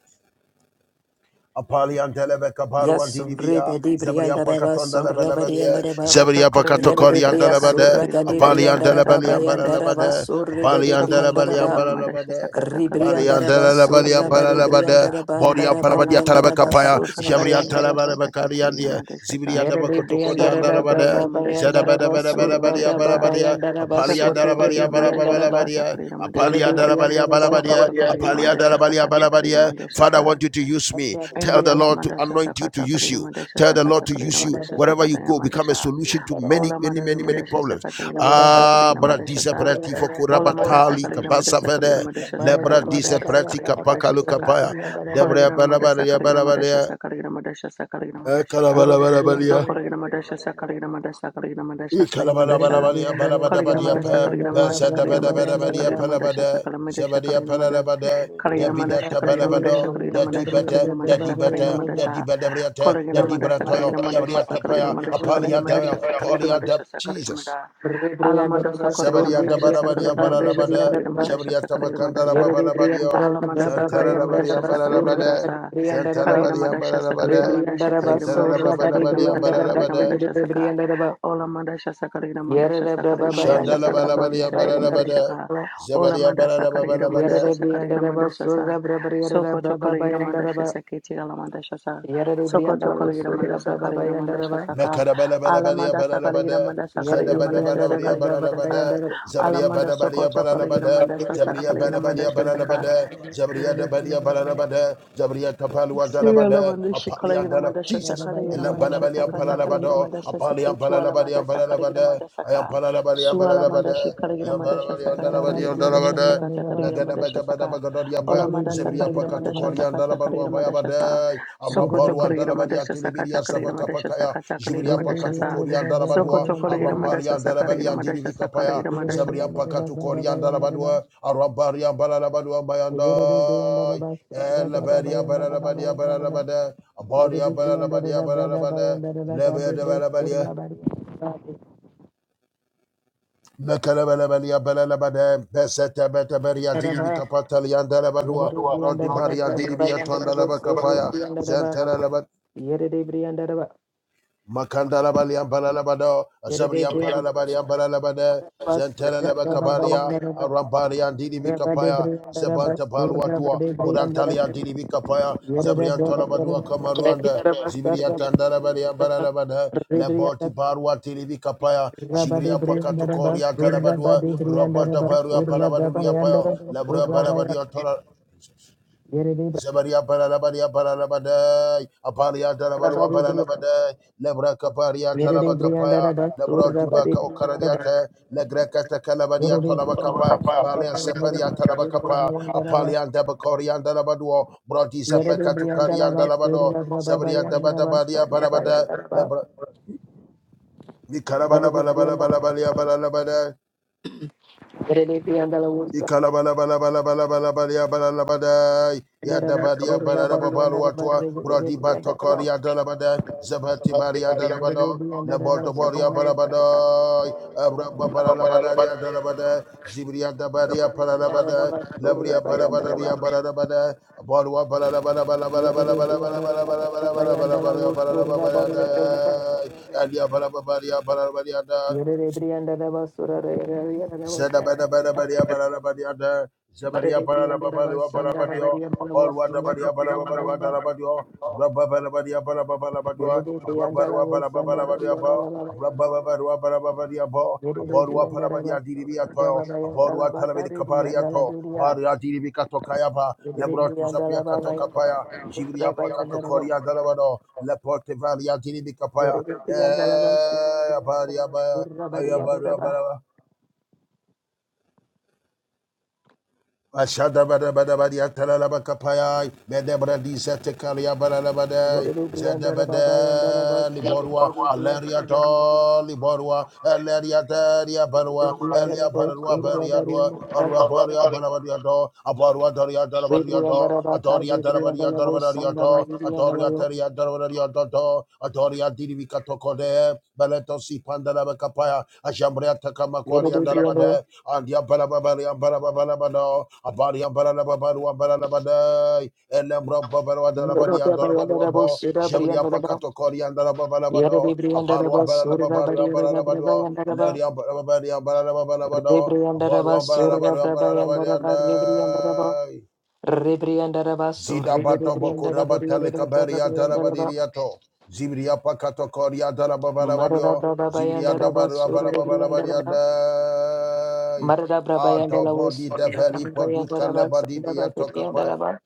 [SPEAKER 3] Apalian telebeka paruan didibia, Zebrian pakatonda lebelebelia,
[SPEAKER 1] kata
[SPEAKER 3] Zebrian
[SPEAKER 1] kala gira
[SPEAKER 3] pakatokorian
[SPEAKER 1] madasha sa kata
[SPEAKER 3] delebede,
[SPEAKER 1] kala gira madasha sa
[SPEAKER 3] Apalian
[SPEAKER 1] kata kala
[SPEAKER 3] delebelian
[SPEAKER 1] gira madasha
[SPEAKER 4] yandara
[SPEAKER 1] sa.
[SPEAKER 4] ba
[SPEAKER 3] balelebede,
[SPEAKER 4] surre bede
[SPEAKER 3] Apalian
[SPEAKER 1] Sokoto
[SPEAKER 4] briandara
[SPEAKER 1] kala
[SPEAKER 3] delebelian
[SPEAKER 4] ba
[SPEAKER 1] gira madasha sa
[SPEAKER 3] balelebede,
[SPEAKER 1] kata kala
[SPEAKER 3] Apalian
[SPEAKER 4] ribriandara
[SPEAKER 1] madasha
[SPEAKER 4] ba
[SPEAKER 1] sa kata
[SPEAKER 3] delebelian
[SPEAKER 1] kala
[SPEAKER 4] surra
[SPEAKER 1] gira
[SPEAKER 4] bari
[SPEAKER 1] madasha
[SPEAKER 3] balelebede,
[SPEAKER 4] briandara
[SPEAKER 1] sa.
[SPEAKER 4] ba
[SPEAKER 3] Borian
[SPEAKER 4] andara bari
[SPEAKER 1] Ola
[SPEAKER 3] palabadia
[SPEAKER 4] yandara
[SPEAKER 3] telebeka
[SPEAKER 1] mandasha
[SPEAKER 4] ba
[SPEAKER 3] paya,
[SPEAKER 1] kasa
[SPEAKER 4] surra
[SPEAKER 1] kalina
[SPEAKER 3] Zebrian
[SPEAKER 1] mandasha
[SPEAKER 4] bayandara ba
[SPEAKER 1] sakata
[SPEAKER 3] telebekarian
[SPEAKER 1] kalina
[SPEAKER 3] dia,
[SPEAKER 1] mandasha sa
[SPEAKER 3] Zibrian
[SPEAKER 4] yere de
[SPEAKER 3] debakotokorian
[SPEAKER 4] briandara
[SPEAKER 1] soko to
[SPEAKER 4] ba
[SPEAKER 1] kalina
[SPEAKER 3] delebede,
[SPEAKER 4] baba
[SPEAKER 1] mandasha
[SPEAKER 4] yandara ba
[SPEAKER 1] sakata kalina
[SPEAKER 4] surra
[SPEAKER 3] Zedebedebedebelebelia
[SPEAKER 1] mandasha
[SPEAKER 4] baba
[SPEAKER 1] sa
[SPEAKER 3] balabadia,
[SPEAKER 4] yandara ba
[SPEAKER 3] Apalian
[SPEAKER 1] soko to
[SPEAKER 4] surre gede
[SPEAKER 3] delebelia
[SPEAKER 1] kalina mandasha
[SPEAKER 4] briandara ba
[SPEAKER 1] sakata
[SPEAKER 3] balabalabadia,
[SPEAKER 1] kalina
[SPEAKER 4] Yere
[SPEAKER 1] mandasha
[SPEAKER 3] Apalian
[SPEAKER 4] de
[SPEAKER 1] sa
[SPEAKER 3] delebelia
[SPEAKER 4] priyandara bas
[SPEAKER 1] soko
[SPEAKER 3] balabadia,
[SPEAKER 1] to kalina
[SPEAKER 3] Apalian
[SPEAKER 1] mandasha
[SPEAKER 3] delebelia
[SPEAKER 1] sakata kalina
[SPEAKER 3] balabadia.
[SPEAKER 1] mandasha
[SPEAKER 3] Father, I
[SPEAKER 1] sa
[SPEAKER 3] want you to use me.
[SPEAKER 4] Ashra de
[SPEAKER 3] Tell
[SPEAKER 1] India
[SPEAKER 3] the
[SPEAKER 1] la
[SPEAKER 3] Lord to
[SPEAKER 4] priyandara
[SPEAKER 1] mandasha
[SPEAKER 3] anoint you to
[SPEAKER 1] sakata
[SPEAKER 3] use
[SPEAKER 1] kalina
[SPEAKER 3] you.
[SPEAKER 1] mandasha
[SPEAKER 3] Tell the
[SPEAKER 1] sakata
[SPEAKER 3] Lord to
[SPEAKER 1] kalina
[SPEAKER 3] use you
[SPEAKER 1] mandasha
[SPEAKER 3] wherever you
[SPEAKER 1] sakata
[SPEAKER 3] go. Become a
[SPEAKER 1] mandasha
[SPEAKER 3] solution to
[SPEAKER 4] priyandara bas priyandara bas
[SPEAKER 3] many,
[SPEAKER 1] Ola
[SPEAKER 3] many,
[SPEAKER 1] mandara
[SPEAKER 3] many, many
[SPEAKER 1] mandasha
[SPEAKER 3] problems.
[SPEAKER 1] sakata
[SPEAKER 4] Yere de
[SPEAKER 1] mandasha
[SPEAKER 4] bas
[SPEAKER 3] Ah,
[SPEAKER 1] farina mandasha
[SPEAKER 3] bradisa
[SPEAKER 1] sa
[SPEAKER 4] Yere de
[SPEAKER 3] prati
[SPEAKER 4] priyandara
[SPEAKER 1] Ola madasa
[SPEAKER 4] bas
[SPEAKER 3] fokurabatali
[SPEAKER 1] kaligina
[SPEAKER 3] kabasa
[SPEAKER 1] madasa kaligina
[SPEAKER 3] vede
[SPEAKER 1] madasha
[SPEAKER 4] Mare de
[SPEAKER 3] lebra
[SPEAKER 1] sakaligina
[SPEAKER 4] baba
[SPEAKER 3] disa
[SPEAKER 1] madasha
[SPEAKER 3] prati
[SPEAKER 1] sakaligina
[SPEAKER 4] priyandara bas
[SPEAKER 1] madasha
[SPEAKER 4] priyandara bas
[SPEAKER 3] kapakalu
[SPEAKER 4] Yere de
[SPEAKER 1] saka
[SPEAKER 3] kapaya
[SPEAKER 4] priyandara
[SPEAKER 3] debre
[SPEAKER 1] kaligina madasa
[SPEAKER 3] balabariya
[SPEAKER 1] kaligina madasha
[SPEAKER 3] balabaria
[SPEAKER 1] sakaligina madasha sakaligina madasha
[SPEAKER 4] bas
[SPEAKER 1] sa
[SPEAKER 4] bas
[SPEAKER 1] so kaligina madasha sakaligina madasa kaligina madasha
[SPEAKER 4] Yere de
[SPEAKER 3] Ikalabalabalabaliya
[SPEAKER 4] priyandara
[SPEAKER 1] kaligina
[SPEAKER 4] baba priyandara baba priyandara bas Yere de priyandara baba
[SPEAKER 3] balabadabadiya
[SPEAKER 1] madasha
[SPEAKER 3] pa,
[SPEAKER 1] kaligina
[SPEAKER 4] priyandara
[SPEAKER 1] madasa kaligina madasa
[SPEAKER 3] bazadabadabadabadiya
[SPEAKER 1] kaligina madasha
[SPEAKER 3] palabada, zabadiya
[SPEAKER 1] sakaligina madasha sakaligina madasha
[SPEAKER 3] palalabada,
[SPEAKER 1] kaligina madasha
[SPEAKER 3] dabidata
[SPEAKER 1] kaligina madasha
[SPEAKER 3] balabado,
[SPEAKER 1] kaligina
[SPEAKER 3] dadibata,
[SPEAKER 4] baba
[SPEAKER 1] madasha
[SPEAKER 4] priyandara
[SPEAKER 1] kaligina
[SPEAKER 3] dadibata,
[SPEAKER 4] bas
[SPEAKER 1] madasha
[SPEAKER 3] dadibadabriyata,
[SPEAKER 4] Yere
[SPEAKER 1] kaligina madasha kaligina madasa
[SPEAKER 3] dadibratoyo,
[SPEAKER 1] kaligina madasa kaligina madasha sakaligina
[SPEAKER 3] dabriyatapaya,
[SPEAKER 1] madasha kaligina
[SPEAKER 3] apaliyataya,
[SPEAKER 1] madasha sakaligina
[SPEAKER 3] poliyada-
[SPEAKER 1] madasha sakaligina
[SPEAKER 3] Jesus.
[SPEAKER 1] madasha Alamanda Sakarina
[SPEAKER 3] Zabadiyata
[SPEAKER 1] Mandasha
[SPEAKER 3] balabadiya
[SPEAKER 1] Sakarina Mandasha
[SPEAKER 3] balalabada,
[SPEAKER 1] Sakarina Mandasha
[SPEAKER 3] zabriyata
[SPEAKER 1] Sakarina Mandasha
[SPEAKER 3] makandarabalabalabadiya,
[SPEAKER 1] Alamandasa Kalina
[SPEAKER 3] zantarabadiya
[SPEAKER 1] Mandasha Sakalina
[SPEAKER 3] balalabada,
[SPEAKER 1] Mandasa Kalina
[SPEAKER 3] zantarabadiya
[SPEAKER 1] Mandasha
[SPEAKER 3] balalabada,
[SPEAKER 1] Sakalina Mandasha Kalina Mandasha Sakalina
[SPEAKER 3] yantarabadiya
[SPEAKER 1] Mandasa Kalina
[SPEAKER 3] balalabada,
[SPEAKER 1] Mandasha Saka Ola Mandasha Sakalina Mandasha Sakalina Mandasha
[SPEAKER 3] Shandala
[SPEAKER 1] Sakala
[SPEAKER 3] balabala
[SPEAKER 1] Mandasha
[SPEAKER 3] yambala
[SPEAKER 1] Kalina Mandasha
[SPEAKER 3] labada.
[SPEAKER 1] Ka Ola
[SPEAKER 3] Zabaria
[SPEAKER 1] Mandasa
[SPEAKER 3] balabala.
[SPEAKER 1] Kalina
[SPEAKER 3] babala
[SPEAKER 1] Mandasha Sakalina Mandasha Sa Soko Chokolina Mandasha Sakiti Alamandasha Sa Soko Chokolina Mandasa Kalina Mandasha Saka Alamandasa Kalina
[SPEAKER 3] Nakarabalabalabalabalabalabada.
[SPEAKER 1] Mandasa Kalina Mandasha Sakalina Mandasa
[SPEAKER 3] Zadabadabalabalabalabada.
[SPEAKER 1] Alamanda Soko Chokolina
[SPEAKER 3] Zabriyabalabalabalabada.
[SPEAKER 1] Mandasa Sakalina Mandasha Saka
[SPEAKER 3] Zabriyabalabalabalabada. Zabriyadabalabalabada.
[SPEAKER 1] Seriala
[SPEAKER 3] Zabriyatapaluadalabada.
[SPEAKER 1] mandasha kalagina
[SPEAKER 3] Apaliadalab-
[SPEAKER 1] mandasha
[SPEAKER 3] Jesus.
[SPEAKER 1] sakatagina mandasha sakata kalagina
[SPEAKER 3] Elabalabalabalabalabada.
[SPEAKER 1] mandasha siketi wala mandasa kalagina
[SPEAKER 3] Apaliabalabalabalabalabada.
[SPEAKER 1] mandasa ka suala
[SPEAKER 3] Ayapalabalabalabalabada.
[SPEAKER 1] mandashi kalagina mandasha sakata kalagina mandasha
[SPEAKER 3] Ayapalabalabalabalabada.
[SPEAKER 1] sakata kalagina mandasha saka
[SPEAKER 3] Nagadabagabadabagadoria
[SPEAKER 1] ola mandasa
[SPEAKER 3] Zebria
[SPEAKER 1] kalagina
[SPEAKER 3] Pakatu
[SPEAKER 1] mandasha
[SPEAKER 3] Korean
[SPEAKER 1] sakata kalagina
[SPEAKER 3] Dalabaluan
[SPEAKER 1] mandasha sa
[SPEAKER 3] Bayabadai,
[SPEAKER 1] sokoto
[SPEAKER 3] Arambaluan
[SPEAKER 1] kalagina
[SPEAKER 4] Yere
[SPEAKER 3] Dalabadia
[SPEAKER 1] mandasha sakata
[SPEAKER 3] Tilibia
[SPEAKER 1] kalagina mandasha sakata kalagina
[SPEAKER 3] Jubriya
[SPEAKER 1] mandasha
[SPEAKER 3] pakatu
[SPEAKER 1] sa
[SPEAKER 3] korian darabadua,
[SPEAKER 1] sokoto kalagina mandasha
[SPEAKER 3] aramparian
[SPEAKER 1] sakalagina
[SPEAKER 3] darabalian
[SPEAKER 1] mandasha
[SPEAKER 3] dirivika paya,
[SPEAKER 1] sakalagina mandasha
[SPEAKER 3] Zabriya pakatu korian darabadua, aramparian barabadua bayandai, eleberia barabadia barabada, abaria barabadia barabada, lebedia barabadia, mekalabalabalia barabada, besete betaberia dirivika patalian
[SPEAKER 4] under
[SPEAKER 3] darabadua, brodibarian dirivia
[SPEAKER 4] the
[SPEAKER 3] tondalabakapaya,
[SPEAKER 4] Yere
[SPEAKER 3] Makandarabali Ambalabado, Azabri Amparalabari Ambalabade, Zentelelebe Kabaria, Arambari Andidi Bikapaya, Zebanta Paluatua, Bodantali Andidi Bikapaya, Zabri Antalabadua Kamaruanda, Zibri Antandarabari Ambalabade, Leboti Barua Tili Kapaya, Zibria Pakato Koria Talabadua, Roberta Barua Palabaduria Payo, Labra Barabadia Tola. Zabaria Paralabaria Paralabadai, Aparia Tarabalua Paralabadai, Lebra Caparia
[SPEAKER 4] Verede brianda
[SPEAKER 3] Talabacapaya,
[SPEAKER 4] da da
[SPEAKER 3] Lebra
[SPEAKER 4] surra bari
[SPEAKER 3] Tibaka
[SPEAKER 4] brianda da ba.
[SPEAKER 3] Ocaradiate, Legreca Tacalabaria Tolabacapa, Balian Separia Talabacapa, Apalian Dabacorian Dalabaduo, Broti
[SPEAKER 4] Verede
[SPEAKER 3] Zapeca to
[SPEAKER 4] brianda
[SPEAKER 3] Carian
[SPEAKER 4] da
[SPEAKER 3] Dalabado,
[SPEAKER 4] da ba ba yanda da ba surra ba yanda da ba. Verede brianda da ba surra ba ba
[SPEAKER 3] Zabaria Dabadabaria Parabada, Lebra. Vikarabala bala bala bala bala bala
[SPEAKER 4] usa
[SPEAKER 3] Ikalabala bala bala bala bala bala bala yaba labada
[SPEAKER 4] da da
[SPEAKER 3] yada
[SPEAKER 4] ba
[SPEAKER 3] badiyaba
[SPEAKER 4] surra
[SPEAKER 3] laba
[SPEAKER 4] bari
[SPEAKER 3] baba
[SPEAKER 4] yanda da ba
[SPEAKER 3] boluwa
[SPEAKER 4] verede brianda da ba. Verede
[SPEAKER 3] bradi
[SPEAKER 4] brianda
[SPEAKER 3] bato
[SPEAKER 4] da da
[SPEAKER 3] kori
[SPEAKER 4] ba
[SPEAKER 3] yada labada zebati bari
[SPEAKER 4] ba ba
[SPEAKER 3] yada labado nabolto bori yaba labado abra baba laba bari yada labada zibriyada bari yaba labada nabriyaba laba bori yaba labada boluwa bala la badai balu wa bala la bala
[SPEAKER 4] Yere
[SPEAKER 3] bala
[SPEAKER 4] de
[SPEAKER 3] bala bala
[SPEAKER 4] priyanda la
[SPEAKER 3] bala bala bala bala bala bala bala bala ya bala la badai ya da ya bala bala yada yada bala bari yaba laba bari yada.
[SPEAKER 4] basura, priyanda la
[SPEAKER 3] Zada
[SPEAKER 4] basura,
[SPEAKER 3] Zedabedabedabediabadabediada, Zebediabalababaluabalabadio, Apolwadabadiabalababaluadalabadio, Abrababalabadia, Abrabaruabalababalabadio, Abrababaruabalababadiabo, Abaruapalabadiadiribiato, Abaruatalabedikabariato, Bariadiribikatokayaba, Lebrotusapiakatokapaya, Jibriapakatokoria dalabado, Leportevaliadiribikapaya, Eh, Abariaba,
[SPEAKER 4] bariya, bariya,
[SPEAKER 3] Ashada bada bada bada yatala laba kapaya bede bradi sete kalia bala laba
[SPEAKER 4] Rebriandarabas,
[SPEAKER 3] de zede bede liborwa aleria to liborwa aleria teria barwa elia barwa beria dwa arwa baria bada bada to aparwa daria dara bada to atoria dara bada dara bada to atoria teria dara bada to to atoria diri vikato kode beleto si panda laba kapaya ashambria takama kwari andala bade andia bada bada bada bada bada Abadi Ambala Babaru Ambala Badai, Elembra Babaru Adalabadi Andorabadu Abo, Jabri Apakato Kori Andarababalabado, Abalu Ambala Babaru Ambala Labado, Leri Ambala Babari Ambala Babalabado, Abalu Ambala Babaru Ambala Labadi Andai. Zida batoboko rabatele kaberia darabadiriato. Zibria pakato koria
[SPEAKER 4] Marada
[SPEAKER 3] darababarabadio. Zibria
[SPEAKER 4] Brabayanda Rabas Uriandana
[SPEAKER 3] dabarabarabarabariadai.
[SPEAKER 4] Marada Brabayanda
[SPEAKER 3] Ato
[SPEAKER 4] Lavos
[SPEAKER 3] develi podut
[SPEAKER 4] Brabayanda Rabas
[SPEAKER 3] kalebadi
[SPEAKER 4] and Abatianda
[SPEAKER 3] diatokapaya.
[SPEAKER 4] Raba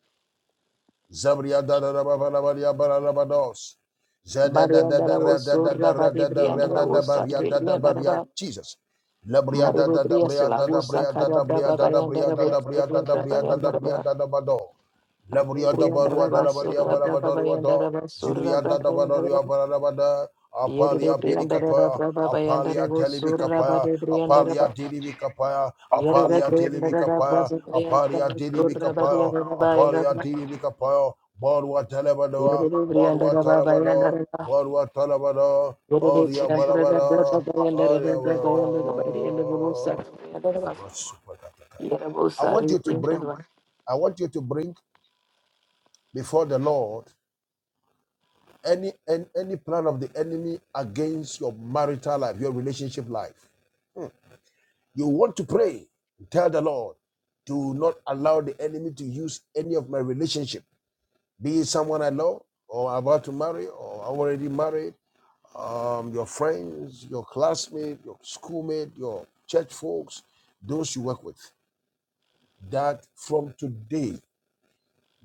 [SPEAKER 3] Zabria da da da ba ba la ba ya ba la ba dos. Zada da da
[SPEAKER 4] Marianda
[SPEAKER 3] da ra
[SPEAKER 4] Lavos
[SPEAKER 3] da da da
[SPEAKER 4] Surra
[SPEAKER 3] ra
[SPEAKER 4] Badi
[SPEAKER 3] da da
[SPEAKER 4] Brianda
[SPEAKER 3] ra da da ba
[SPEAKER 4] Lavosa
[SPEAKER 3] ria da da ba
[SPEAKER 4] Brianda
[SPEAKER 3] ria.
[SPEAKER 4] Raba
[SPEAKER 3] Jesus. La bria da
[SPEAKER 4] Maribu
[SPEAKER 3] da da
[SPEAKER 4] Brias
[SPEAKER 3] bria da da
[SPEAKER 4] Lavosa
[SPEAKER 3] bria da da
[SPEAKER 4] Carabra
[SPEAKER 3] bria da da
[SPEAKER 4] Babayanda
[SPEAKER 3] bria da
[SPEAKER 4] Rabos
[SPEAKER 3] da bria da da bria da da
[SPEAKER 4] Brabayanda
[SPEAKER 3] bria
[SPEAKER 4] Raba
[SPEAKER 3] da da ba do. La bria da ba
[SPEAKER 4] Ribrianda
[SPEAKER 3] rua da
[SPEAKER 4] Raba
[SPEAKER 3] la ba dia
[SPEAKER 4] Surra
[SPEAKER 3] ba la ba do rua
[SPEAKER 4] Brabayanda
[SPEAKER 3] do.
[SPEAKER 4] Raba Surra
[SPEAKER 3] Zibria da da ba do
[SPEAKER 4] Brabayanda
[SPEAKER 3] rua
[SPEAKER 4] Raba
[SPEAKER 3] ba la ba da.
[SPEAKER 4] Yeri
[SPEAKER 3] Apalia piri
[SPEAKER 4] Brianda Raba Brabayanda
[SPEAKER 3] Apalia
[SPEAKER 4] Raba
[SPEAKER 3] telibi
[SPEAKER 4] Surra Badi Brianda
[SPEAKER 3] Apalia dilibi
[SPEAKER 4] Mm.
[SPEAKER 3] Apalia dilibi Apalia dilibi Apalia Didi Bikapoyo, Bodwa Telebado, Bodwa Talabado, Bodwa Talabado, Oria Barabado, Oria. Ba- Super Katakaya. I want you to bring, I want you to bring before the Lord any any, any plan of the enemy against your marital life, your relationship life. You want to pray, tell the Lord, do not allow the enemy to use any of my relationship Be it someone I love or about to marry or already married, um, your friends, your classmates, your schoolmate, your church folks, those you work with, that from today,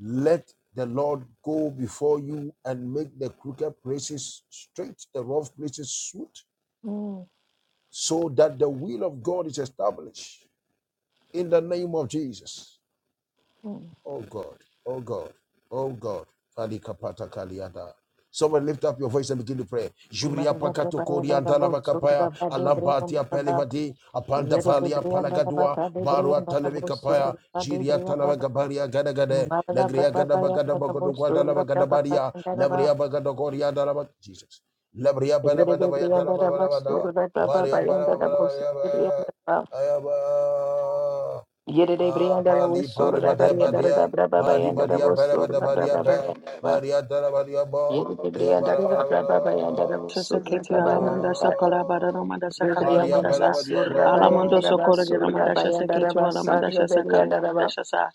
[SPEAKER 3] let the Lord go before you and make the crooked places straight, the rough places smooth, so that the will of God is established in the name of Jesus. Oh God, oh God, oh God. Kali kapata kaliada. Someone lift up your voice and begin to pray. Jubria
[SPEAKER 4] Mother
[SPEAKER 3] pakato korianta la makapaya, alampatia pelivadi, apanda falia palagadua, barua talemi kapaya, jiria talava gabaria gadagade, lagria gadabagada bagodu guadala bagadabaria, labria bagado coria dalaba, Jesus. Labria badabada
[SPEAKER 4] Yerede
[SPEAKER 3] bayatala
[SPEAKER 4] briyanda da bas
[SPEAKER 3] babada,
[SPEAKER 4] soru da baba
[SPEAKER 3] baria
[SPEAKER 4] bayanda da bos
[SPEAKER 3] badabada,
[SPEAKER 4] briyanda da
[SPEAKER 3] ayaba.
[SPEAKER 4] yerede
[SPEAKER 3] Ah,
[SPEAKER 4] briyanda da bos
[SPEAKER 3] Bali, Bali,
[SPEAKER 4] da
[SPEAKER 3] Bali,
[SPEAKER 4] briyanda
[SPEAKER 3] Bali,
[SPEAKER 4] da baba
[SPEAKER 3] Bali, Bali,
[SPEAKER 4] bayanda da
[SPEAKER 3] Bali,
[SPEAKER 4] bos
[SPEAKER 3] Bali, Bali,
[SPEAKER 4] da
[SPEAKER 3] Bali,
[SPEAKER 4] baba bayanda da
[SPEAKER 3] Bali, Bali, Bali, Bali, Badia, Ba, Bali, Bali, Bali,
[SPEAKER 4] yerede briyanda
[SPEAKER 3] Bali,
[SPEAKER 4] da baba bayanda da bos soru da
[SPEAKER 1] Sesekete
[SPEAKER 4] baba
[SPEAKER 1] alamanda
[SPEAKER 4] bayanda da
[SPEAKER 1] sakala badaramanda
[SPEAKER 3] Ah,
[SPEAKER 4] yerede
[SPEAKER 1] sakalina
[SPEAKER 3] Bali,
[SPEAKER 4] da
[SPEAKER 3] Bali,
[SPEAKER 1] mandasa
[SPEAKER 4] bas
[SPEAKER 3] Badia,
[SPEAKER 4] soru
[SPEAKER 3] Da,
[SPEAKER 4] da
[SPEAKER 1] alamando
[SPEAKER 4] bayanda da bas
[SPEAKER 1] sokolina
[SPEAKER 4] da
[SPEAKER 1] mandasha
[SPEAKER 4] bayanda da
[SPEAKER 1] seketu
[SPEAKER 4] bas
[SPEAKER 1] alamanda sha
[SPEAKER 4] sarı da
[SPEAKER 1] sakalina
[SPEAKER 4] briyanda da bas
[SPEAKER 1] mandasha sa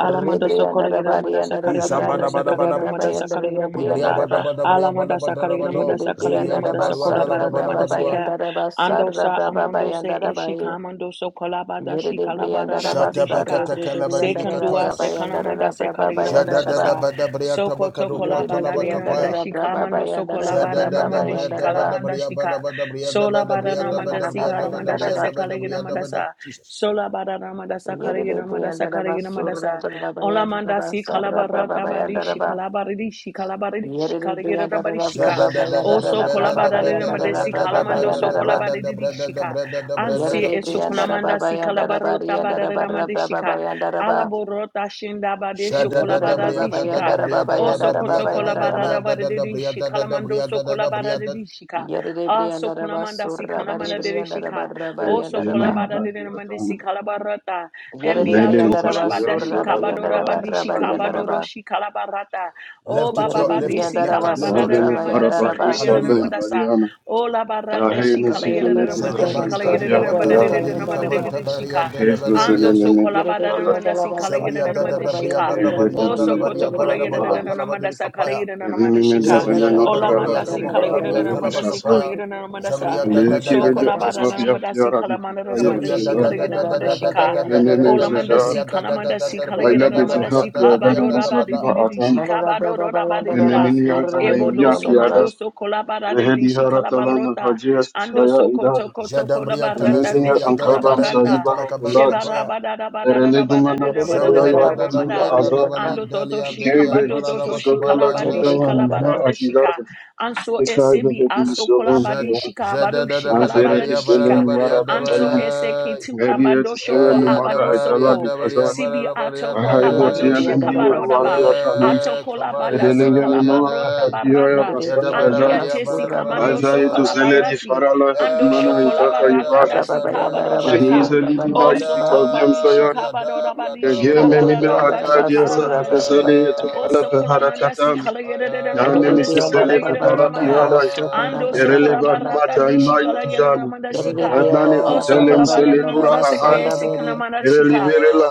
[SPEAKER 1] alamando sokola
[SPEAKER 4] Rebriyanda da
[SPEAKER 1] gira manda mandasa
[SPEAKER 4] bariyanda da
[SPEAKER 3] Disa, Bada,
[SPEAKER 4] briyanda
[SPEAKER 3] Bada,
[SPEAKER 4] da
[SPEAKER 3] Bada,
[SPEAKER 1] manda
[SPEAKER 3] Ba-
[SPEAKER 4] baba
[SPEAKER 1] mandasa manda mandasa
[SPEAKER 3] Jesus.
[SPEAKER 4] bayanda da
[SPEAKER 1] manda
[SPEAKER 3] Dibria,
[SPEAKER 4] briyanda
[SPEAKER 1] mandasa
[SPEAKER 4] da
[SPEAKER 3] Bada,
[SPEAKER 4] bas
[SPEAKER 3] Bada, Bria, Bada,
[SPEAKER 1] alamanda
[SPEAKER 3] Bada, Bada,
[SPEAKER 1] sakalina
[SPEAKER 3] Bada,
[SPEAKER 4] yerede
[SPEAKER 1] mandasa manda
[SPEAKER 3] Zibria,
[SPEAKER 4] briyanda
[SPEAKER 3] Da,
[SPEAKER 4] da
[SPEAKER 1] mandasa
[SPEAKER 4] bas
[SPEAKER 3] Badua, Da,
[SPEAKER 1] kola
[SPEAKER 4] sarı
[SPEAKER 3] Da,
[SPEAKER 4] da
[SPEAKER 3] Ba, Bada,
[SPEAKER 1] badaramanda
[SPEAKER 4] baba
[SPEAKER 3] Badua.
[SPEAKER 1] sika
[SPEAKER 4] bayanda da bas sarı da
[SPEAKER 1] andosa
[SPEAKER 4] baba
[SPEAKER 1] amondo se
[SPEAKER 4] bayanda da
[SPEAKER 1] eshika amando sokola badashi
[SPEAKER 4] Yerede
[SPEAKER 1] kala
[SPEAKER 4] briandara
[SPEAKER 1] badaramandi
[SPEAKER 3] Shata,
[SPEAKER 4] basta
[SPEAKER 3] Beka,
[SPEAKER 1] shika
[SPEAKER 4] redre
[SPEAKER 3] Taka, Laba, Didi,
[SPEAKER 4] briandara la
[SPEAKER 1] sekandua
[SPEAKER 4] braba
[SPEAKER 3] Katoyas.
[SPEAKER 1] sekana
[SPEAKER 4] yandara la
[SPEAKER 1] mandasa
[SPEAKER 4] braba
[SPEAKER 1] manda
[SPEAKER 3] Jada,
[SPEAKER 4] bayandara
[SPEAKER 3] Da, Da,
[SPEAKER 4] ba.
[SPEAKER 1] mandasha
[SPEAKER 3] Bada, Bria,
[SPEAKER 1] Soko
[SPEAKER 3] Tabaka, Doko,
[SPEAKER 1] tokola
[SPEAKER 4] Yerede
[SPEAKER 3] Atala, Baka,
[SPEAKER 1] badadino
[SPEAKER 4] briandara
[SPEAKER 1] da
[SPEAKER 3] Paya.
[SPEAKER 4] la braba
[SPEAKER 1] shikalamando
[SPEAKER 4] bayandara
[SPEAKER 1] sokola
[SPEAKER 4] la
[SPEAKER 3] Jesus.
[SPEAKER 4] braba
[SPEAKER 1] badanamandi
[SPEAKER 4] bayandara ba.
[SPEAKER 1] shikalamanda shika. Sola badanamanda
[SPEAKER 4] Briandara la
[SPEAKER 1] sikalamanda
[SPEAKER 4] bayandara ba.
[SPEAKER 1] shasekalagina mandasa.
[SPEAKER 3] Jesus.
[SPEAKER 1] Sola badanamanda
[SPEAKER 4] Yerede
[SPEAKER 1] sakalagina mandasa
[SPEAKER 4] briandara
[SPEAKER 1] kalagina
[SPEAKER 4] basura
[SPEAKER 1] mandasa.
[SPEAKER 4] braba
[SPEAKER 1] Ola
[SPEAKER 4] bayandara
[SPEAKER 1] manda
[SPEAKER 4] ba sarra braba
[SPEAKER 1] sikalabarata badi
[SPEAKER 4] bayandara ba.
[SPEAKER 1] shikalabaridi shikalabaridi
[SPEAKER 4] Yerede
[SPEAKER 1] shikaligina
[SPEAKER 4] briandara
[SPEAKER 1] badi
[SPEAKER 4] la
[SPEAKER 1] shika.
[SPEAKER 3] Shada
[SPEAKER 4] braba
[SPEAKER 3] da da
[SPEAKER 4] bayandara
[SPEAKER 1] Also
[SPEAKER 4] la
[SPEAKER 3] briada
[SPEAKER 4] braba
[SPEAKER 3] da da
[SPEAKER 1] kolabadadina
[SPEAKER 3] briada da da
[SPEAKER 4] bayandara la
[SPEAKER 1] mandesi
[SPEAKER 3] briada
[SPEAKER 4] braba
[SPEAKER 1] kalamando
[SPEAKER 3] da
[SPEAKER 4] bayandara
[SPEAKER 1] sokola badidi shika. Ansi esukulamanda sikalabarota badanamandi shika. Alaborota shindabade shokolabadadi shika.
[SPEAKER 3] da briada da
[SPEAKER 1] Also
[SPEAKER 3] da briada da
[SPEAKER 1] kotokola
[SPEAKER 3] da
[SPEAKER 1] barara baradishi kalamando so
[SPEAKER 3] briada da da briada.
[SPEAKER 1] kolabaradishika.
[SPEAKER 4] Yerede
[SPEAKER 1] Also
[SPEAKER 4] briandaraba
[SPEAKER 1] kolamanda si
[SPEAKER 4] surra
[SPEAKER 5] Thank
[SPEAKER 4] bari
[SPEAKER 1] kalamanda
[SPEAKER 5] you.
[SPEAKER 4] briandaraba
[SPEAKER 1] dedishika. Also
[SPEAKER 4] rabariandaraba.
[SPEAKER 1] kolabada dedamandisi kalabarata.
[SPEAKER 4] Yerede
[SPEAKER 1] Embia to
[SPEAKER 4] briandaraba
[SPEAKER 1] kolabada
[SPEAKER 4] surra
[SPEAKER 1] shikabadora
[SPEAKER 4] bariandaraba
[SPEAKER 1] badishi kabadoro
[SPEAKER 4] rabariandaraba.
[SPEAKER 1] shikalabarata. Oh
[SPEAKER 3] Lift it,
[SPEAKER 1] baba
[SPEAKER 3] your
[SPEAKER 4] Yerede
[SPEAKER 3] lift it,
[SPEAKER 1] badisi
[SPEAKER 3] lift
[SPEAKER 4] briandaraba
[SPEAKER 3] it, lift
[SPEAKER 1] kalabada
[SPEAKER 3] it.
[SPEAKER 4] surra
[SPEAKER 1] namanda si
[SPEAKER 4] bayandaraba.
[SPEAKER 1] kalayana
[SPEAKER 3] Hallelujah.
[SPEAKER 1] namandasa. Oh la barate shikalayana
[SPEAKER 4] Rabayandaraba
[SPEAKER 1] namandishi
[SPEAKER 4] surra
[SPEAKER 3] Zedabari
[SPEAKER 1] kalayana
[SPEAKER 3] kadukwa
[SPEAKER 4] surra
[SPEAKER 1] namanda
[SPEAKER 3] kadiri
[SPEAKER 1] dedamanda
[SPEAKER 4] rabayandaraba.
[SPEAKER 3] kamanta
[SPEAKER 1] dedishika. Ando so
[SPEAKER 3] bariante
[SPEAKER 1] kolabada namanda si kalayana
[SPEAKER 3] Zabria
[SPEAKER 4] surra
[SPEAKER 3] da da
[SPEAKER 1] ramandi
[SPEAKER 3] da bria
[SPEAKER 1] shika.
[SPEAKER 3] da da
[SPEAKER 4] rabayandaraba
[SPEAKER 3] bria
[SPEAKER 1] O
[SPEAKER 3] da la
[SPEAKER 4] surra
[SPEAKER 3] bria
[SPEAKER 1] sokoto kola
[SPEAKER 3] bara da
[SPEAKER 1] yere
[SPEAKER 3] badua
[SPEAKER 1] na
[SPEAKER 4] briandaraba.
[SPEAKER 1] na na
[SPEAKER 3] talaba
[SPEAKER 1] manda
[SPEAKER 3] di
[SPEAKER 1] sa kala
[SPEAKER 3] kapaya.
[SPEAKER 1] yere na na manda shika.
[SPEAKER 4] Yerede
[SPEAKER 3] Zabria da da
[SPEAKER 1] Ola
[SPEAKER 3] da bria
[SPEAKER 1] manda si kala
[SPEAKER 3] tomoko da
[SPEAKER 1] yere
[SPEAKER 4] rabayandaraba
[SPEAKER 1] na
[SPEAKER 3] bria
[SPEAKER 1] na manda
[SPEAKER 3] talaba
[SPEAKER 1] si kala
[SPEAKER 3] kapaya.
[SPEAKER 1] yere na na manda sa.
[SPEAKER 3] Zabria da da da
[SPEAKER 1] So
[SPEAKER 3] da da
[SPEAKER 1] kola ba
[SPEAKER 4] rabayandaraba.
[SPEAKER 1] na
[SPEAKER 3] Jesus.
[SPEAKER 1] na manda si kala manda na na manda
[SPEAKER 3] Zabria
[SPEAKER 4] Yerede
[SPEAKER 3] da
[SPEAKER 1] shi
[SPEAKER 3] da
[SPEAKER 1] kala
[SPEAKER 3] da
[SPEAKER 1] yere na
[SPEAKER 3] da
[SPEAKER 1] na
[SPEAKER 3] da da da da da da
[SPEAKER 4] rabayandaraba
[SPEAKER 3] da da da
[SPEAKER 1] Ola
[SPEAKER 3] da da
[SPEAKER 1] manda si
[SPEAKER 4] surra
[SPEAKER 3] bria da
[SPEAKER 1] kala
[SPEAKER 3] da da
[SPEAKER 1] manda
[SPEAKER 3] da
[SPEAKER 1] si
[SPEAKER 3] da bria
[SPEAKER 1] kala yere
[SPEAKER 3] da da
[SPEAKER 1] na na
[SPEAKER 3] da
[SPEAKER 1] manda
[SPEAKER 4] baba.
[SPEAKER 3] bria
[SPEAKER 1] si
[SPEAKER 3] da da
[SPEAKER 1] ba
[SPEAKER 3] bria
[SPEAKER 1] do
[SPEAKER 3] da
[SPEAKER 1] ra
[SPEAKER 3] da
[SPEAKER 1] di
[SPEAKER 3] bada.
[SPEAKER 1] di di di shika
[SPEAKER 4] Yere de
[SPEAKER 1] ba do
[SPEAKER 4] brianda
[SPEAKER 1] do ba di di
[SPEAKER 4] da
[SPEAKER 1] ra.
[SPEAKER 5] Enenini yada
[SPEAKER 1] Emo do so
[SPEAKER 5] imyaki yada
[SPEAKER 1] mando so kola ba ra di di
[SPEAKER 5] vehedi
[SPEAKER 1] shi kala
[SPEAKER 5] haratalana hajia
[SPEAKER 1] Ando so
[SPEAKER 5] susaya
[SPEAKER 1] koto
[SPEAKER 5] idana.
[SPEAKER 1] koto
[SPEAKER 3] Jadam
[SPEAKER 1] kola
[SPEAKER 3] bria tala
[SPEAKER 1] barata rata
[SPEAKER 5] Emeni
[SPEAKER 1] di
[SPEAKER 5] ya
[SPEAKER 3] sevria
[SPEAKER 1] shi
[SPEAKER 3] tala
[SPEAKER 1] kala ba
[SPEAKER 5] ankaba
[SPEAKER 3] kadem dia tala
[SPEAKER 5] msajibaha
[SPEAKER 3] kabari
[SPEAKER 1] Sheba
[SPEAKER 5] tulad.
[SPEAKER 1] ra
[SPEAKER 3] katoya.
[SPEAKER 1] ba da da ba da da
[SPEAKER 5] Herele
[SPEAKER 1] da da di
[SPEAKER 5] dumana
[SPEAKER 1] da da
[SPEAKER 5] hakaya
[SPEAKER 3] Jabria
[SPEAKER 1] da
[SPEAKER 3] da
[SPEAKER 5] ya
[SPEAKER 1] da
[SPEAKER 3] da
[SPEAKER 1] da
[SPEAKER 3] da
[SPEAKER 1] da.
[SPEAKER 5] kuyuna
[SPEAKER 3] bria da da
[SPEAKER 5] azad.
[SPEAKER 1] Ando
[SPEAKER 3] balin
[SPEAKER 1] dodo
[SPEAKER 3] dalia
[SPEAKER 5] Mkeri
[SPEAKER 1] shikamba
[SPEAKER 3] deria tala
[SPEAKER 5] vehizi
[SPEAKER 1] dodo
[SPEAKER 3] da
[SPEAKER 1] dodo
[SPEAKER 3] bakabari
[SPEAKER 5] hisorala
[SPEAKER 1] shikalabadi
[SPEAKER 3] anda.
[SPEAKER 5] kidawa mima
[SPEAKER 1] shikalabarada shika.
[SPEAKER 5] akidata.
[SPEAKER 1] Anso
[SPEAKER 5] Kesai
[SPEAKER 1] esebi
[SPEAKER 5] vehedi
[SPEAKER 1] aso
[SPEAKER 5] misolon
[SPEAKER 3] Zed
[SPEAKER 1] kolabadi
[SPEAKER 5] kiya.
[SPEAKER 3] Zed da
[SPEAKER 1] shikabado
[SPEAKER 3] da da da ba
[SPEAKER 5] Manfereti
[SPEAKER 3] ya
[SPEAKER 1] shikalabaradi
[SPEAKER 3] da da
[SPEAKER 1] shika.
[SPEAKER 5] selen
[SPEAKER 3] ba
[SPEAKER 5] mara
[SPEAKER 3] da ba
[SPEAKER 1] Anso
[SPEAKER 5] behayan.
[SPEAKER 1] eseki tu
[SPEAKER 5] Ngedi
[SPEAKER 1] kambado
[SPEAKER 5] eti selen
[SPEAKER 1] shoko
[SPEAKER 3] Eya
[SPEAKER 5] mumada
[SPEAKER 1] abado
[SPEAKER 5] etala
[SPEAKER 3] dabaria
[SPEAKER 1] soko.
[SPEAKER 3] dabaria
[SPEAKER 5] dikazat.
[SPEAKER 1] Sibi
[SPEAKER 3] barabaria
[SPEAKER 1] atoko
[SPEAKER 5] Vahai
[SPEAKER 1] abado
[SPEAKER 3] dai.
[SPEAKER 5] botiyen endiye
[SPEAKER 1] shikabado daba.
[SPEAKER 5] ruwaliyatanan.
[SPEAKER 3] Eh,
[SPEAKER 1] Atoko labada
[SPEAKER 3] kabaria
[SPEAKER 5] Edeleven
[SPEAKER 3] darabaria
[SPEAKER 5] unuwa
[SPEAKER 1] shikalabarota
[SPEAKER 3] dai.
[SPEAKER 5] hakiya ya
[SPEAKER 1] barata.
[SPEAKER 3] Ya
[SPEAKER 1] Andi
[SPEAKER 5] basada
[SPEAKER 3] dabarabaria
[SPEAKER 1] atesi
[SPEAKER 3] barabaria
[SPEAKER 1] kamando
[SPEAKER 5] Isaiah
[SPEAKER 1] soko
[SPEAKER 5] to
[SPEAKER 3] dai.
[SPEAKER 5] zeleni
[SPEAKER 1] labarati.
[SPEAKER 5] farala
[SPEAKER 1] Ando
[SPEAKER 5] hatimana
[SPEAKER 1] shoko
[SPEAKER 5] itaka
[SPEAKER 3] Eh, da
[SPEAKER 1] labarata
[SPEAKER 4] ba
[SPEAKER 1] da
[SPEAKER 4] ba
[SPEAKER 5] yubasha.
[SPEAKER 4] ba
[SPEAKER 3] daria
[SPEAKER 4] ba yanda
[SPEAKER 1] shikabado
[SPEAKER 5] Meni
[SPEAKER 1] shika.
[SPEAKER 3] dai.
[SPEAKER 5] zeleni da
[SPEAKER 3] Ada
[SPEAKER 1] Also,
[SPEAKER 5] itika vyan
[SPEAKER 1] Kobadishi
[SPEAKER 5] sayar.
[SPEAKER 3] dia dab ya
[SPEAKER 1] Kabadodabadishi
[SPEAKER 5] Kege
[SPEAKER 3] darabaria
[SPEAKER 5] meni mi
[SPEAKER 3] dai.
[SPEAKER 1] Kabadadabashi
[SPEAKER 5] atariya sahaja
[SPEAKER 3] Aya,
[SPEAKER 1] Kabadadashi.
[SPEAKER 5] sale to ala
[SPEAKER 1] Also,
[SPEAKER 5] fe
[SPEAKER 1] Kolamanda si
[SPEAKER 5] harakatan.
[SPEAKER 3] aya,
[SPEAKER 5] Nane mi
[SPEAKER 1] Kalayedamanda si
[SPEAKER 5] sisele to daraki
[SPEAKER 1] Kalayedanamada.
[SPEAKER 5] alay.
[SPEAKER 1] Ando
[SPEAKER 3] aya.
[SPEAKER 1] so
[SPEAKER 5] Erele bad
[SPEAKER 1] Kolabarata
[SPEAKER 3] Aya,
[SPEAKER 5] mata
[SPEAKER 1] dishi
[SPEAKER 5] imayi tijana.
[SPEAKER 1] Kalayedanamanda sika.
[SPEAKER 3] Yadabaya,
[SPEAKER 5] Adnani
[SPEAKER 1] Also,
[SPEAKER 5] antele misele
[SPEAKER 4] da
[SPEAKER 5] dura
[SPEAKER 1] Kolabaranamada
[SPEAKER 4] ba
[SPEAKER 3] Aya,
[SPEAKER 5] ahan.
[SPEAKER 1] seke
[SPEAKER 4] sanda beri.
[SPEAKER 1] sikanamada
[SPEAKER 5] Erele
[SPEAKER 1] shika.
[SPEAKER 3] Aya,
[SPEAKER 5] verela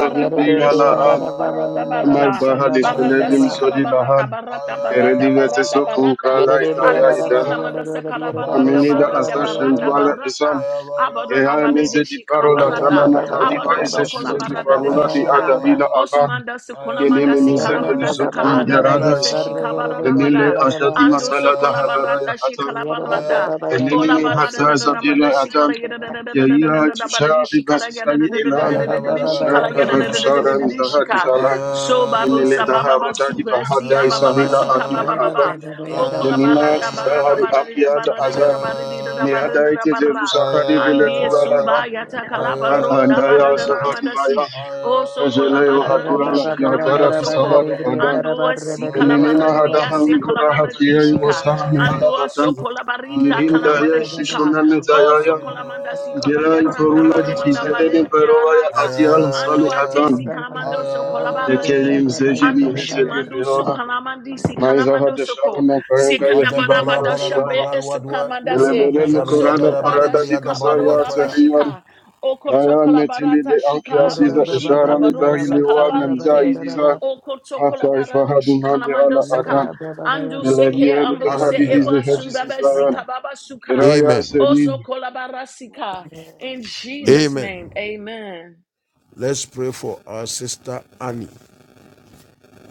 [SPEAKER 4] Yere
[SPEAKER 5] dira
[SPEAKER 1] deshi
[SPEAKER 5] la
[SPEAKER 3] Aya,
[SPEAKER 5] an.
[SPEAKER 1] Kalabarata
[SPEAKER 5] Amar
[SPEAKER 1] barara.
[SPEAKER 5] bahali
[SPEAKER 1] Barata
[SPEAKER 5] sinedi
[SPEAKER 1] si
[SPEAKER 5] misodi
[SPEAKER 3] Aya,
[SPEAKER 5] lahan.
[SPEAKER 1] Kalabarata barata
[SPEAKER 3] Aya,
[SPEAKER 1] barata
[SPEAKER 5] Erele vete
[SPEAKER 1] barata
[SPEAKER 5] sokun
[SPEAKER 1] barata.
[SPEAKER 5] krala
[SPEAKER 1] Anda
[SPEAKER 5] itaya idahan.
[SPEAKER 3] Aya,
[SPEAKER 1] sikanamanda
[SPEAKER 3] Aparya
[SPEAKER 1] sakalabarata
[SPEAKER 5] Aminida
[SPEAKER 3] Barara
[SPEAKER 1] barata
[SPEAKER 5] azdaşen
[SPEAKER 3] Barara,
[SPEAKER 1] barata barata
[SPEAKER 5] isan.
[SPEAKER 3] Aya Barya
[SPEAKER 5] Ye haya
[SPEAKER 3] Barara,
[SPEAKER 5] meze di farola
[SPEAKER 1] shika,
[SPEAKER 3] Aya,
[SPEAKER 5] tanana kaliva ise
[SPEAKER 1] Abadoso,
[SPEAKER 5] shize di
[SPEAKER 1] Colabarada de
[SPEAKER 5] farola di
[SPEAKER 1] Shika,
[SPEAKER 5] adavila avan.
[SPEAKER 1] Osomanda
[SPEAKER 3] Aya,
[SPEAKER 5] Ye
[SPEAKER 1] Sukonamanda
[SPEAKER 5] neme meze de
[SPEAKER 1] Sikalamanda
[SPEAKER 3] Aya,
[SPEAKER 5] liso
[SPEAKER 1] Saka, Dada
[SPEAKER 5] kangarada
[SPEAKER 3] Aya,
[SPEAKER 1] yete
[SPEAKER 5] is. De mele
[SPEAKER 1] Abadorabadidishikalabarata. Abadosokolabaradadidishika.
[SPEAKER 5] ashadi
[SPEAKER 3] Heya,
[SPEAKER 5] masala da
[SPEAKER 1] Osomandasikolamandasikalamandasakadadayeteshikabaronamada.
[SPEAKER 5] havaraya atan.
[SPEAKER 3] Aya,
[SPEAKER 1] Andosokolabaratashikalabarata. Ola
[SPEAKER 5] Enemini
[SPEAKER 1] bara da
[SPEAKER 5] hatsa
[SPEAKER 1] da da da manda
[SPEAKER 5] zavila atan.
[SPEAKER 1] shikala ya da da da
[SPEAKER 5] Ye
[SPEAKER 1] da da da da da
[SPEAKER 5] ira
[SPEAKER 1] da da bara
[SPEAKER 5] tusha
[SPEAKER 1] di shikala ya da da
[SPEAKER 5] bibasislani
[SPEAKER 1] da da da
[SPEAKER 5] elan.
[SPEAKER 1] da
[SPEAKER 3] Aya
[SPEAKER 1] da da da
[SPEAKER 3] Dabara Barara
[SPEAKER 1] shikala ya
[SPEAKER 5] Naka
[SPEAKER 1] da da da da da
[SPEAKER 3] Barara,
[SPEAKER 1] da
[SPEAKER 5] adusara
[SPEAKER 1] da da
[SPEAKER 5] mizahadi
[SPEAKER 1] shika.
[SPEAKER 3] Uh,
[SPEAKER 5] salan.
[SPEAKER 1] So babu
[SPEAKER 5] Nimele
[SPEAKER 1] sababa
[SPEAKER 5] daha roda
[SPEAKER 1] basu
[SPEAKER 5] di
[SPEAKER 3] uh,
[SPEAKER 1] versi
[SPEAKER 5] bahata
[SPEAKER 1] ababa
[SPEAKER 5] isahila
[SPEAKER 1] basika
[SPEAKER 5] atwila
[SPEAKER 3] uh,
[SPEAKER 1] baba
[SPEAKER 5] avan.
[SPEAKER 1] baba.
[SPEAKER 3] uh, uh,
[SPEAKER 1] Okola bara
[SPEAKER 5] Nemina
[SPEAKER 1] da bara da
[SPEAKER 5] tizahari
[SPEAKER 3] uh,
[SPEAKER 1] bara di da
[SPEAKER 5] akiyada
[SPEAKER 3] uh,
[SPEAKER 1] bara da da
[SPEAKER 5] azan.
[SPEAKER 1] da bara di da da bara da
[SPEAKER 5] Miyada
[SPEAKER 1] da
[SPEAKER 5] ite
[SPEAKER 1] bara.
[SPEAKER 5] zerusa kari vile
[SPEAKER 1] Andie
[SPEAKER 3] uh,
[SPEAKER 5] turala
[SPEAKER 1] sumba yata kalaba rota
[SPEAKER 5] Mavandaya Sahadivaya,
[SPEAKER 1] baradanamandasi. O so
[SPEAKER 5] Ejeleo
[SPEAKER 4] Amen.
[SPEAKER 5] Hadura
[SPEAKER 1] kolabarandi shi
[SPEAKER 5] Lakiatara
[SPEAKER 1] kalamando soko.
[SPEAKER 5] Fisalada Adam,
[SPEAKER 1] Andua si
[SPEAKER 5] Elinina
[SPEAKER 1] kalabarandia se
[SPEAKER 5] Hadahan Gura
[SPEAKER 1] kolabarati
[SPEAKER 5] Hakia
[SPEAKER 1] shika.
[SPEAKER 5] Wasalami
[SPEAKER 1] Andua so
[SPEAKER 5] Harabatan,
[SPEAKER 1] kolabarita
[SPEAKER 5] Nilim Daya
[SPEAKER 1] kanamada shika.
[SPEAKER 5] Vishunan
[SPEAKER 1] O so
[SPEAKER 5] Dayaya,
[SPEAKER 1] kolamanda si
[SPEAKER 5] Gela
[SPEAKER 1] kalagarata
[SPEAKER 5] Iforula
[SPEAKER 1] baronda
[SPEAKER 5] Dikizabene
[SPEAKER 1] barete
[SPEAKER 5] Perovaya
[SPEAKER 1] arata.
[SPEAKER 5] Atiala
[SPEAKER 1] Ando
[SPEAKER 5] Sali
[SPEAKER 1] atesi
[SPEAKER 5] Atan,
[SPEAKER 1] kalamando so kolabarati.
[SPEAKER 5] Ekelim
[SPEAKER 1] Andu
[SPEAKER 5] Zejini Hezeli
[SPEAKER 1] shumandu su
[SPEAKER 5] Firona,
[SPEAKER 1] kalamandi si
[SPEAKER 5] Maiza
[SPEAKER 1] kalamando soko.
[SPEAKER 5] Hadeshalana Kayanga
[SPEAKER 1] Sekanda
[SPEAKER 5] Yatibala
[SPEAKER 3] Adabaria
[SPEAKER 1] barabada
[SPEAKER 3] barara
[SPEAKER 1] shambe
[SPEAKER 5] Ratibala,
[SPEAKER 3] babar
[SPEAKER 1] esu
[SPEAKER 3] wadwa
[SPEAKER 1] kamanda se.
[SPEAKER 5] Elevele Nukorana
[SPEAKER 1] Soko bada
[SPEAKER 5] Parada
[SPEAKER 1] shika
[SPEAKER 5] Dibasaya
[SPEAKER 1] baroda
[SPEAKER 3] Zabriyadarabarabariyadarbaruataya.
[SPEAKER 5] Teliyan,
[SPEAKER 1] bashika. Okoto
[SPEAKER 5] Kıyametini de
[SPEAKER 1] kalabarata shika baru
[SPEAKER 5] ankiyasıyla
[SPEAKER 1] shika
[SPEAKER 5] eşaralı dahili var men
[SPEAKER 1] kalabarite.
[SPEAKER 5] caizizler.
[SPEAKER 1] Okoto
[SPEAKER 5] Hakka
[SPEAKER 1] kalabarari
[SPEAKER 5] ifahadun hali
[SPEAKER 1] shikalamando
[SPEAKER 5] ala
[SPEAKER 1] seka.
[SPEAKER 5] adan.
[SPEAKER 1] Andu seke
[SPEAKER 5] Belediye
[SPEAKER 1] ambu se
[SPEAKER 5] rutahadihi
[SPEAKER 3] Hallelujah.
[SPEAKER 1] eba sumbabe
[SPEAKER 5] zehacisislayan.
[SPEAKER 1] sika baba suka.
[SPEAKER 5] Kiraya
[SPEAKER 3] Amen.
[SPEAKER 5] sedin.
[SPEAKER 1] Oso kolabarasika. In Jesus'
[SPEAKER 3] Amen.
[SPEAKER 1] name, amen.
[SPEAKER 3] Let's pray for our sister Annie.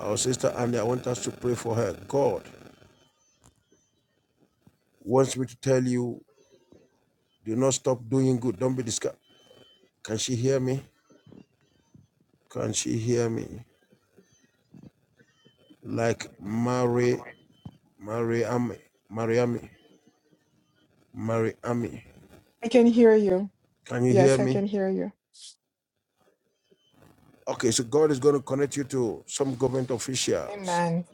[SPEAKER 3] Our sister Annie, I want us to pray for her. God wants me to tell you, do not stop doing good. Don't be discouraged. Can she hear me? Can she hear me? Like Mary, Mariami, Mariami, Mariami.
[SPEAKER 6] I can hear you.
[SPEAKER 3] Can you hear
[SPEAKER 6] Yes, I
[SPEAKER 3] me?
[SPEAKER 6] can hear you.
[SPEAKER 3] Okay, so God is going to connect you to some government officials
[SPEAKER 6] Amen.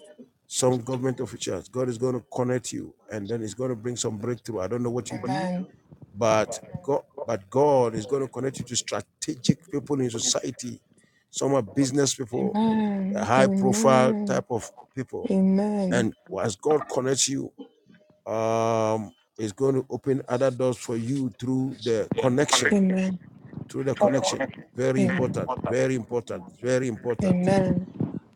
[SPEAKER 3] some government officials. God is going to connect you, and then it's going to bring some breakthrough. I don't know what you do,
[SPEAKER 6] Amen.
[SPEAKER 3] but God, but God is going to connect you to strategic people in society. Some are business people, a
[SPEAKER 6] Amen.
[SPEAKER 3] high profile
[SPEAKER 6] Amen.
[SPEAKER 3] type of people,
[SPEAKER 6] Amen.
[SPEAKER 3] and as God connects you, um, it's going to open other doors for you through the connection.
[SPEAKER 6] Amen.
[SPEAKER 3] Through the connection, very
[SPEAKER 6] Amen.
[SPEAKER 3] important, very important, very important.
[SPEAKER 6] Amen.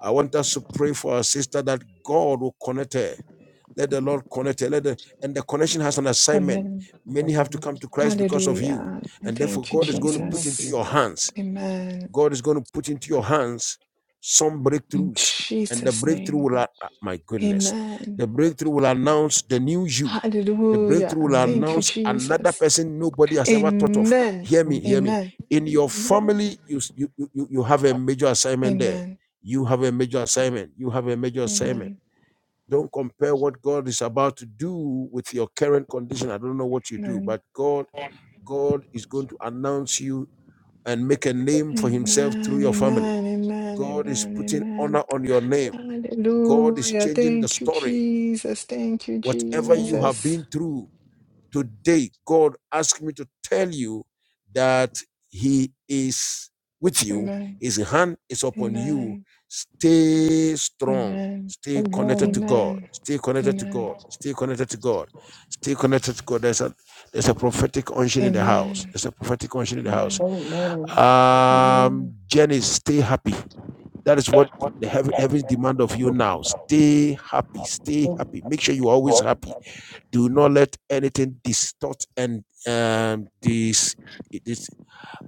[SPEAKER 3] I want us to pray for our sister that God will connect her. Let the Lord connect her. Let the, and the connection has an assignment.
[SPEAKER 6] Amen.
[SPEAKER 4] In
[SPEAKER 3] Many have to come to Christ because of you.
[SPEAKER 6] Hallelujah. And
[SPEAKER 3] And therefore,
[SPEAKER 6] Thank you,
[SPEAKER 3] God is
[SPEAKER 4] the
[SPEAKER 3] going to
[SPEAKER 4] name
[SPEAKER 3] put
[SPEAKER 4] of
[SPEAKER 3] into
[SPEAKER 6] Jesus.
[SPEAKER 3] your
[SPEAKER 4] Jesus.
[SPEAKER 3] hands.
[SPEAKER 6] Amen.
[SPEAKER 3] God is going to put into your hands some
[SPEAKER 6] In
[SPEAKER 3] breakthroughs, and the
[SPEAKER 6] Jesus'
[SPEAKER 3] breakthrough
[SPEAKER 6] name.
[SPEAKER 3] will, a- ah, my goodness,
[SPEAKER 6] Amen.
[SPEAKER 3] the breakthrough will announce the new you. The
[SPEAKER 6] Hallelujah.
[SPEAKER 3] breakthrough will
[SPEAKER 6] Thank you,
[SPEAKER 4] Amen.
[SPEAKER 3] announce another
[SPEAKER 6] Jesus.
[SPEAKER 3] person nobody has ever thought of.
[SPEAKER 6] Amen.
[SPEAKER 3] Hear me, hear me.
[SPEAKER 6] Amen.
[SPEAKER 3] In your family, you, s- you, you, you you have a major assignment there.
[SPEAKER 6] Amen.
[SPEAKER 3] You have a major assignment. You have a major assignment.
[SPEAKER 6] Amen.
[SPEAKER 3] Don't compare what God is about to do with your current condition. I don't know what you do,
[SPEAKER 6] Amen. Amen.
[SPEAKER 3] but God God is going to announce you and make a name for himself through
[SPEAKER 6] Amen.
[SPEAKER 3] your family.
[SPEAKER 6] Amen.
[SPEAKER 3] God is
[SPEAKER 6] Amen.
[SPEAKER 3] putting
[SPEAKER 6] Amen.
[SPEAKER 3] honor on your name. God is
[SPEAKER 6] Hallelujah.
[SPEAKER 3] changing the
[SPEAKER 6] Thank you,
[SPEAKER 3] story.
[SPEAKER 6] Jesus. Thank you,
[SPEAKER 3] Whatever you have
[SPEAKER 6] Jesus.
[SPEAKER 3] been through, Today, God asked me to tell you that He is with you,
[SPEAKER 6] Amen.
[SPEAKER 3] His hand is upon you.
[SPEAKER 6] Amen.
[SPEAKER 3] Stay strong,
[SPEAKER 6] Amen.
[SPEAKER 3] stay connected
[SPEAKER 4] Amen.
[SPEAKER 3] to God,
[SPEAKER 6] Amen.
[SPEAKER 3] stay connected to
[SPEAKER 6] Amen.
[SPEAKER 3] God, stay connected to God, stay connected to God. There's a there's a prophetic unction in the house.
[SPEAKER 6] Amen.
[SPEAKER 3] There's a prophetic unction in the house.
[SPEAKER 6] Amen.
[SPEAKER 4] Amen.
[SPEAKER 6] Oh.
[SPEAKER 3] Um, Jenny, stay happy. That is what the heaven, heaven's demand of you now. Stay happy. Stay
[SPEAKER 4] Amen.
[SPEAKER 3] happy. Make sure you're always happy do not let anything distort and um, this this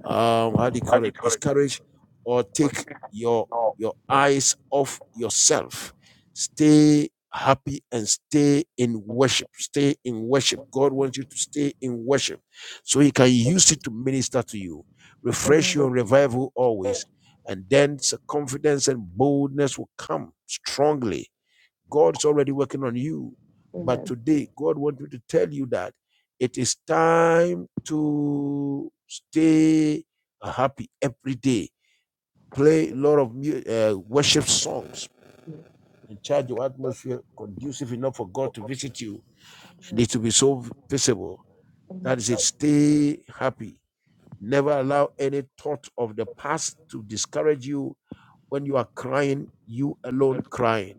[SPEAKER 3] um how do you call it discourage or take your your eyes off yourself stay happy and stay in worship stay in worship god wants you to stay in worship so he can use it to minister to you refresh
[SPEAKER 4] Amen.
[SPEAKER 3] your revival always and then s- confidence and boldness will come strongly God's already working on you. But
[SPEAKER 4] Amen.
[SPEAKER 3] today, God wants me to tell you that it is time to stay uh, happy every day. Play a lot of uh, worship songs and charge your atmosphere conducive enough for God to visit you. And it will be so visible.
[SPEAKER 4] Amen.
[SPEAKER 3] That is it. Stay happy. Never allow any thought of the past to discourage you when you are crying, you alone crying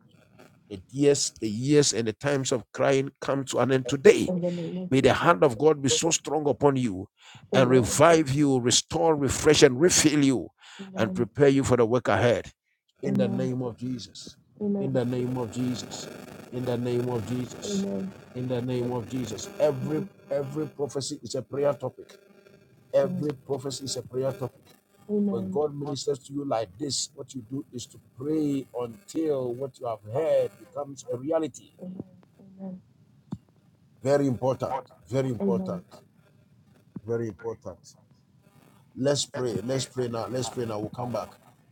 [SPEAKER 3] The years, the years and the times of crying come to an end today.
[SPEAKER 4] In the name of
[SPEAKER 3] May
[SPEAKER 4] Jesus.
[SPEAKER 3] the hand of God be so strong upon you and
[SPEAKER 4] Amen.
[SPEAKER 3] revive you, restore, refresh, and refill you and
[SPEAKER 4] Amen.
[SPEAKER 3] prepare you for the work ahead. In the
[SPEAKER 4] Amen.
[SPEAKER 3] name of Jesus. In
[SPEAKER 4] Amen.
[SPEAKER 3] the name of Jesus. In the name of Jesus.
[SPEAKER 4] Amen.
[SPEAKER 3] In the name of Jesus. Every every prophecy is a prayer topic.
[SPEAKER 4] Amen.
[SPEAKER 3] Every prophecy is a prayer topic. When
[SPEAKER 4] Amen.
[SPEAKER 3] God ministers to you like this, what you do is to pray until what you have heard becomes a reality. Very important, very important, very important. Let's pray. Let's pray now. Let's pray now. We'll come back.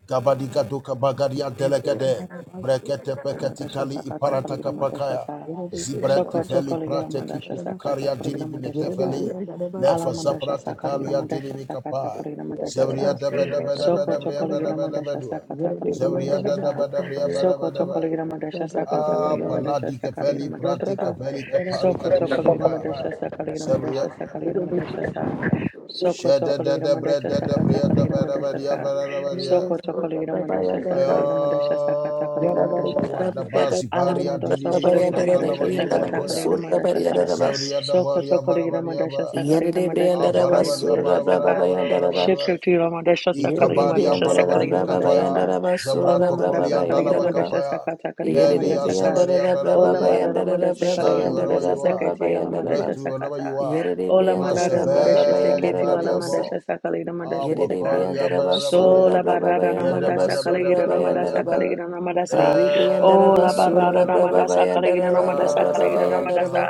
[SPEAKER 3] Gabadiga doka bagaria
[SPEAKER 4] Amen.
[SPEAKER 3] delegade. Brekete peketi
[SPEAKER 1] Madasha
[SPEAKER 3] kali
[SPEAKER 1] Sakata
[SPEAKER 3] iparataka
[SPEAKER 1] Kolegramasa,
[SPEAKER 3] pakaya. Zibreti
[SPEAKER 1] Soko
[SPEAKER 3] veli
[SPEAKER 1] Toko Legram
[SPEAKER 3] prateki
[SPEAKER 1] Madasha
[SPEAKER 4] Amen.
[SPEAKER 1] Sakata
[SPEAKER 3] pukukaria dini
[SPEAKER 1] Kolegram
[SPEAKER 3] binetefeli. Lefa
[SPEAKER 1] Alamandasha
[SPEAKER 3] zaprate
[SPEAKER 1] Sakalina
[SPEAKER 3] kalia dini
[SPEAKER 1] Mandasha Sakata
[SPEAKER 3] mikapa.
[SPEAKER 1] Kalina Mandasha
[SPEAKER 3] Zevria
[SPEAKER 1] Sa
[SPEAKER 3] daba daba daba
[SPEAKER 1] Soko
[SPEAKER 3] dabria
[SPEAKER 1] Tokolina
[SPEAKER 3] daba daba
[SPEAKER 1] Mandasha
[SPEAKER 3] dua.
[SPEAKER 1] Sakata Kalina
[SPEAKER 3] Zevria
[SPEAKER 1] Mandasha Sa
[SPEAKER 3] daba dabria daba
[SPEAKER 1] Soko
[SPEAKER 3] daba.
[SPEAKER 1] Tokolina Mandasha Sakata
[SPEAKER 3] Ah,
[SPEAKER 1] Kalina Mandasha
[SPEAKER 3] paladi
[SPEAKER 1] Sakalina
[SPEAKER 3] kafeli
[SPEAKER 1] Mandasha Sa
[SPEAKER 3] pratika veli kapari
[SPEAKER 4] Amen.
[SPEAKER 1] Soko
[SPEAKER 3] kadiri
[SPEAKER 1] Tokolina
[SPEAKER 3] kapaya.
[SPEAKER 1] Mandasha Sakalina Mandasha Sakalina
[SPEAKER 4] Yere
[SPEAKER 1] Mandasha
[SPEAKER 4] Yere
[SPEAKER 1] Sa Soko
[SPEAKER 3] Shada da
[SPEAKER 1] Tokolina
[SPEAKER 3] da bra
[SPEAKER 1] Mandasha
[SPEAKER 3] da da
[SPEAKER 1] Sakata
[SPEAKER 3] bria da
[SPEAKER 1] Kalina
[SPEAKER 3] ba da ba
[SPEAKER 1] Mandasha
[SPEAKER 3] dia
[SPEAKER 1] Sa
[SPEAKER 3] ba da da ba dia.
[SPEAKER 1] Soko Tokolina Mandasha
[SPEAKER 3] Ayo
[SPEAKER 1] Sakalina Mandasha Sakata Kalina Mandasha Sa
[SPEAKER 3] wanda wadabasi paria
[SPEAKER 1] Alamando Sokolina
[SPEAKER 3] diribikota
[SPEAKER 1] Mandasha
[SPEAKER 3] kalabaduru
[SPEAKER 1] Sakata
[SPEAKER 3] watoya
[SPEAKER 1] Kalina Mandasha Sa
[SPEAKER 3] zabria
[SPEAKER 4] de
[SPEAKER 1] Sokoto
[SPEAKER 3] dabaria
[SPEAKER 1] Kaligina Madasha
[SPEAKER 3] barabariaba
[SPEAKER 1] Sakaligina Madasha Sakaligina
[SPEAKER 3] abarabaria
[SPEAKER 1] Madasha Saka
[SPEAKER 3] barabarabarabarabarabaraba
[SPEAKER 1] Shikutila Madasha Sakaligina
[SPEAKER 3] ikabaria
[SPEAKER 1] Madasha
[SPEAKER 4] briandara
[SPEAKER 3] palabaduri
[SPEAKER 1] Sakaligina
[SPEAKER 4] braba bayandara braba
[SPEAKER 1] Madasha
[SPEAKER 3] katoya
[SPEAKER 1] Sa
[SPEAKER 4] yandara
[SPEAKER 3] zabra
[SPEAKER 1] Ola
[SPEAKER 4] braba
[SPEAKER 1] Madasa
[SPEAKER 3] tokolia
[SPEAKER 1] Kaligina
[SPEAKER 4] bayandara ba.
[SPEAKER 1] Madasha
[SPEAKER 3] dalabakapaya
[SPEAKER 1] Sakata Kaligina
[SPEAKER 4] Yere
[SPEAKER 3] lelia
[SPEAKER 1] Madasaka
[SPEAKER 3] zabaria
[SPEAKER 1] Ola
[SPEAKER 3] barabaria
[SPEAKER 1] Badara Madasa
[SPEAKER 3] shine
[SPEAKER 1] Kaligina
[SPEAKER 3] wherever
[SPEAKER 1] Madasha
[SPEAKER 3] you are
[SPEAKER 1] Sakati Ala Madasha
[SPEAKER 3] breakthrough wherever
[SPEAKER 1] Sakata
[SPEAKER 3] you are
[SPEAKER 4] de
[SPEAKER 1] Ola Madara
[SPEAKER 4] briandara braba
[SPEAKER 1] Madasha
[SPEAKER 3] mazaberi
[SPEAKER 1] Seketi
[SPEAKER 4] bayandara
[SPEAKER 1] Wala
[SPEAKER 4] brosa.
[SPEAKER 3] bo.
[SPEAKER 1] Madasha Sakaligina Madasha
[SPEAKER 4] Yerede
[SPEAKER 1] Saka
[SPEAKER 3] Abakariya
[SPEAKER 4] briandara basura
[SPEAKER 3] barabariya
[SPEAKER 1] Sola
[SPEAKER 4] braba
[SPEAKER 1] Barada
[SPEAKER 3] yada
[SPEAKER 4] bayandara
[SPEAKER 1] Namadasa
[SPEAKER 3] bada bada
[SPEAKER 4] basura
[SPEAKER 1] Kaligina
[SPEAKER 3] bada bada
[SPEAKER 4] bayandara
[SPEAKER 3] yada
[SPEAKER 4] ba.
[SPEAKER 1] Namadasa
[SPEAKER 4] Ribriandara
[SPEAKER 1] Ola
[SPEAKER 3] Eh,
[SPEAKER 1] Barada
[SPEAKER 4] basura
[SPEAKER 3] yada
[SPEAKER 4] braba
[SPEAKER 1] Namadasa Kaligina
[SPEAKER 4] bayandara ba da braba
[SPEAKER 1] Sakaligina
[SPEAKER 4] bayandara
[SPEAKER 3] yada
[SPEAKER 1] Namadasa
[SPEAKER 4] ba.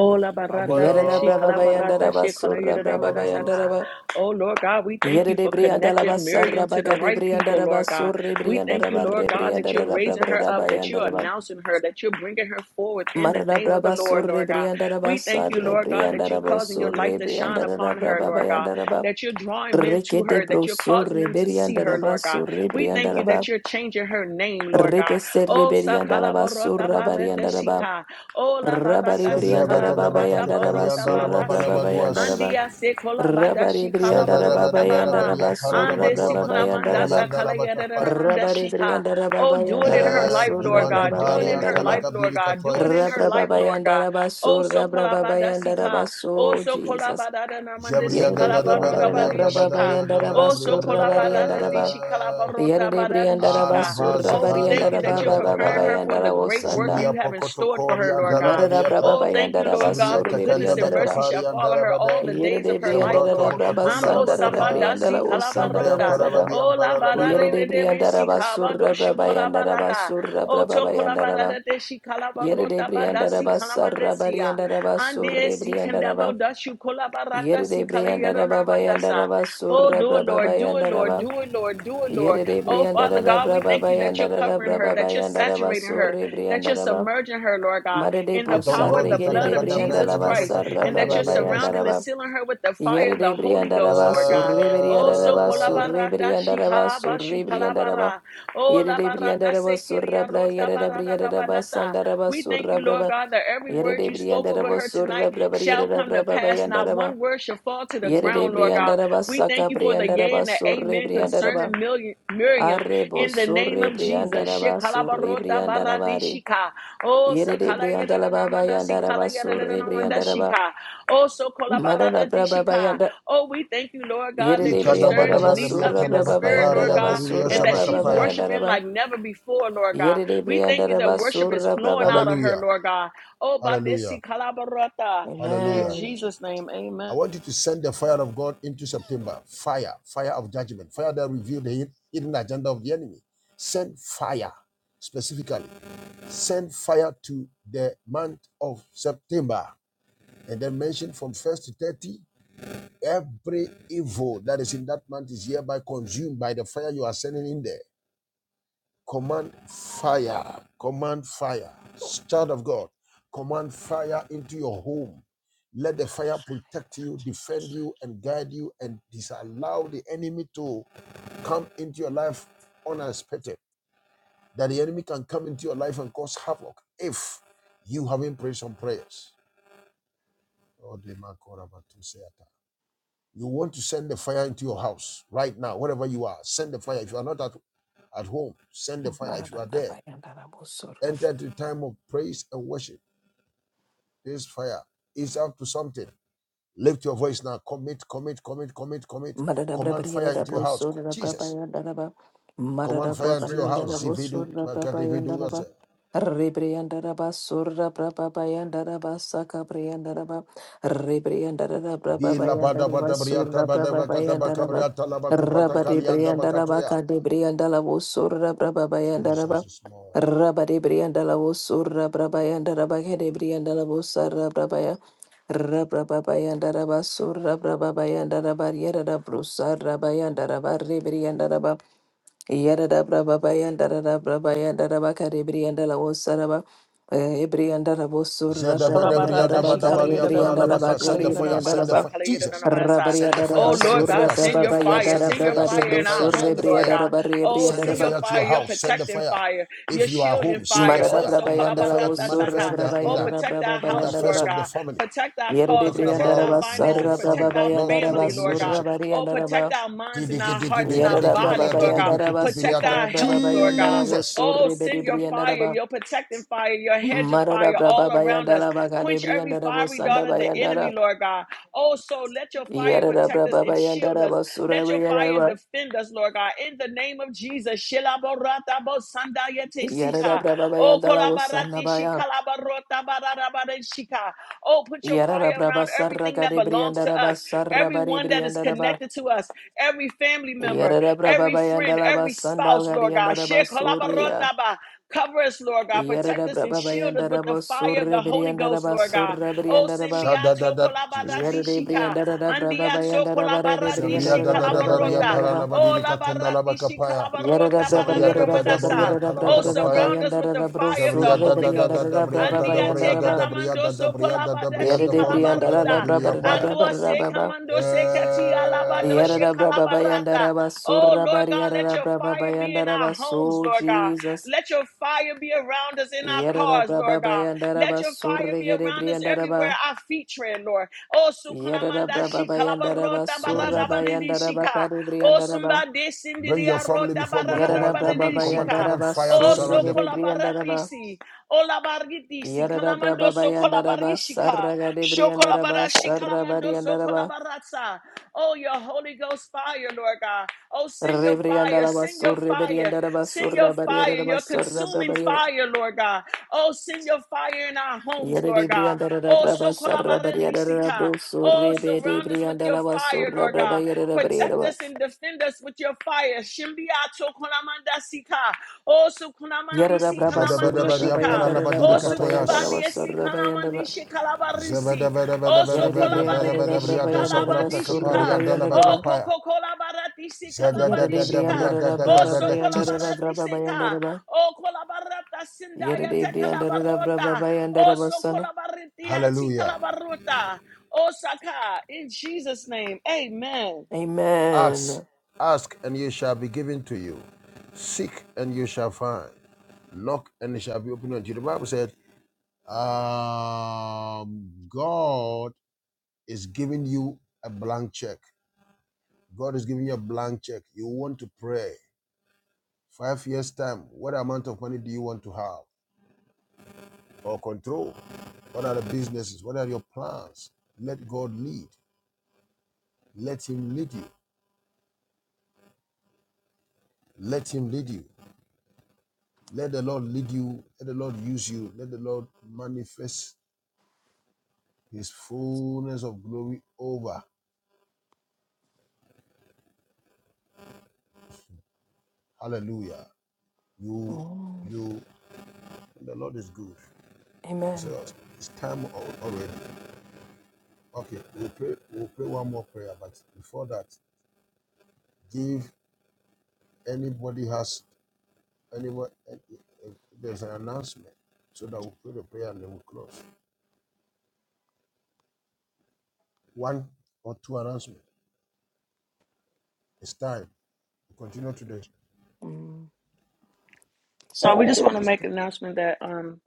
[SPEAKER 1] Oh, la barata
[SPEAKER 3] abaya
[SPEAKER 1] de
[SPEAKER 4] Yerada
[SPEAKER 1] she,
[SPEAKER 4] braba
[SPEAKER 1] kala
[SPEAKER 4] bayandara
[SPEAKER 1] barata she, kala
[SPEAKER 4] basura
[SPEAKER 1] yada
[SPEAKER 4] braba
[SPEAKER 1] ramada
[SPEAKER 4] bayandara
[SPEAKER 1] saka.
[SPEAKER 4] ba.
[SPEAKER 3] ah.
[SPEAKER 1] Oh, Lord God, we thank you
[SPEAKER 4] Yerede
[SPEAKER 1] for
[SPEAKER 4] briandala
[SPEAKER 1] connecting
[SPEAKER 4] basara
[SPEAKER 1] Miriam to the
[SPEAKER 4] baka de
[SPEAKER 1] right people,
[SPEAKER 4] briandara
[SPEAKER 1] Lord God.
[SPEAKER 4] basura
[SPEAKER 1] We thank
[SPEAKER 4] briandara
[SPEAKER 1] you,
[SPEAKER 4] ba
[SPEAKER 1] Lord God, that
[SPEAKER 4] rebriandara
[SPEAKER 1] you're
[SPEAKER 4] da
[SPEAKER 1] raising
[SPEAKER 4] braba
[SPEAKER 1] her
[SPEAKER 4] da
[SPEAKER 1] up, that you're
[SPEAKER 4] bayandara ba.
[SPEAKER 1] announcing her, that you're bringing her forward in the
[SPEAKER 4] Marada
[SPEAKER 1] name of the
[SPEAKER 4] braba
[SPEAKER 1] Lord,
[SPEAKER 4] surre
[SPEAKER 1] Lord God.
[SPEAKER 4] briandara
[SPEAKER 1] We thank you,
[SPEAKER 4] basare
[SPEAKER 1] Lord God, that you're
[SPEAKER 4] briandara
[SPEAKER 1] causing your light
[SPEAKER 4] basura
[SPEAKER 1] to shine
[SPEAKER 4] briandara da
[SPEAKER 1] upon her,
[SPEAKER 4] braba
[SPEAKER 1] Lord God,
[SPEAKER 4] bayandara ba.
[SPEAKER 1] that you're drawing men to
[SPEAKER 4] Reke de
[SPEAKER 1] her, that you're causing
[SPEAKER 4] brosore
[SPEAKER 1] them to see her,
[SPEAKER 4] briandara
[SPEAKER 1] Lord God.
[SPEAKER 4] basura
[SPEAKER 1] We thank
[SPEAKER 4] briandara
[SPEAKER 1] you
[SPEAKER 4] ba.
[SPEAKER 1] that you're changing her name, Lord God.
[SPEAKER 4] Repese
[SPEAKER 1] Oh, sakala
[SPEAKER 4] reberiandaraba
[SPEAKER 1] barata
[SPEAKER 4] surra
[SPEAKER 1] barata
[SPEAKER 4] bariandaraba
[SPEAKER 1] shika. Ola barata si
[SPEAKER 3] shagre baka
[SPEAKER 4] rabaribriandaraba
[SPEAKER 3] da baka
[SPEAKER 1] kalabarata
[SPEAKER 4] bayandaraba
[SPEAKER 3] tekalian
[SPEAKER 1] barota
[SPEAKER 3] dala
[SPEAKER 4] surra
[SPEAKER 3] babala
[SPEAKER 1] barasi.
[SPEAKER 3] baduas
[SPEAKER 4] brababayandaraba
[SPEAKER 1] Andia se kolabada shi
[SPEAKER 3] zada
[SPEAKER 4] rabaribriandaraba
[SPEAKER 3] bada
[SPEAKER 1] kalabarota
[SPEAKER 3] bada bada
[SPEAKER 1] bara.
[SPEAKER 3] ya
[SPEAKER 4] bayandaraba
[SPEAKER 3] para la
[SPEAKER 4] surra
[SPEAKER 1] Ande
[SPEAKER 3] badua
[SPEAKER 1] si
[SPEAKER 3] baka
[SPEAKER 1] kalamanda sa
[SPEAKER 4] brababayandaraba
[SPEAKER 3] tukorian dala baka paya
[SPEAKER 4] rabaribriandaraba
[SPEAKER 1] Oh, do it in her
[SPEAKER 4] bayandaraba
[SPEAKER 3] eh
[SPEAKER 1] life, Lord
[SPEAKER 4] surra
[SPEAKER 3] dimandi
[SPEAKER 1] God. Do it in
[SPEAKER 3] baria
[SPEAKER 1] her
[SPEAKER 4] brababayandaraba
[SPEAKER 1] life,
[SPEAKER 3] talaka
[SPEAKER 1] Lord
[SPEAKER 3] birika
[SPEAKER 1] God. Do it in
[SPEAKER 3] toyas
[SPEAKER 1] her life, Lord God.
[SPEAKER 4] rabrababayandaraba
[SPEAKER 1] Oh, so
[SPEAKER 4] surra
[SPEAKER 1] kolabada
[SPEAKER 4] brababayandaraba
[SPEAKER 1] Oh,
[SPEAKER 4] so
[SPEAKER 1] so
[SPEAKER 4] Jesus
[SPEAKER 1] kolabada namande
[SPEAKER 3] Jabria
[SPEAKER 1] si
[SPEAKER 3] da
[SPEAKER 4] Yerede
[SPEAKER 3] da da ba da
[SPEAKER 1] kalabarota
[SPEAKER 4] briandara
[SPEAKER 3] bria da ba
[SPEAKER 4] braba
[SPEAKER 3] da
[SPEAKER 1] barishika.
[SPEAKER 3] bria da
[SPEAKER 4] bayandara
[SPEAKER 3] ba da
[SPEAKER 1] Oh, so
[SPEAKER 3] bria da
[SPEAKER 4] basura
[SPEAKER 1] kolabada
[SPEAKER 4] bariandara
[SPEAKER 1] ti
[SPEAKER 4] ba.
[SPEAKER 1] shi
[SPEAKER 3] ba.
[SPEAKER 1] kalabarota
[SPEAKER 4] Yerede briandara
[SPEAKER 3] Ala
[SPEAKER 1] barishika.
[SPEAKER 3] ba
[SPEAKER 4] basura
[SPEAKER 1] Oh, we thank
[SPEAKER 3] zafaria
[SPEAKER 1] you
[SPEAKER 4] bariandara
[SPEAKER 1] that
[SPEAKER 4] ba
[SPEAKER 1] you're
[SPEAKER 3] talaba
[SPEAKER 4] ba ba ba
[SPEAKER 1] preparing
[SPEAKER 3] kapaya.
[SPEAKER 1] her for the
[SPEAKER 4] bayandara
[SPEAKER 1] great work
[SPEAKER 4] osanda.
[SPEAKER 1] you
[SPEAKER 3] Jibria
[SPEAKER 1] have in
[SPEAKER 3] pokoto
[SPEAKER 1] store for her,
[SPEAKER 3] koria
[SPEAKER 1] Lord God.
[SPEAKER 3] talaba
[SPEAKER 4] Marara
[SPEAKER 3] diape.
[SPEAKER 4] braba
[SPEAKER 1] Oh, thank you,
[SPEAKER 4] bayandara
[SPEAKER 1] Lord God,
[SPEAKER 3] Zibria
[SPEAKER 1] for
[SPEAKER 4] basura
[SPEAKER 3] takanda
[SPEAKER 1] goodness
[SPEAKER 3] ba
[SPEAKER 1] and
[SPEAKER 4] briandara
[SPEAKER 1] mercy
[SPEAKER 4] ba.
[SPEAKER 1] shall
[SPEAKER 3] kaparia
[SPEAKER 1] follow her
[SPEAKER 3] talaba de.
[SPEAKER 1] all the days
[SPEAKER 4] Yerede
[SPEAKER 1] of her life,
[SPEAKER 3] Zembroto
[SPEAKER 4] briandara
[SPEAKER 1] Lord.
[SPEAKER 4] braba
[SPEAKER 3] bokoton
[SPEAKER 1] Ambo
[SPEAKER 3] talaba
[SPEAKER 4] sandara
[SPEAKER 1] samba
[SPEAKER 3] kapaya.
[SPEAKER 4] briandara
[SPEAKER 1] dasi
[SPEAKER 3] Jambria
[SPEAKER 4] osandara
[SPEAKER 1] kalabarota.
[SPEAKER 3] paraba
[SPEAKER 4] braba.
[SPEAKER 1] Oh,
[SPEAKER 3] diam
[SPEAKER 1] la
[SPEAKER 3] paraba
[SPEAKER 1] barare
[SPEAKER 3] do.
[SPEAKER 4] Yerede
[SPEAKER 1] de de be
[SPEAKER 4] briandara
[SPEAKER 1] si kabado
[SPEAKER 4] basura
[SPEAKER 1] shu
[SPEAKER 4] braba yandara
[SPEAKER 1] kalabarada.
[SPEAKER 4] basura
[SPEAKER 1] Oh,
[SPEAKER 4] braba
[SPEAKER 1] to
[SPEAKER 4] bayandara ba.
[SPEAKER 1] kalabarada de shi
[SPEAKER 4] Yerede
[SPEAKER 1] kalabarota
[SPEAKER 4] briandara
[SPEAKER 1] badasi
[SPEAKER 4] basara
[SPEAKER 1] kalamandesia.
[SPEAKER 4] bariandara
[SPEAKER 1] Ande
[SPEAKER 4] basura
[SPEAKER 1] si kendabo
[SPEAKER 4] briandara
[SPEAKER 1] dashu kalabarata
[SPEAKER 4] Yere
[SPEAKER 1] si
[SPEAKER 4] de Yerede
[SPEAKER 1] kalayera
[SPEAKER 4] briandara baba
[SPEAKER 1] namadasa.
[SPEAKER 4] yandara
[SPEAKER 1] Oh,
[SPEAKER 4] basura
[SPEAKER 1] do it,
[SPEAKER 4] brababa
[SPEAKER 1] Lord. Do it,
[SPEAKER 4] yandara
[SPEAKER 1] Lord.
[SPEAKER 4] ba.
[SPEAKER 1] Do it, Lord. Do it, Lord.
[SPEAKER 4] Yerede
[SPEAKER 1] Oh, Father
[SPEAKER 4] briandara
[SPEAKER 1] God, we thank
[SPEAKER 4] brababa
[SPEAKER 1] you that you're
[SPEAKER 4] yandara
[SPEAKER 1] covering her,
[SPEAKER 4] brababa
[SPEAKER 1] that you're
[SPEAKER 4] yandara
[SPEAKER 1] saturating her,
[SPEAKER 4] basura
[SPEAKER 1] that you're
[SPEAKER 4] briandara ba.
[SPEAKER 1] submerging her, Lord God,
[SPEAKER 4] Marede
[SPEAKER 1] in the power,
[SPEAKER 3] Atombro
[SPEAKER 1] of
[SPEAKER 4] busarre
[SPEAKER 1] the
[SPEAKER 3] di kada
[SPEAKER 1] blood
[SPEAKER 4] gerede
[SPEAKER 1] of
[SPEAKER 3] kada bria
[SPEAKER 1] Jesus
[SPEAKER 4] briandala
[SPEAKER 3] kada ba
[SPEAKER 1] Christ,
[SPEAKER 4] basarra
[SPEAKER 3] katika
[SPEAKER 1] and that
[SPEAKER 3] laba
[SPEAKER 1] you're
[SPEAKER 4] brababa
[SPEAKER 3] dia desa.
[SPEAKER 4] yandara
[SPEAKER 1] surrounding and
[SPEAKER 4] ba.
[SPEAKER 1] sealing her with the fire of the
[SPEAKER 4] Yerede
[SPEAKER 1] Holy
[SPEAKER 4] briandara
[SPEAKER 1] Ghost, Lord
[SPEAKER 4] basura
[SPEAKER 1] God. Oh,
[SPEAKER 4] briandara
[SPEAKER 1] so
[SPEAKER 4] basura
[SPEAKER 1] kolabarata
[SPEAKER 4] briandara
[SPEAKER 1] shikaba
[SPEAKER 4] basura briandara ba.
[SPEAKER 1] shukalabara. Oh,
[SPEAKER 4] Yerede
[SPEAKER 1] labarata
[SPEAKER 4] briandara basura
[SPEAKER 1] sekiria
[SPEAKER 4] bra
[SPEAKER 1] rota
[SPEAKER 4] yerede
[SPEAKER 1] barada da
[SPEAKER 4] briandara
[SPEAKER 1] badasa.
[SPEAKER 4] basandara
[SPEAKER 1] We thank
[SPEAKER 4] basura
[SPEAKER 1] you, Lord
[SPEAKER 4] braba.
[SPEAKER 1] God, that every word
[SPEAKER 4] Yerede
[SPEAKER 1] you spoke
[SPEAKER 4] briandara
[SPEAKER 1] over her
[SPEAKER 4] basura
[SPEAKER 1] tonight
[SPEAKER 4] braba yerede brababa yandara ba. surra bra bra yere
[SPEAKER 1] shall
[SPEAKER 4] da
[SPEAKER 1] come
[SPEAKER 4] bra
[SPEAKER 1] to
[SPEAKER 4] baba
[SPEAKER 1] pass.
[SPEAKER 4] yanda
[SPEAKER 1] Not
[SPEAKER 4] da ba.
[SPEAKER 1] one word shall fall to the
[SPEAKER 4] Yerere
[SPEAKER 1] ground, Lord God.
[SPEAKER 4] briandaraba
[SPEAKER 1] We thank
[SPEAKER 4] saka
[SPEAKER 1] you for the yea
[SPEAKER 4] briandaraba
[SPEAKER 1] and the
[SPEAKER 4] sorre
[SPEAKER 1] amen concerning
[SPEAKER 4] briandaraba
[SPEAKER 1] Mil- Miriam
[SPEAKER 4] arrebo
[SPEAKER 1] in the name
[SPEAKER 4] sorre
[SPEAKER 1] of Jesus.
[SPEAKER 4] briandaraba sorre
[SPEAKER 1] Shekalabarota
[SPEAKER 4] briandaraba re
[SPEAKER 1] baradishika. Oh,
[SPEAKER 4] yerere briandaraba bayandaraba sorre briandaraba
[SPEAKER 1] sakalayadadadamandasikalayadadadamandashika. Oh, so
[SPEAKER 4] madara braba
[SPEAKER 1] kolabaradadishika.
[SPEAKER 4] bayanda
[SPEAKER 1] Oh, we thank you, Lord God, that
[SPEAKER 4] yerere
[SPEAKER 1] you're
[SPEAKER 3] Ikada ba
[SPEAKER 1] stirring
[SPEAKER 3] da ba
[SPEAKER 4] briandaraba
[SPEAKER 1] Janice
[SPEAKER 3] rabia
[SPEAKER 1] up
[SPEAKER 4] surra
[SPEAKER 1] in the
[SPEAKER 3] talaba
[SPEAKER 4] braba
[SPEAKER 1] spirit, Lord
[SPEAKER 3] kaparia
[SPEAKER 4] bayandaraba
[SPEAKER 1] God,
[SPEAKER 3] diribia
[SPEAKER 1] and
[SPEAKER 4] surra
[SPEAKER 1] that
[SPEAKER 4] braba
[SPEAKER 1] she's
[SPEAKER 3] sabakapaya.
[SPEAKER 1] worshiping
[SPEAKER 4] bayandaraba
[SPEAKER 1] like never before, Lord God.
[SPEAKER 4] yerere
[SPEAKER 1] We thank you that
[SPEAKER 4] briandaraba
[SPEAKER 1] worship is
[SPEAKER 4] surra
[SPEAKER 1] flowing
[SPEAKER 4] braba
[SPEAKER 1] out
[SPEAKER 4] ba-
[SPEAKER 1] of her,
[SPEAKER 3] Hallelujah.
[SPEAKER 1] Lord God. Oh, by this, see,
[SPEAKER 3] Hallelujah.
[SPEAKER 1] kalabarota. In
[SPEAKER 3] Hallelujah.
[SPEAKER 4] Amen.
[SPEAKER 1] Jesus' name, amen.
[SPEAKER 3] I want you to send the fire of God into September. Fire, fire of judgment, fire that revealed the hid- hidden agenda of the enemy. Send fire specifically. Send fire to the month of September. And then mention from 1st to 30, every evil that is in that month is hereby consumed by the fire you are sending in there. command fire, command fire, child of God, command fire into your home. Let the fire protect you, defend you, and guide you, and disallow the enemy to come into your life unexpected. That the enemy can come into your life and cause havoc if you haven't prayed some prayers. Lord, let my God have to say that. You want to send the fire into your house right now, wherever you are. Send the fire. If you are not at, at home, send the fire. If you
[SPEAKER 4] Marada
[SPEAKER 3] are there,
[SPEAKER 4] braba yandaraba surra
[SPEAKER 3] Enter the time of praise and worship. This fire is up to something. Lift your voice now. Commit, commit, commit, commit, commit.
[SPEAKER 4] Marada
[SPEAKER 3] Command fire
[SPEAKER 4] Brabayanda
[SPEAKER 3] into your house.
[SPEAKER 4] Bosura
[SPEAKER 3] Jesus.
[SPEAKER 4] Brabayanda Marada
[SPEAKER 3] Command fire into your
[SPEAKER 4] Brabayanda
[SPEAKER 3] house. Zividu, bakadividu,
[SPEAKER 4] Bosura
[SPEAKER 3] asa.
[SPEAKER 4] Rebriandaraba Surra Braba Bayandaraba Saka Briandaraba Rebriandaraba Braba
[SPEAKER 3] Di la bada
[SPEAKER 4] Bayandaraba
[SPEAKER 3] bada briata
[SPEAKER 4] Surra
[SPEAKER 3] bada
[SPEAKER 4] Braba
[SPEAKER 3] bakata
[SPEAKER 4] Bayandaraba
[SPEAKER 3] bakabriata la bakupata
[SPEAKER 4] Rabadi
[SPEAKER 3] kalianda
[SPEAKER 4] Briandaraba
[SPEAKER 3] bakatuya.
[SPEAKER 4] Kandi Briandalabo Surra Braba Bayandaraba
[SPEAKER 3] Jesus is Lord.
[SPEAKER 4] Rabadi Briandalabo Surra Braba Yandaraba Hede Briandalabo Sarra Brabaya Rabba Bayandaraba Surra Braba Bayandaraba Yerada Brusa Rabayandaraba Rebriandaraba Yadada braba bayanda da braba yanda da bakari brianda la wosara ba eh, brianda la wosura
[SPEAKER 1] Ola
[SPEAKER 4] braba yanda da
[SPEAKER 1] barata shi kala
[SPEAKER 4] bakari
[SPEAKER 3] Zedabadabriyadabadabriya
[SPEAKER 1] yeda na
[SPEAKER 4] brianda la
[SPEAKER 1] namanda sa
[SPEAKER 3] paralabaka.
[SPEAKER 1] kala
[SPEAKER 3] Send the
[SPEAKER 4] bakari
[SPEAKER 1] yeda na
[SPEAKER 3] fire,
[SPEAKER 4] brianda la
[SPEAKER 1] namanda
[SPEAKER 3] send the
[SPEAKER 1] sa
[SPEAKER 4] ba
[SPEAKER 3] fire.
[SPEAKER 1] kala yeda na
[SPEAKER 3] Jesus,
[SPEAKER 1] namanda sa.
[SPEAKER 3] send the
[SPEAKER 4] rabrianda da
[SPEAKER 3] fire,
[SPEAKER 1] Oh
[SPEAKER 3] send
[SPEAKER 1] Lord
[SPEAKER 3] the
[SPEAKER 4] basura
[SPEAKER 1] God,
[SPEAKER 3] fire,
[SPEAKER 1] send
[SPEAKER 3] send
[SPEAKER 4] braba
[SPEAKER 3] the
[SPEAKER 1] your
[SPEAKER 3] fire,
[SPEAKER 1] fire,
[SPEAKER 4] bayanda
[SPEAKER 3] send
[SPEAKER 4] da
[SPEAKER 3] the
[SPEAKER 1] send your
[SPEAKER 3] fire,
[SPEAKER 4] braba de
[SPEAKER 3] send the
[SPEAKER 1] fire in our
[SPEAKER 3] fire,
[SPEAKER 4] brosura
[SPEAKER 3] send
[SPEAKER 1] home,
[SPEAKER 3] the
[SPEAKER 1] Lord
[SPEAKER 4] brianda
[SPEAKER 3] fire.
[SPEAKER 4] da
[SPEAKER 1] God.
[SPEAKER 4] bari
[SPEAKER 1] Oh,
[SPEAKER 4] brianda
[SPEAKER 3] Send the
[SPEAKER 4] da
[SPEAKER 1] send your
[SPEAKER 4] ba
[SPEAKER 3] fire to
[SPEAKER 1] fire,
[SPEAKER 3] your
[SPEAKER 1] your
[SPEAKER 3] house, send the
[SPEAKER 1] protecting
[SPEAKER 3] fire.
[SPEAKER 1] fire,
[SPEAKER 3] If
[SPEAKER 1] your
[SPEAKER 3] you are
[SPEAKER 1] shielding
[SPEAKER 3] home, send the
[SPEAKER 1] fire.
[SPEAKER 4] marada
[SPEAKER 1] Oh,
[SPEAKER 3] fire.
[SPEAKER 1] so
[SPEAKER 4] braba
[SPEAKER 3] Command the
[SPEAKER 4] yanda la
[SPEAKER 3] fire to
[SPEAKER 1] kolabarata
[SPEAKER 4] wosura
[SPEAKER 3] manifest
[SPEAKER 1] saka.
[SPEAKER 3] in the
[SPEAKER 4] braba
[SPEAKER 3] in
[SPEAKER 1] Oh,
[SPEAKER 4] yanda
[SPEAKER 3] the
[SPEAKER 4] da
[SPEAKER 1] protect
[SPEAKER 4] braba
[SPEAKER 1] our
[SPEAKER 3] in the
[SPEAKER 1] house,
[SPEAKER 4] bayanda da
[SPEAKER 1] Lord
[SPEAKER 3] affairs
[SPEAKER 4] ba
[SPEAKER 3] of the
[SPEAKER 1] God.
[SPEAKER 3] family.
[SPEAKER 1] Protect our
[SPEAKER 3] I'm
[SPEAKER 4] yerde
[SPEAKER 1] cause,
[SPEAKER 3] talking
[SPEAKER 4] brianda
[SPEAKER 1] protect
[SPEAKER 4] da
[SPEAKER 1] our
[SPEAKER 3] about
[SPEAKER 1] finances,
[SPEAKER 3] love
[SPEAKER 4] basara braba
[SPEAKER 1] protect
[SPEAKER 3] family,
[SPEAKER 1] our
[SPEAKER 3] love,
[SPEAKER 4] bayanda da
[SPEAKER 1] family,
[SPEAKER 3] love
[SPEAKER 1] Lord God.
[SPEAKER 4] basura
[SPEAKER 3] relationship.
[SPEAKER 1] Oh,
[SPEAKER 4] brianda da
[SPEAKER 1] protect
[SPEAKER 4] ba
[SPEAKER 1] our minds and our
[SPEAKER 4] Yara
[SPEAKER 1] hearts and
[SPEAKER 3] Jesus.
[SPEAKER 1] our bodies, Lord God. Protect our health, Lord God. Oh, send your fire, your protecting fire, your hedge of fire all around us Quench every fiery dart of the enemy, Lord God. Oh, so let your fire protect us and shield us. Let your fire defend us, Lord God. In the name of Jesus. Shilaborata bo sandayete sika. Oh, kolabarati shikalabarota bararabare shika. Oh, put your fire around everything that belongs to us, everyone that is connected to us, every family member, every friend, every spouse, Lord God. Shekolabarota ba. Cover us, Lord God. Protect us and shield us with the fire of the Holy Ghost, Lord God. Oh, simbiato
[SPEAKER 3] Shadadadad. Jesus.
[SPEAKER 4] Yarada
[SPEAKER 1] colabaradishika.
[SPEAKER 4] Briandara Brava
[SPEAKER 1] Andiato
[SPEAKER 4] Bayandara Barade
[SPEAKER 3] Zebra
[SPEAKER 1] kolabaratishi
[SPEAKER 3] da
[SPEAKER 4] Briandara
[SPEAKER 3] da da
[SPEAKER 4] Brava
[SPEAKER 3] bria
[SPEAKER 1] kalabarota.
[SPEAKER 3] pa la la
[SPEAKER 4] Bayandaraba
[SPEAKER 3] ba di
[SPEAKER 1] Oh,
[SPEAKER 3] ni katunda la ba
[SPEAKER 1] labaratishi
[SPEAKER 3] kapaya.
[SPEAKER 4] Yarada
[SPEAKER 1] calabarota
[SPEAKER 4] Brava
[SPEAKER 3] Zebra da ba
[SPEAKER 4] Yarada
[SPEAKER 3] da
[SPEAKER 4] Brava
[SPEAKER 1] baradamadasa.
[SPEAKER 3] bria
[SPEAKER 4] Yarada
[SPEAKER 3] talaba
[SPEAKER 1] Oh,
[SPEAKER 4] Brava
[SPEAKER 3] kapaya.
[SPEAKER 1] surround us with the
[SPEAKER 4] Bayandara Bro
[SPEAKER 1] fire of the
[SPEAKER 3] Zebra
[SPEAKER 4] Surre
[SPEAKER 3] da
[SPEAKER 1] Holy
[SPEAKER 3] da da da
[SPEAKER 1] Ghost.
[SPEAKER 3] da
[SPEAKER 4] Briandara
[SPEAKER 3] bria
[SPEAKER 4] Brava
[SPEAKER 3] da da bria
[SPEAKER 1] Andiate
[SPEAKER 3] da
[SPEAKER 4] Bayandaraba
[SPEAKER 3] da bria da da
[SPEAKER 1] kalamandoso
[SPEAKER 3] bria da da bria
[SPEAKER 1] kolabadashi
[SPEAKER 3] da
[SPEAKER 4] Yarade
[SPEAKER 3] ba di ya pa la ba
[SPEAKER 4] Briandara
[SPEAKER 1] kalabaruta.
[SPEAKER 3] du di
[SPEAKER 4] Brava
[SPEAKER 3] ya pa
[SPEAKER 4] Brava
[SPEAKER 1] Ando se
[SPEAKER 4] Brava
[SPEAKER 1] kamando se kati alabado she
[SPEAKER 3] ya.
[SPEAKER 4] Yarada Brava
[SPEAKER 1] kalabarata.
[SPEAKER 4] Bayandaraba
[SPEAKER 1] Oh
[SPEAKER 4] Surra
[SPEAKER 1] Lord God, let
[SPEAKER 4] Bariara
[SPEAKER 1] your
[SPEAKER 4] Brava
[SPEAKER 1] fire be in our
[SPEAKER 4] Bayandaraba
[SPEAKER 1] homes,
[SPEAKER 4] So
[SPEAKER 1] Lord God.
[SPEAKER 4] Jesus
[SPEAKER 1] Let your fire be around us in our
[SPEAKER 4] Yarada
[SPEAKER 1] cars,
[SPEAKER 4] Brava
[SPEAKER 1] Lord God. Let
[SPEAKER 4] Bayandaraba
[SPEAKER 1] your fire
[SPEAKER 4] Surre
[SPEAKER 1] be
[SPEAKER 4] Gede
[SPEAKER 1] around us everywhere
[SPEAKER 4] Briandaraba
[SPEAKER 1] our feet tread, Lord. Oh
[SPEAKER 4] Yarada
[SPEAKER 1] sukulamanda
[SPEAKER 4] Brava
[SPEAKER 1] shi
[SPEAKER 4] Bayandaraba
[SPEAKER 1] kalabarota
[SPEAKER 3] Oh
[SPEAKER 1] barada
[SPEAKER 4] Surra
[SPEAKER 3] Jesus!
[SPEAKER 1] baridi
[SPEAKER 4] Bayandaraba
[SPEAKER 1] shika.
[SPEAKER 4] Kari
[SPEAKER 1] Oh
[SPEAKER 4] Briandaraba
[SPEAKER 1] sumba
[SPEAKER 3] Bring
[SPEAKER 1] desindi
[SPEAKER 3] your family
[SPEAKER 1] arota
[SPEAKER 3] before God.
[SPEAKER 1] barada
[SPEAKER 4] Yarada
[SPEAKER 3] Command,
[SPEAKER 4] braba
[SPEAKER 1] baridi
[SPEAKER 3] command, command,
[SPEAKER 1] shika.
[SPEAKER 4] bayandara
[SPEAKER 3] command.
[SPEAKER 4] ba
[SPEAKER 3] Fire to
[SPEAKER 1] Oh,
[SPEAKER 4] surri
[SPEAKER 1] so
[SPEAKER 3] surround them.
[SPEAKER 4] gede briandara ba.
[SPEAKER 1] colabaratisi. Olabaritisi.
[SPEAKER 4] Yarada
[SPEAKER 1] calamando,
[SPEAKER 4] braba
[SPEAKER 1] so
[SPEAKER 4] bayandara ba
[SPEAKER 1] colabarishika.
[SPEAKER 4] sarra gede briandara ba
[SPEAKER 1] Shokolabarashi
[SPEAKER 4] sarra
[SPEAKER 1] calamando, so
[SPEAKER 4] bariandara ba.
[SPEAKER 1] colabaratsa. Oh, your Holy Ghost fire, Lord God. Oh, send your fire.
[SPEAKER 4] Rebriandara ba
[SPEAKER 1] Send your
[SPEAKER 4] surri
[SPEAKER 1] fire.
[SPEAKER 4] beriandara ba
[SPEAKER 1] Send your
[SPEAKER 4] surra
[SPEAKER 1] fire.
[SPEAKER 4] bariandara ba
[SPEAKER 1] Your
[SPEAKER 4] sarra
[SPEAKER 1] consuming fire
[SPEAKER 4] bariandara.
[SPEAKER 1] fire, Lord God. Oh, send your fire in our homes, Lord
[SPEAKER 4] Yarade
[SPEAKER 1] God.
[SPEAKER 4] briandara da
[SPEAKER 1] Oh, so
[SPEAKER 4] braba sarra bariandara da
[SPEAKER 1] kolabaretisika.
[SPEAKER 4] bro
[SPEAKER 1] Oh,
[SPEAKER 4] surri bede
[SPEAKER 1] surround us with your
[SPEAKER 4] briandara ba
[SPEAKER 1] fire,
[SPEAKER 4] surra
[SPEAKER 1] Lord
[SPEAKER 4] braba
[SPEAKER 1] God.
[SPEAKER 4] yarada bariandara
[SPEAKER 1] Protect
[SPEAKER 4] ba.
[SPEAKER 1] us and defend us with your fire. Shimbiato kolamandasika. Oh,
[SPEAKER 4] Yarada
[SPEAKER 1] sukunamandisi
[SPEAKER 4] braba
[SPEAKER 3] Zebra da
[SPEAKER 4] surra
[SPEAKER 3] bria
[SPEAKER 4] braba
[SPEAKER 3] pa la
[SPEAKER 1] kalamandushika.
[SPEAKER 3] la
[SPEAKER 4] yandara
[SPEAKER 3] ba
[SPEAKER 4] da
[SPEAKER 3] di ni
[SPEAKER 1] Oh,
[SPEAKER 4] braba bayandara ba
[SPEAKER 3] katoyas.
[SPEAKER 1] sukumbadiesi
[SPEAKER 4] surra bayandara ba.
[SPEAKER 1] kalamandishi
[SPEAKER 3] Zebra da
[SPEAKER 1] kalabarisi.
[SPEAKER 3] ba da ba da
[SPEAKER 1] Oh,
[SPEAKER 3] ba
[SPEAKER 1] so
[SPEAKER 3] da
[SPEAKER 4] Yarade
[SPEAKER 3] ba da
[SPEAKER 4] briandara
[SPEAKER 3] ba
[SPEAKER 4] da
[SPEAKER 3] da
[SPEAKER 1] kolabaretishi
[SPEAKER 3] bria
[SPEAKER 4] braba
[SPEAKER 3] da
[SPEAKER 4] yandara
[SPEAKER 3] sabla
[SPEAKER 4] ba
[SPEAKER 3] ta
[SPEAKER 4] surra
[SPEAKER 3] kapaya.
[SPEAKER 1] kalabadishika.
[SPEAKER 3] La ba
[SPEAKER 4] bariandara
[SPEAKER 1] Oh,
[SPEAKER 4] ba.
[SPEAKER 3] kapaya.
[SPEAKER 1] koko kolabaratisi
[SPEAKER 4] Yerede
[SPEAKER 1] kalabadishika.
[SPEAKER 4] briandara
[SPEAKER 1] Oh,
[SPEAKER 4] braba
[SPEAKER 1] so
[SPEAKER 3] Zadadadadabriyadadadadada.
[SPEAKER 4] bayandara
[SPEAKER 3] Jesus.
[SPEAKER 4] braba
[SPEAKER 1] kolabaratisi ka.
[SPEAKER 4] bayandara ba.
[SPEAKER 1] Oh, kolabarata sindaya
[SPEAKER 4] Yerede
[SPEAKER 1] te
[SPEAKER 4] briandara braba
[SPEAKER 1] kalabarota. Oh,
[SPEAKER 4] bayandara
[SPEAKER 1] so
[SPEAKER 4] basana.
[SPEAKER 1] kolabariti hati
[SPEAKER 3] Hallelujah.
[SPEAKER 1] kalabarota. Oh, saka. In Jesus' name, amen.
[SPEAKER 3] Ask,
[SPEAKER 4] Amen.
[SPEAKER 3] ask, and you shall be given to you. Seek, and you shall find. Knock, and it shall be opened unto you. The Bible said, um, God is giving you a blank check. God is giving you a blank check. You want to pray. Five years' time, what amount of money do you want to have or control? What are the businesses? What are your plans? Let God lead. Let Him lead you. Let him lead you. Let the Lord lead you. Let the Lord use you. Let the Lord manifest his fullness of glory over. Hallelujah. You,
[SPEAKER 4] Mm,
[SPEAKER 3] you, the Lord is good.
[SPEAKER 4] Amen.
[SPEAKER 3] So it's time already. Okay, we'll pray, we'll pray one more prayer, but before that, give anybody has anyone eh, eh, there's an announcement so that we'll pray the prayer and then we'll close. One or two announcements. It's time. We continue today.
[SPEAKER 4] Mm.
[SPEAKER 1] So
[SPEAKER 4] Uh,
[SPEAKER 1] we just
[SPEAKER 4] th-
[SPEAKER 1] want to
[SPEAKER 3] It's
[SPEAKER 1] make an announcement that um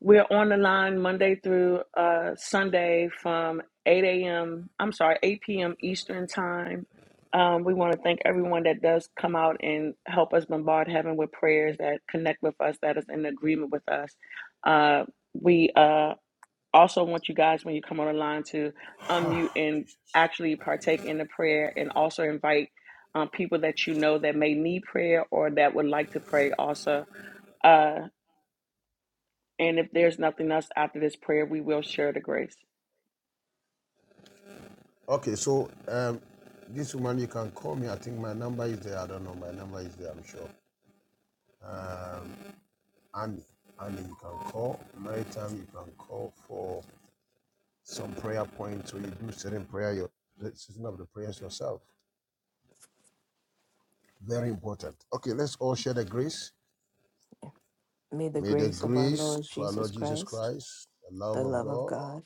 [SPEAKER 1] we're on the line Monday through uh Sunday from 8 a.m. I'm sorry, 8 p.m. Eastern time. Um, we want to thank everyone that does come out and help us bombard heaven with prayers that connect with us, that is in agreement with us. Uh, we uh, also want you guys when you come on the line to
[SPEAKER 3] time.
[SPEAKER 1] unmute and actually partake in the prayer and also invite um, people that you know that may need prayer or that would like to pray also uh, and if there's nothing else after this prayer we will share the grace
[SPEAKER 3] Okay, so um, this woman, you can call me. I think my number is there. I don't know. My number is there, I'm sure. Um, Annie. Annie, you can call. Maritime, you can call for some prayer points. So you do certain prayer, your certain of the prayers yourself. Very important. Okay, let's all share the grace.
[SPEAKER 4] May the
[SPEAKER 3] May the
[SPEAKER 4] grace of our
[SPEAKER 3] grace
[SPEAKER 4] Lord
[SPEAKER 3] for our
[SPEAKER 4] Jesus
[SPEAKER 3] Lord Jesus
[SPEAKER 4] Christ,
[SPEAKER 3] Christ, the
[SPEAKER 4] the
[SPEAKER 3] love of
[SPEAKER 4] love of
[SPEAKER 3] God,
[SPEAKER 4] God,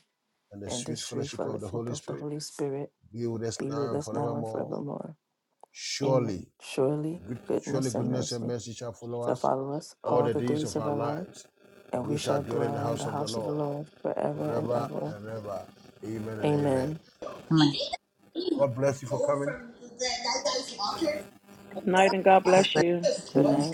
[SPEAKER 3] and the
[SPEAKER 4] and the
[SPEAKER 3] sweet
[SPEAKER 4] sweet
[SPEAKER 3] fellowship of the
[SPEAKER 4] fellowship
[SPEAKER 3] Holy
[SPEAKER 4] of the
[SPEAKER 3] Spirit
[SPEAKER 4] Holy Spirit
[SPEAKER 3] be with us
[SPEAKER 4] be with
[SPEAKER 3] now and
[SPEAKER 4] us now and
[SPEAKER 3] forevermore.
[SPEAKER 4] forevermore. Amen.
[SPEAKER 3] Surely
[SPEAKER 4] Surely
[SPEAKER 3] Good- Surely
[SPEAKER 4] goodness and
[SPEAKER 3] goodness and
[SPEAKER 4] mercy
[SPEAKER 3] mercy shall follow
[SPEAKER 4] shall
[SPEAKER 3] us
[SPEAKER 4] follow us
[SPEAKER 3] all
[SPEAKER 4] all
[SPEAKER 3] the
[SPEAKER 4] the
[SPEAKER 3] days
[SPEAKER 4] days
[SPEAKER 3] of
[SPEAKER 4] of
[SPEAKER 3] our
[SPEAKER 4] our life,
[SPEAKER 3] lives, and
[SPEAKER 4] and we
[SPEAKER 3] we shall
[SPEAKER 4] shall
[SPEAKER 3] dwell in the
[SPEAKER 4] dwell in
[SPEAKER 3] house
[SPEAKER 4] the
[SPEAKER 3] of the
[SPEAKER 4] house of the
[SPEAKER 3] Lord
[SPEAKER 4] Lord forever and
[SPEAKER 3] forever
[SPEAKER 4] ever.
[SPEAKER 3] and ever. Amen and amen.
[SPEAKER 4] Amen.
[SPEAKER 7] Yeah.
[SPEAKER 3] God bless you for coming.
[SPEAKER 4] Good night.